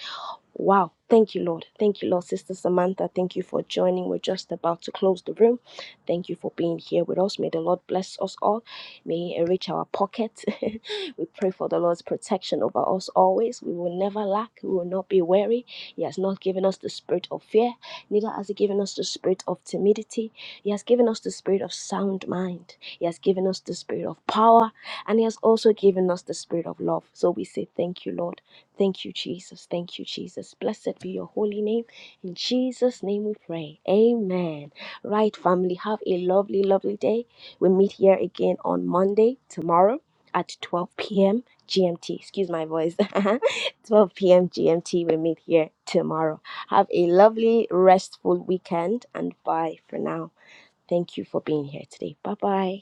Wow. Thank you, Lord. Thank you, Lord. Sister Samantha, thank you for joining. We're just about to close the room. Thank you for being here with us. May the Lord bless us all. May He enrich our pocket. we pray for the Lord's protection over us always. We will never lack. We will not be weary. He has not given us the spirit of fear, neither has He given us the spirit of timidity. He has given us the spirit of sound mind. He has given us the spirit of power, and He has also given us the spirit of love. So we say, Thank you, Lord. Thank you, Jesus. Thank you, Jesus. Blessed be your holy name. In Jesus' name we pray. Amen. Right, family, have a lovely, lovely day. We meet here again on Monday, tomorrow at 12 p.m. GMT. Excuse my voice. 12 p.m. GMT. We meet here tomorrow. Have a lovely, restful weekend and bye for now. Thank you for being here today. Bye bye.